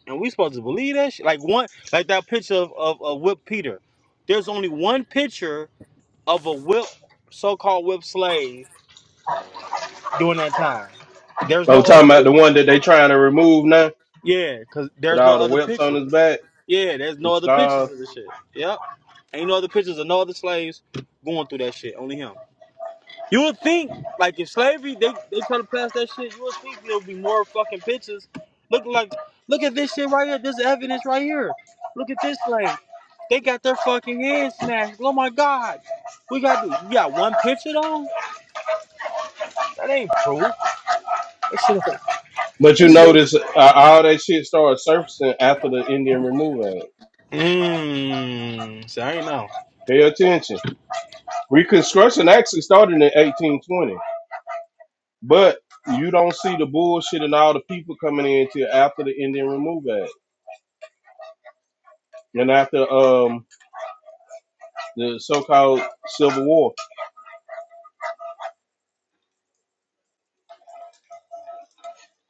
Speaker 1: And we supposed to believe that shit? Like one like that picture of, of, of whip Peter. There's only one picture of a whip so called whip slave during that time. There's
Speaker 3: I was
Speaker 1: no other
Speaker 3: talking about
Speaker 1: picture.
Speaker 3: the one that they trying to remove now
Speaker 1: Yeah, cause
Speaker 3: with
Speaker 1: there's no
Speaker 3: all the
Speaker 1: other
Speaker 3: whelps on
Speaker 1: pictures.
Speaker 3: his back,
Speaker 1: Yeah, there's
Speaker 3: some
Speaker 1: no other pictures
Speaker 3: scars.
Speaker 1: of this shit. Yep. Ain't no other pictures of no other slaves going through that shit. Only him. You would think, like, if slavery they they try to pass that shit, you would think there would be more fucking pictures. Look like, look at this shit right here. This evidence right here. Look at this slave. They got their fucking head smashed. Oh my god. We got to. do, You got one picture though. That ain't proof. That shit. ain't-
Speaker 3: But
Speaker 1: That
Speaker 3: you
Speaker 1: shit. ain't-
Speaker 3: notice uh, all that shit started surfacing after the Indian removal. Act.
Speaker 1: Mmm. See, I ain't know.
Speaker 3: Pay attention. Reconstruction actually started in 1820. But you don't see the bullshit and all the people coming in till after the Indian Removal Act and after um the so-called Civil War.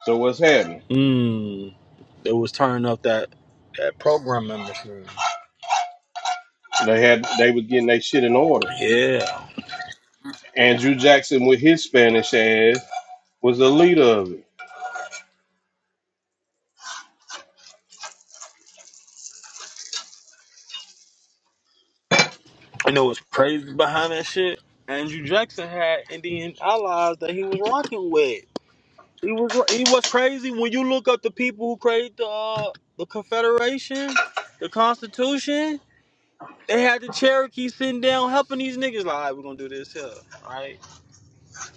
Speaker 3: So what's happening?
Speaker 1: Mmm. They was turning up that that programming machine.
Speaker 3: They had they was getting their shit in order.
Speaker 1: Yeah.
Speaker 3: Andrew Jackson with his Spanish ass was the leader of it.
Speaker 1: You know what's crazy behind that shit? Andrew Jackson had Indian allies that he was rocking with. He was he was crazy. When you look up the people who created the uh, the Confederation, the Constitution, they had the Cherokee sitting down helping these niggas. Like, all right, we're gonna do this here, right?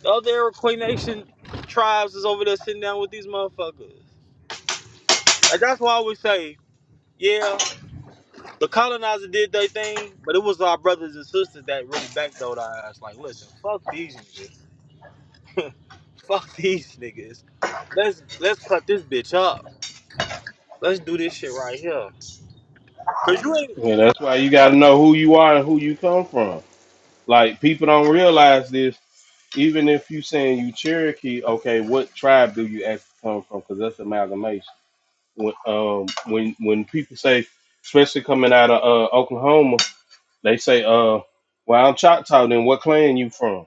Speaker 1: The other Iroquois Nation tribes is over there sitting down with these motherfuckers. Like that's why I always say, yeah, the colonizer did their thing, but it was our brothers and sisters that really backdoored our ass. Like, listen, fuck these niggas. Fuck these niggas. Let's let's cut this bitch up. Let's do this shit right here. Cause you ain't
Speaker 3: And that's why you gotta know who you are and who you come from. Like people don't realize this. Even if you saying you Cherokee, okay, what tribe do you actually come from? Because that's amalgamation. when um when when people say, especially coming out of uh, Oklahoma, they say, "Uh, well, I'm Choctaw. Then what clan you from?"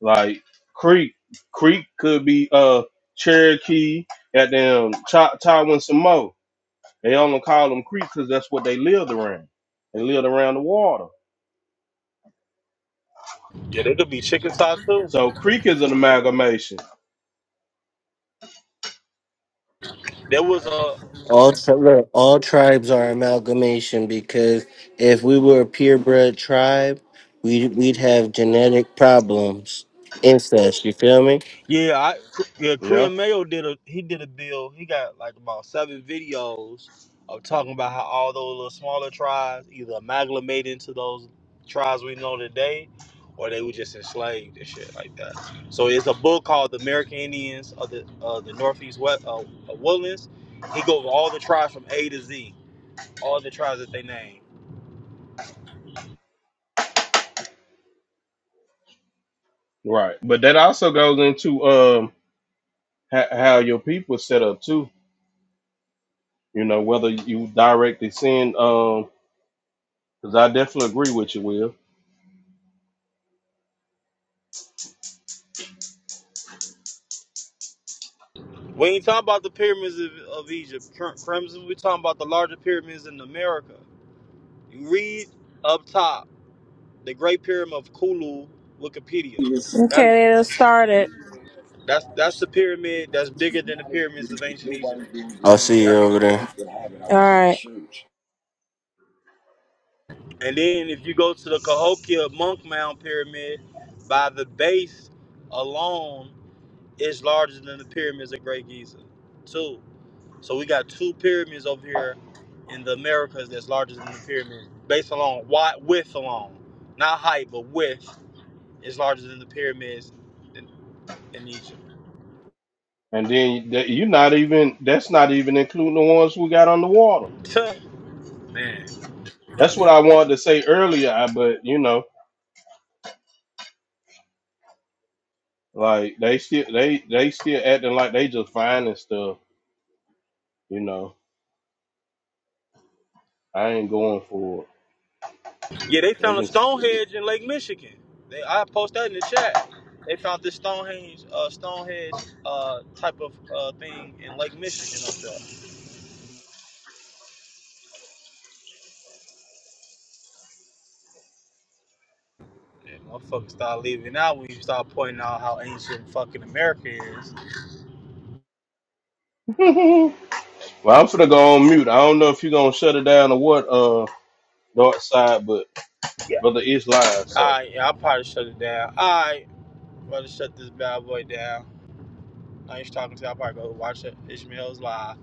Speaker 3: Like Creek, Creek could be uh Cherokee, goddamn Choctaw and Samoa. They only call them Creek because that's what they lived around. They lived around the water,
Speaker 1: yeah, they could be chicken too.
Speaker 3: so Creek is an amalgamation.
Speaker 1: There was a
Speaker 14: All tri- look, all tribes are amalgamation because if we were a purebred tribe, we'd we'd have genetic problems, incest. You feel me?
Speaker 1: yeah, I yeah,
Speaker 3: Yeah,
Speaker 1: Korean Mayo did a he did a bill. He got like about seven videos of talking about how all those little smaller tribes either amalgamated into those tribes we know today, or they were just enslaved and shit like that. So it's a book called The American Indians of the uh, the Northeast West, uh, Woodlands. He goes over all the tribes from A to Z all the tribes that they named.
Speaker 3: right. But that also goes into um ho- how your people set up too. You know, whether you directly send um Because I definitely agree with you, Will.
Speaker 1: We ain't talking about the pyramids of, of Egypt, Crimson. we talking about the larger pyramids in America. You read up top the Great Pyramid of Kulu, Wikipedia.
Speaker 13: Okay, they done started.
Speaker 1: That's that's the pyramid that's bigger than the pyramids of ancient Egypt.
Speaker 14: I'll see you over there.
Speaker 1: And then if you go to the Cahokia Monk Mound Pyramid, by the base alone, it's larger than the pyramids of Great Giza. Two. So we got two pyramids over here in the Americas that's larger than the pyramid, based along wide width alone, not height, but width is larger than the pyramids in, in Egypt.
Speaker 3: And then that- you're not even, that's not even including the ones we got on the water.
Speaker 1: Tuh, Man,
Speaker 3: That's what I wanted to say earlier, I- but you know, like they still, they, they still acting like they just finding stuff, you know. I ain't going for
Speaker 1: yeah, they
Speaker 3: it. They
Speaker 1: found a
Speaker 3: can,
Speaker 1: Stonehenge in Lake Michigan. They I post that in the chat. They found this Stonehenge, uh, Stonehenge uh, type of uh, thing in Lake Michigan up there. And motherfuckers start leaving out when you start pointing out how ancient fucking America is.
Speaker 3: well, I'm finna go on mute. I don't know if you're gonna shut it down or what, uh, dark side, but
Speaker 1: Yeah.
Speaker 3: brother, it's live,
Speaker 1: All
Speaker 3: so.
Speaker 1: right, yeah, I probably shut it down. All right. I'm about to shut this bad boy down. I ain't talking to you. I'll probably go watch Ishmael's live.